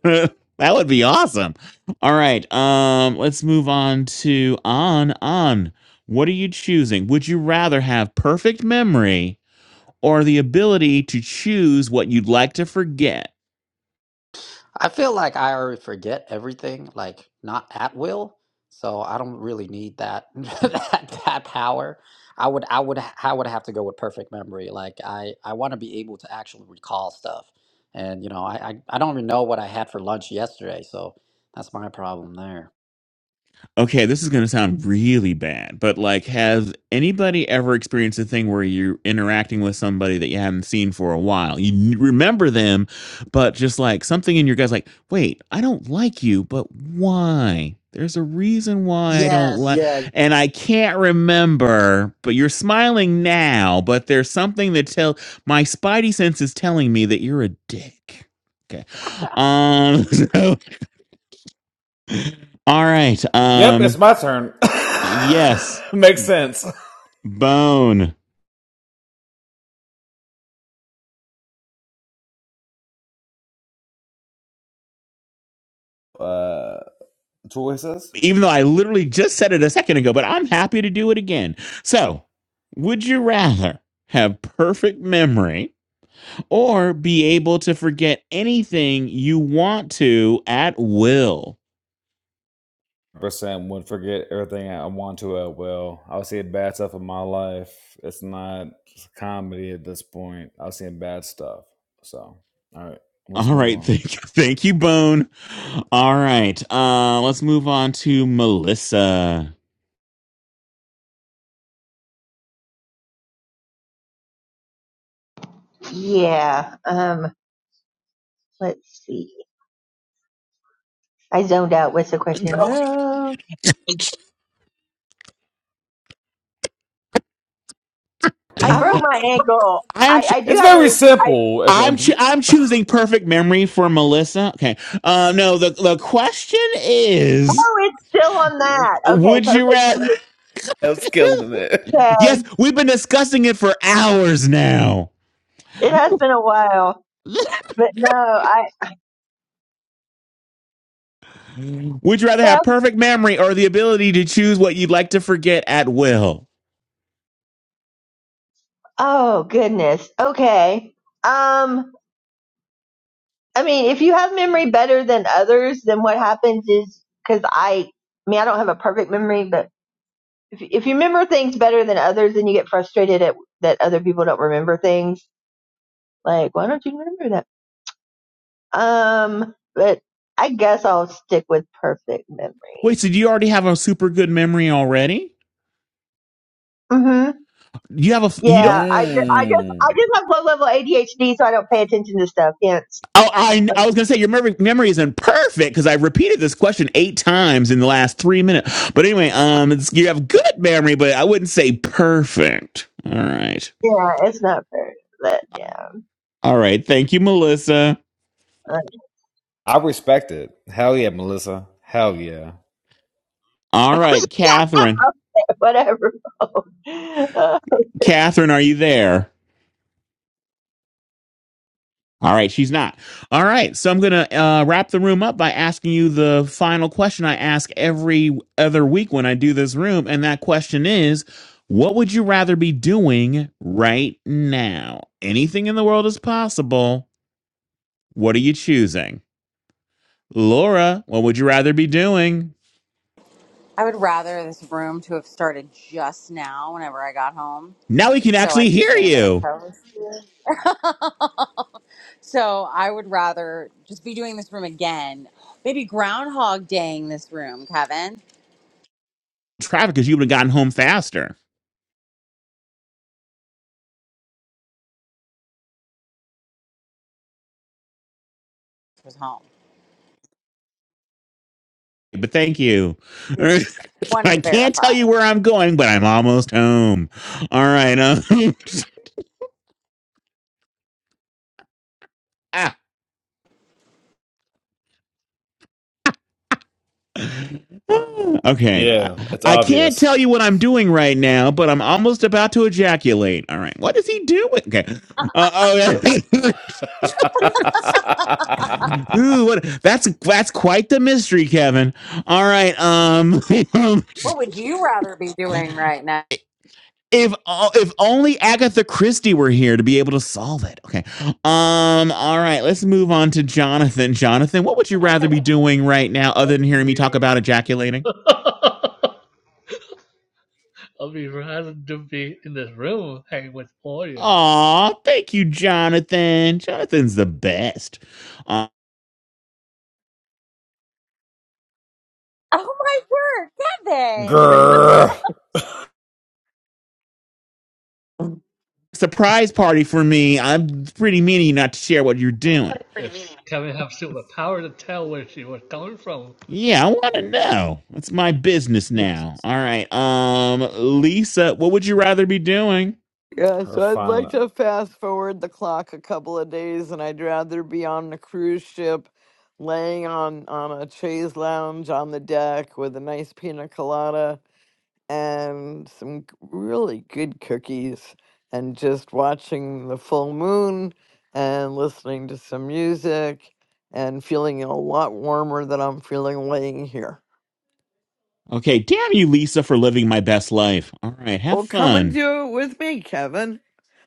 [SPEAKER 1] <laughs> that would be awesome. All right. Um, let's move on to On On. What are you choosing? Would you rather have perfect memory or the ability to choose what you'd like to forget?
[SPEAKER 15] I feel like I already forget everything, like not at will. So I don't really need that <laughs> that, that power. I would I would I would have to go with perfect memory. Like I I want to be able to actually recall stuff, and you know I, I I don't even know what I had for lunch yesterday. So that's my problem there.
[SPEAKER 1] okay, this is going to sound really bad, but like, has anybody ever experienced a thing where you're interacting with somebody that you haven't seen for a while? You n- remember them, but just like something in your gut's like, wait, I don't like you, but why? There's a reason why I don't
[SPEAKER 15] Yes,
[SPEAKER 1] like,
[SPEAKER 15] yeah,
[SPEAKER 1] and I can't remember, but you're smiling now, but there's something that tell my spidey sense is telling me that you're a dick. Okay. Um, <laughs> so, all right.
[SPEAKER 16] Yep,
[SPEAKER 1] Um,
[SPEAKER 16] it's my turn.
[SPEAKER 1] Yes,
[SPEAKER 16] <laughs> Makes sense.
[SPEAKER 1] bone.
[SPEAKER 16] Uh, choices.
[SPEAKER 1] Even though I literally just said it a second ago, but I'm happy to do it again. So, would you rather have perfect memory or be able to forget anything you want to at will?
[SPEAKER 16] Percent would forget everything I want to at will. I was seeing bad stuff in my life. It's not comedy at this point. I was seeing bad stuff. So, all right, let's
[SPEAKER 1] All
[SPEAKER 16] move
[SPEAKER 1] right,
[SPEAKER 16] on.
[SPEAKER 1] thank you, <laughs> thank you, Bone. All right, uh, let's move on to Melissa.
[SPEAKER 12] yeah. Um, let's see. I zoned out. What's the question? Oh. I broke my ankle.
[SPEAKER 1] I'm
[SPEAKER 12] I,
[SPEAKER 1] ch-
[SPEAKER 12] I do
[SPEAKER 16] It's
[SPEAKER 12] have
[SPEAKER 16] very
[SPEAKER 12] it. I
[SPEAKER 16] simple. If,
[SPEAKER 1] I'm
[SPEAKER 16] if
[SPEAKER 1] ch-
[SPEAKER 16] you,
[SPEAKER 1] I'm choosing perfect memory for Melissa. Okay, uh, no, the the question is.
[SPEAKER 12] oh, it's still on that. Okay,
[SPEAKER 1] Would you
[SPEAKER 12] perfect.
[SPEAKER 1] rather?
[SPEAKER 16] I was killing it.
[SPEAKER 12] Okay.
[SPEAKER 1] Yes, we've been discussing it for hours now.
[SPEAKER 12] It has been a while,
[SPEAKER 1] <laughs>
[SPEAKER 12] but no, I.
[SPEAKER 1] Would you rather
[SPEAKER 12] yeah.
[SPEAKER 1] have perfect memory or the ability to choose what you'd like to forget at will?
[SPEAKER 12] Oh goodness. Okay. Um, I mean, if you have memory better than others, then what happens is because I, I mean, I don't have a perfect memory, but if if you remember things better than others, then you get frustrated at that other people don't remember things. Like, why don't you remember that? Um, but I guess I'll stick with perfect memory.
[SPEAKER 1] Wait, so do you already have a super good memory already?
[SPEAKER 12] hmm
[SPEAKER 1] You have a you
[SPEAKER 16] <laughs>
[SPEAKER 1] don't.
[SPEAKER 12] Yeah, I, ju- I just I
[SPEAKER 16] mmm,
[SPEAKER 12] just have low level ADHD, so I don't pay attention to stuff. Hence,
[SPEAKER 1] Oh, I
[SPEAKER 12] like,
[SPEAKER 1] I was gonna say your memory memory isn't perfect because I repeated this question eight times in the last three minutes. But anyway, um, it's, you have good memory, but I wouldn't say perfect. All right,
[SPEAKER 12] yeah, it's not fair. But yeah,
[SPEAKER 1] all right. Thank you, Melissa.
[SPEAKER 12] like,
[SPEAKER 16] I respect it. Hell yeah, Melissa. Hell yeah.
[SPEAKER 1] All right, Catherine.
[SPEAKER 12] whatever. <laughs> um,
[SPEAKER 1] Catherine, are you there? All right, she's not. All right, so I'm going to uh, wrap the room up by asking you the final question I ask every other week when I do this room. And that question is what would you rather be doing right now? Anything in the world is possible. What are you choosing? Laura, what would you rather be doing?
[SPEAKER 4] I would rather this room to have started just now whenever I got home
[SPEAKER 1] Now we can
[SPEAKER 4] so I
[SPEAKER 1] actually
[SPEAKER 4] could
[SPEAKER 1] hear
[SPEAKER 4] have been a better
[SPEAKER 1] you.
[SPEAKER 4] host. <laughs> So I would rather just be doing this room again. Maybe groundhog daying this room, Kevin.
[SPEAKER 1] Traffic, because you would have gotten home faster.
[SPEAKER 4] Was home.
[SPEAKER 1] But thank you. <laughs>
[SPEAKER 4] I just
[SPEAKER 1] I
[SPEAKER 4] wanted to
[SPEAKER 1] can't
[SPEAKER 4] verify.
[SPEAKER 1] tell you where I'm going, but I'm almost home. All right. Um, <laughs> okay. I,
[SPEAKER 16] Yeah, it's
[SPEAKER 1] I can't
[SPEAKER 16] obvious.
[SPEAKER 1] tell you what I'm doing right now, but I'm almost about to ejaculate. All right. What is he doing? Okay. Uh, oh, <laughs>
[SPEAKER 16] <laughs>
[SPEAKER 1] Ooh, what, that's that's quite the mystery, Kevin. All right. Um, <laughs>
[SPEAKER 4] What would you rather be doing right now?
[SPEAKER 1] if o- if only Agatha Christie were here to be able to solve it. Okay. Um. All right. Let's move on to Jonathan. Jonathan, what would you rather be doing right now, other
[SPEAKER 6] Up
[SPEAKER 1] than hearing me talk about ejaculating?
[SPEAKER 6] here. <laughs> I'll be rather to be in this room hanging with Oya.
[SPEAKER 1] Aw, thank you, Jonathan. Jonathan's the best. Uh,
[SPEAKER 4] <laughs> Oh my word, Kevin!
[SPEAKER 16] Grr.
[SPEAKER 9] you. <laughs>
[SPEAKER 1] surprise party for me. I'm pretty mean of you not to share what you're doing.
[SPEAKER 6] If Kevin have superpower to tell where she was coming from,
[SPEAKER 1] Yeah, I want to know. It's my business
[SPEAKER 9] Mm.
[SPEAKER 1] now. All right. Um, Lisa, what would you rather be doing?
[SPEAKER 9] Yeah,
[SPEAKER 16] Her
[SPEAKER 9] so I'd
[SPEAKER 16] fine.
[SPEAKER 9] like to fast forward the clock a couple of days, and I'd rather be on a cruise ship, laying on on a chaise lounge on the deck with a nice pina colada and some g- really good cookies and just watching the full moon and listening to some music and feeling a lot warmer than I'm feeling laying here.
[SPEAKER 1] Okay, damn you, Lisa, for living my best life. All right, have
[SPEAKER 9] Well, come and
[SPEAKER 1] fun.
[SPEAKER 9] do it with me, Kevin.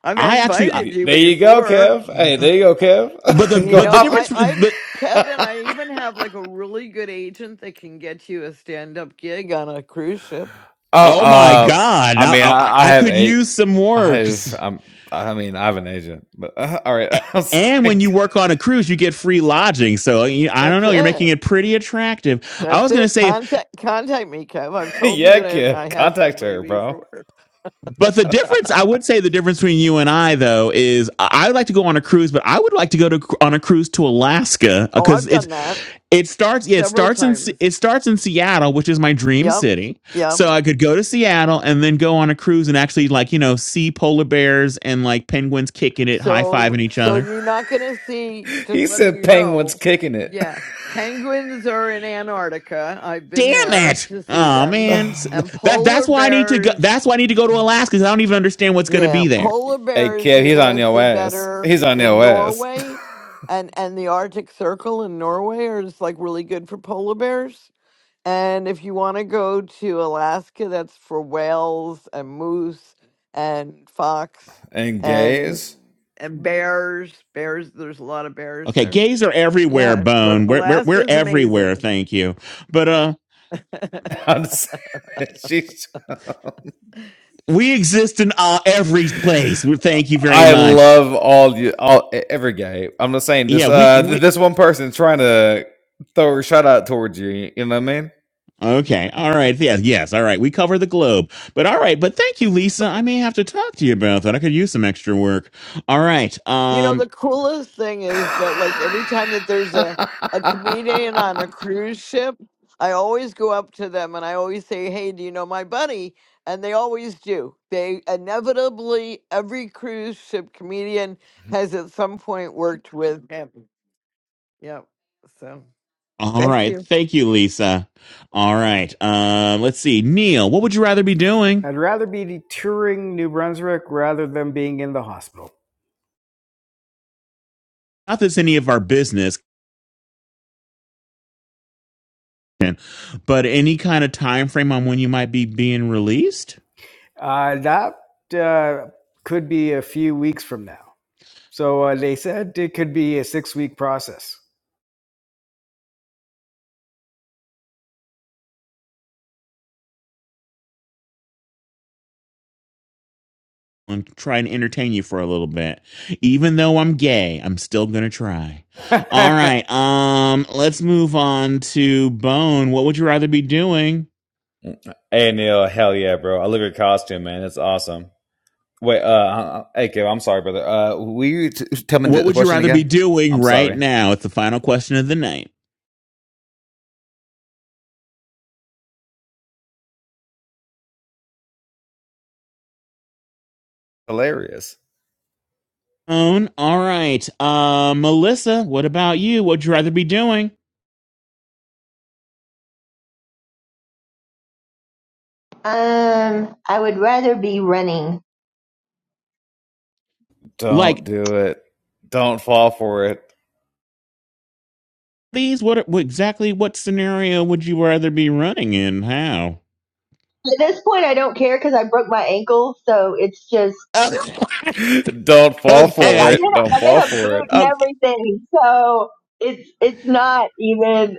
[SPEAKER 9] I've
[SPEAKER 1] I actually, uh,
[SPEAKER 9] invited you
[SPEAKER 16] There you go,
[SPEAKER 9] before.
[SPEAKER 16] Kev. Hey, there you go,
[SPEAKER 1] but the
[SPEAKER 16] Kev. <laughs>
[SPEAKER 9] You
[SPEAKER 16] go
[SPEAKER 1] but the
[SPEAKER 9] know,
[SPEAKER 16] hop.
[SPEAKER 1] difference,
[SPEAKER 9] I, I've
[SPEAKER 1] but
[SPEAKER 9] Kevin, I even have like a really good agent that can get you a stand up gig on a cruise ship.
[SPEAKER 16] Oh,
[SPEAKER 1] oh my
[SPEAKER 16] uh,
[SPEAKER 1] god,
[SPEAKER 16] I
[SPEAKER 1] I,
[SPEAKER 16] mean,
[SPEAKER 1] I,
[SPEAKER 16] I, I
[SPEAKER 1] I
[SPEAKER 16] have
[SPEAKER 1] could
[SPEAKER 16] a,
[SPEAKER 1] use some
[SPEAKER 16] I have.
[SPEAKER 1] works.
[SPEAKER 16] I'm. I mean, I have an agent. But <laughs> uh, all right, I'm
[SPEAKER 1] And when
[SPEAKER 16] sorry.
[SPEAKER 1] you work on a cruise, you get free lodging. So I don't
[SPEAKER 9] That's
[SPEAKER 1] know. You're
[SPEAKER 9] it.
[SPEAKER 1] making it pretty attractive. I
[SPEAKER 9] That's
[SPEAKER 1] was going to
[SPEAKER 9] it.
[SPEAKER 1] say,
[SPEAKER 9] Contact contact me, Kev. I've
[SPEAKER 16] <laughs>
[SPEAKER 9] told you
[SPEAKER 16] yeah,
[SPEAKER 9] that I
[SPEAKER 16] Kev.
[SPEAKER 9] I have
[SPEAKER 16] Contact
[SPEAKER 9] somebody
[SPEAKER 16] her, bro.
[SPEAKER 9] before.
[SPEAKER 1] but the difference, I would say the difference between you and I, though, is I would like to go on a cruise, but I would like to go to on a cruise to Alaska
[SPEAKER 9] Oh,
[SPEAKER 1] because
[SPEAKER 9] I've
[SPEAKER 1] it's
[SPEAKER 9] done that
[SPEAKER 1] it starts yeah it
[SPEAKER 9] several
[SPEAKER 1] starts in
[SPEAKER 9] times.
[SPEAKER 1] it starts in Seattle, which is my dream
[SPEAKER 9] Yep.
[SPEAKER 1] city.
[SPEAKER 9] Yep.
[SPEAKER 1] So I could go to Seattle and then go on a cruise and actually like you know see polar bears and like penguins kicking it, high fiving
[SPEAKER 9] So
[SPEAKER 1] each
[SPEAKER 9] so
[SPEAKER 1] other.
[SPEAKER 9] you're not gonna see just
[SPEAKER 16] He
[SPEAKER 9] letting
[SPEAKER 16] said
[SPEAKER 9] you
[SPEAKER 16] penguins
[SPEAKER 9] know.
[SPEAKER 16] kicking it.
[SPEAKER 9] Yeah. Penguins are in Antarctica. I've been
[SPEAKER 1] Damn
[SPEAKER 9] there
[SPEAKER 1] it!
[SPEAKER 9] to see
[SPEAKER 1] Oh
[SPEAKER 16] <sighs>
[SPEAKER 9] them.
[SPEAKER 1] man,
[SPEAKER 16] hey,
[SPEAKER 9] And
[SPEAKER 1] that that's
[SPEAKER 9] polar
[SPEAKER 1] why I need to go.
[SPEAKER 9] bears
[SPEAKER 1] That's why I need to go to Alaska. 'cause I don't even understand what's going to
[SPEAKER 9] yeah,
[SPEAKER 1] be there.
[SPEAKER 9] polar bears
[SPEAKER 16] Kev,
[SPEAKER 9] you're
[SPEAKER 16] he's on
[SPEAKER 9] gonna
[SPEAKER 16] your
[SPEAKER 9] see
[SPEAKER 16] ass.
[SPEAKER 9] better
[SPEAKER 16] He's on
[SPEAKER 9] in
[SPEAKER 16] your ass.
[SPEAKER 9] Norway and and the Arctic Circle in Norway is like really good for polar bears And if you want to go to Alaska, that's for whales and moose and fox
[SPEAKER 16] <laughs>
[SPEAKER 9] and
[SPEAKER 16] Engage.
[SPEAKER 9] and bears. Bears, there's a lot of bears
[SPEAKER 1] Okay,
[SPEAKER 9] there.
[SPEAKER 1] gays are everywhere,
[SPEAKER 9] Yeah, but
[SPEAKER 1] Bone. We're we're,
[SPEAKER 9] Alaska
[SPEAKER 1] we're
[SPEAKER 9] is
[SPEAKER 1] everywhere.
[SPEAKER 9] amazing.
[SPEAKER 1] Thank you. But uh,
[SPEAKER 16] I'm just saying. that she's
[SPEAKER 1] we exist in uh, every place. We thank you very
[SPEAKER 16] I
[SPEAKER 1] much.
[SPEAKER 16] love all you all e- every guy. I'm not saying this
[SPEAKER 1] Yeah, we,
[SPEAKER 16] uh
[SPEAKER 1] we
[SPEAKER 16] th- this one person trying to throw a shout out towards you, you know what I mean?
[SPEAKER 1] Okay. All right. Yes. Yes. All right. We cover the globe. But all right. But thank you, Lisa. I may have to talk to you about that. I could use some extra work. All right.
[SPEAKER 9] You know,
[SPEAKER 1] Um.
[SPEAKER 9] the coolest thing is that like every time that there's a a
[SPEAKER 16] <laughs>
[SPEAKER 9] comedian on a cruise ship, I always go up to them and I always say, "Hey, do you know my buddy?" And they always do. They inevitably every cruise ship comedian has at some point worked with him. Yep. So,
[SPEAKER 1] All
[SPEAKER 9] thank
[SPEAKER 1] right.
[SPEAKER 9] you.
[SPEAKER 1] Thank you, Lisa. All right. Um. Let's see, Neil. What would you rather be doing?
[SPEAKER 11] I'd rather be touring New Brunswick rather than being in the hospital.
[SPEAKER 1] Not that's any of our business, but any kind of time frame on when you might be being released.
[SPEAKER 11] Uh, that uh, could be a few weeks from now. So uh, they said it could be a six week process.
[SPEAKER 1] I'm trying to try and entertain you for a little bit. Even though I'm gay, I'm still gonna try. All
[SPEAKER 11] <laughs>
[SPEAKER 1] right. Um, let's move on to Bone. What would you rather be doing?
[SPEAKER 16] Hey Neil, hell yeah, bro. I love your costume, man. It's awesome. Wait, uh, uh, uh, hey, Kev, I'm sorry, brother. Uh, will you t- tell me the
[SPEAKER 1] What
[SPEAKER 16] the
[SPEAKER 1] would you
[SPEAKER 16] question
[SPEAKER 1] rather be
[SPEAKER 16] again?
[SPEAKER 1] doing
[SPEAKER 16] I'm
[SPEAKER 1] right
[SPEAKER 16] sorry.
[SPEAKER 1] now? It's the final question of the night.
[SPEAKER 16] Hilarious.
[SPEAKER 1] Bone. All right. Uh, Melissa, what about you? What'd you rather be doing?
[SPEAKER 12] I would rather be running.
[SPEAKER 16] Don't
[SPEAKER 1] Like
[SPEAKER 16] do it. Don't fall for it.
[SPEAKER 1] these? What, what exactly? What scenario would you rather be running in? How?
[SPEAKER 12] At this point, I don't care because I broke my ankle, so it's just
[SPEAKER 1] <laughs>
[SPEAKER 16] <laughs> Don't fall
[SPEAKER 12] like
[SPEAKER 16] for
[SPEAKER 12] I'm
[SPEAKER 1] okay.
[SPEAKER 16] it.
[SPEAKER 12] in a,
[SPEAKER 16] Don't
[SPEAKER 12] I'm
[SPEAKER 16] fall
[SPEAKER 12] in a
[SPEAKER 16] for
[SPEAKER 12] boot
[SPEAKER 16] it.
[SPEAKER 12] and
[SPEAKER 1] O-
[SPEAKER 12] everything. So it's it's not even.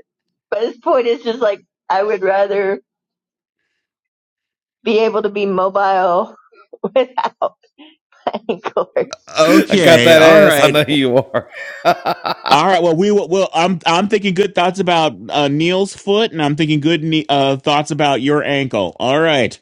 [SPEAKER 12] But this point, it's just like I would rather be able to be mobile <laughs> without my ankle.
[SPEAKER 16] I got
[SPEAKER 1] Okay.
[SPEAKER 16] that
[SPEAKER 1] All
[SPEAKER 16] ass. I
[SPEAKER 1] right.
[SPEAKER 16] know you are.
[SPEAKER 1] All
[SPEAKER 16] <laughs>
[SPEAKER 1] right. Well, we will. Well, I'm I'm thinking good thoughts about uh, Neil's foot, and I'm thinking good ne- uh, thoughts about your ankle. All right.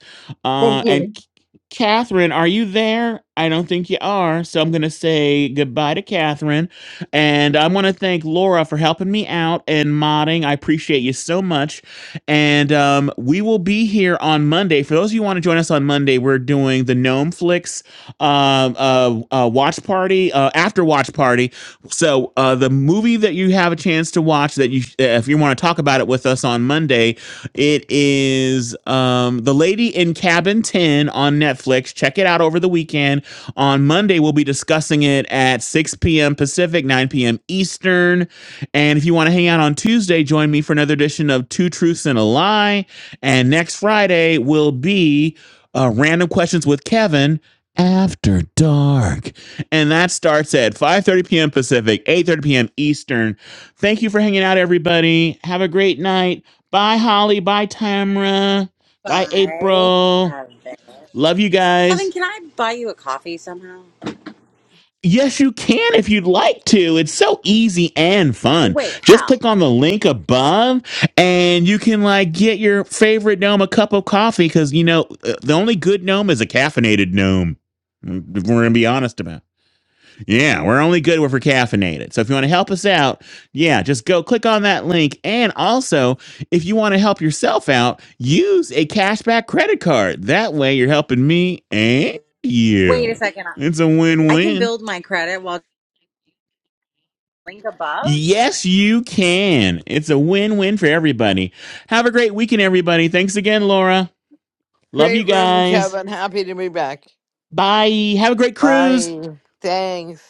[SPEAKER 12] Thank
[SPEAKER 1] Uh,
[SPEAKER 12] you.
[SPEAKER 1] and C- Catherine, are you there? I don't think you are. So I'm gonna say goodbye to Catherine, and I want to thank Laura for helping me out and modding. I appreciate you so much. And um, we will be here on Monday. For those of you who want to join us on Monday, we're doing the Gnome Flicks um, uh, uh, watch party uh, after watch party so uh, the movie that you have a chance to watch that you, uh, if you want to talk about it with us on Monday, it is um, The Lady in Cabin Ten on Netflix. Check it out over the weekend. On Monday, we'll be discussing it at 6 p.m. Pacific, 9 p.m. Eastern. And if you want to hang out on Tuesday, join me for another edition of Two Truths and a Lie. And next Friday will be uh, Random Questions with Kevin after dark and that starts at 5:30 p.m. Pacific, 8:30 p.m. Eastern. Thank you for hanging out, everybody. Have a great night. Bye, Holly. Bye, Tamra. Bye,
[SPEAKER 4] Bye,
[SPEAKER 1] April.
[SPEAKER 4] Kevin.
[SPEAKER 1] Love you
[SPEAKER 4] Kevin,
[SPEAKER 1] guys.
[SPEAKER 4] can I buy you a coffee?
[SPEAKER 1] Yes, you can if you'd like to. It's so easy and fun. Just
[SPEAKER 4] Wow.
[SPEAKER 1] click on the link above and you can like get your favorite gnome a cup of coffee because you know uh, the only good gnome is a caffeinated gnome. We're gonna be honest about. it. Yeah, we're only good if we're caffeinated. So if you want to help us out, yeah, just go click on that link. And also, if you want to help yourself out, use a cashback credit card. That way, you're helping me and
[SPEAKER 4] Wait a
[SPEAKER 1] you.
[SPEAKER 4] second.
[SPEAKER 1] It's a win
[SPEAKER 4] I can
[SPEAKER 1] win.
[SPEAKER 4] build my credit while link above.
[SPEAKER 1] Yes, you can. It's a win win for everybody. Have a great weekend, everybody. Thanks again, Laura. Love you
[SPEAKER 9] Great room,
[SPEAKER 1] guys.
[SPEAKER 9] Kevin. Happy to be back.
[SPEAKER 1] Bye. Have a great cruise.
[SPEAKER 9] Bye. Thanks.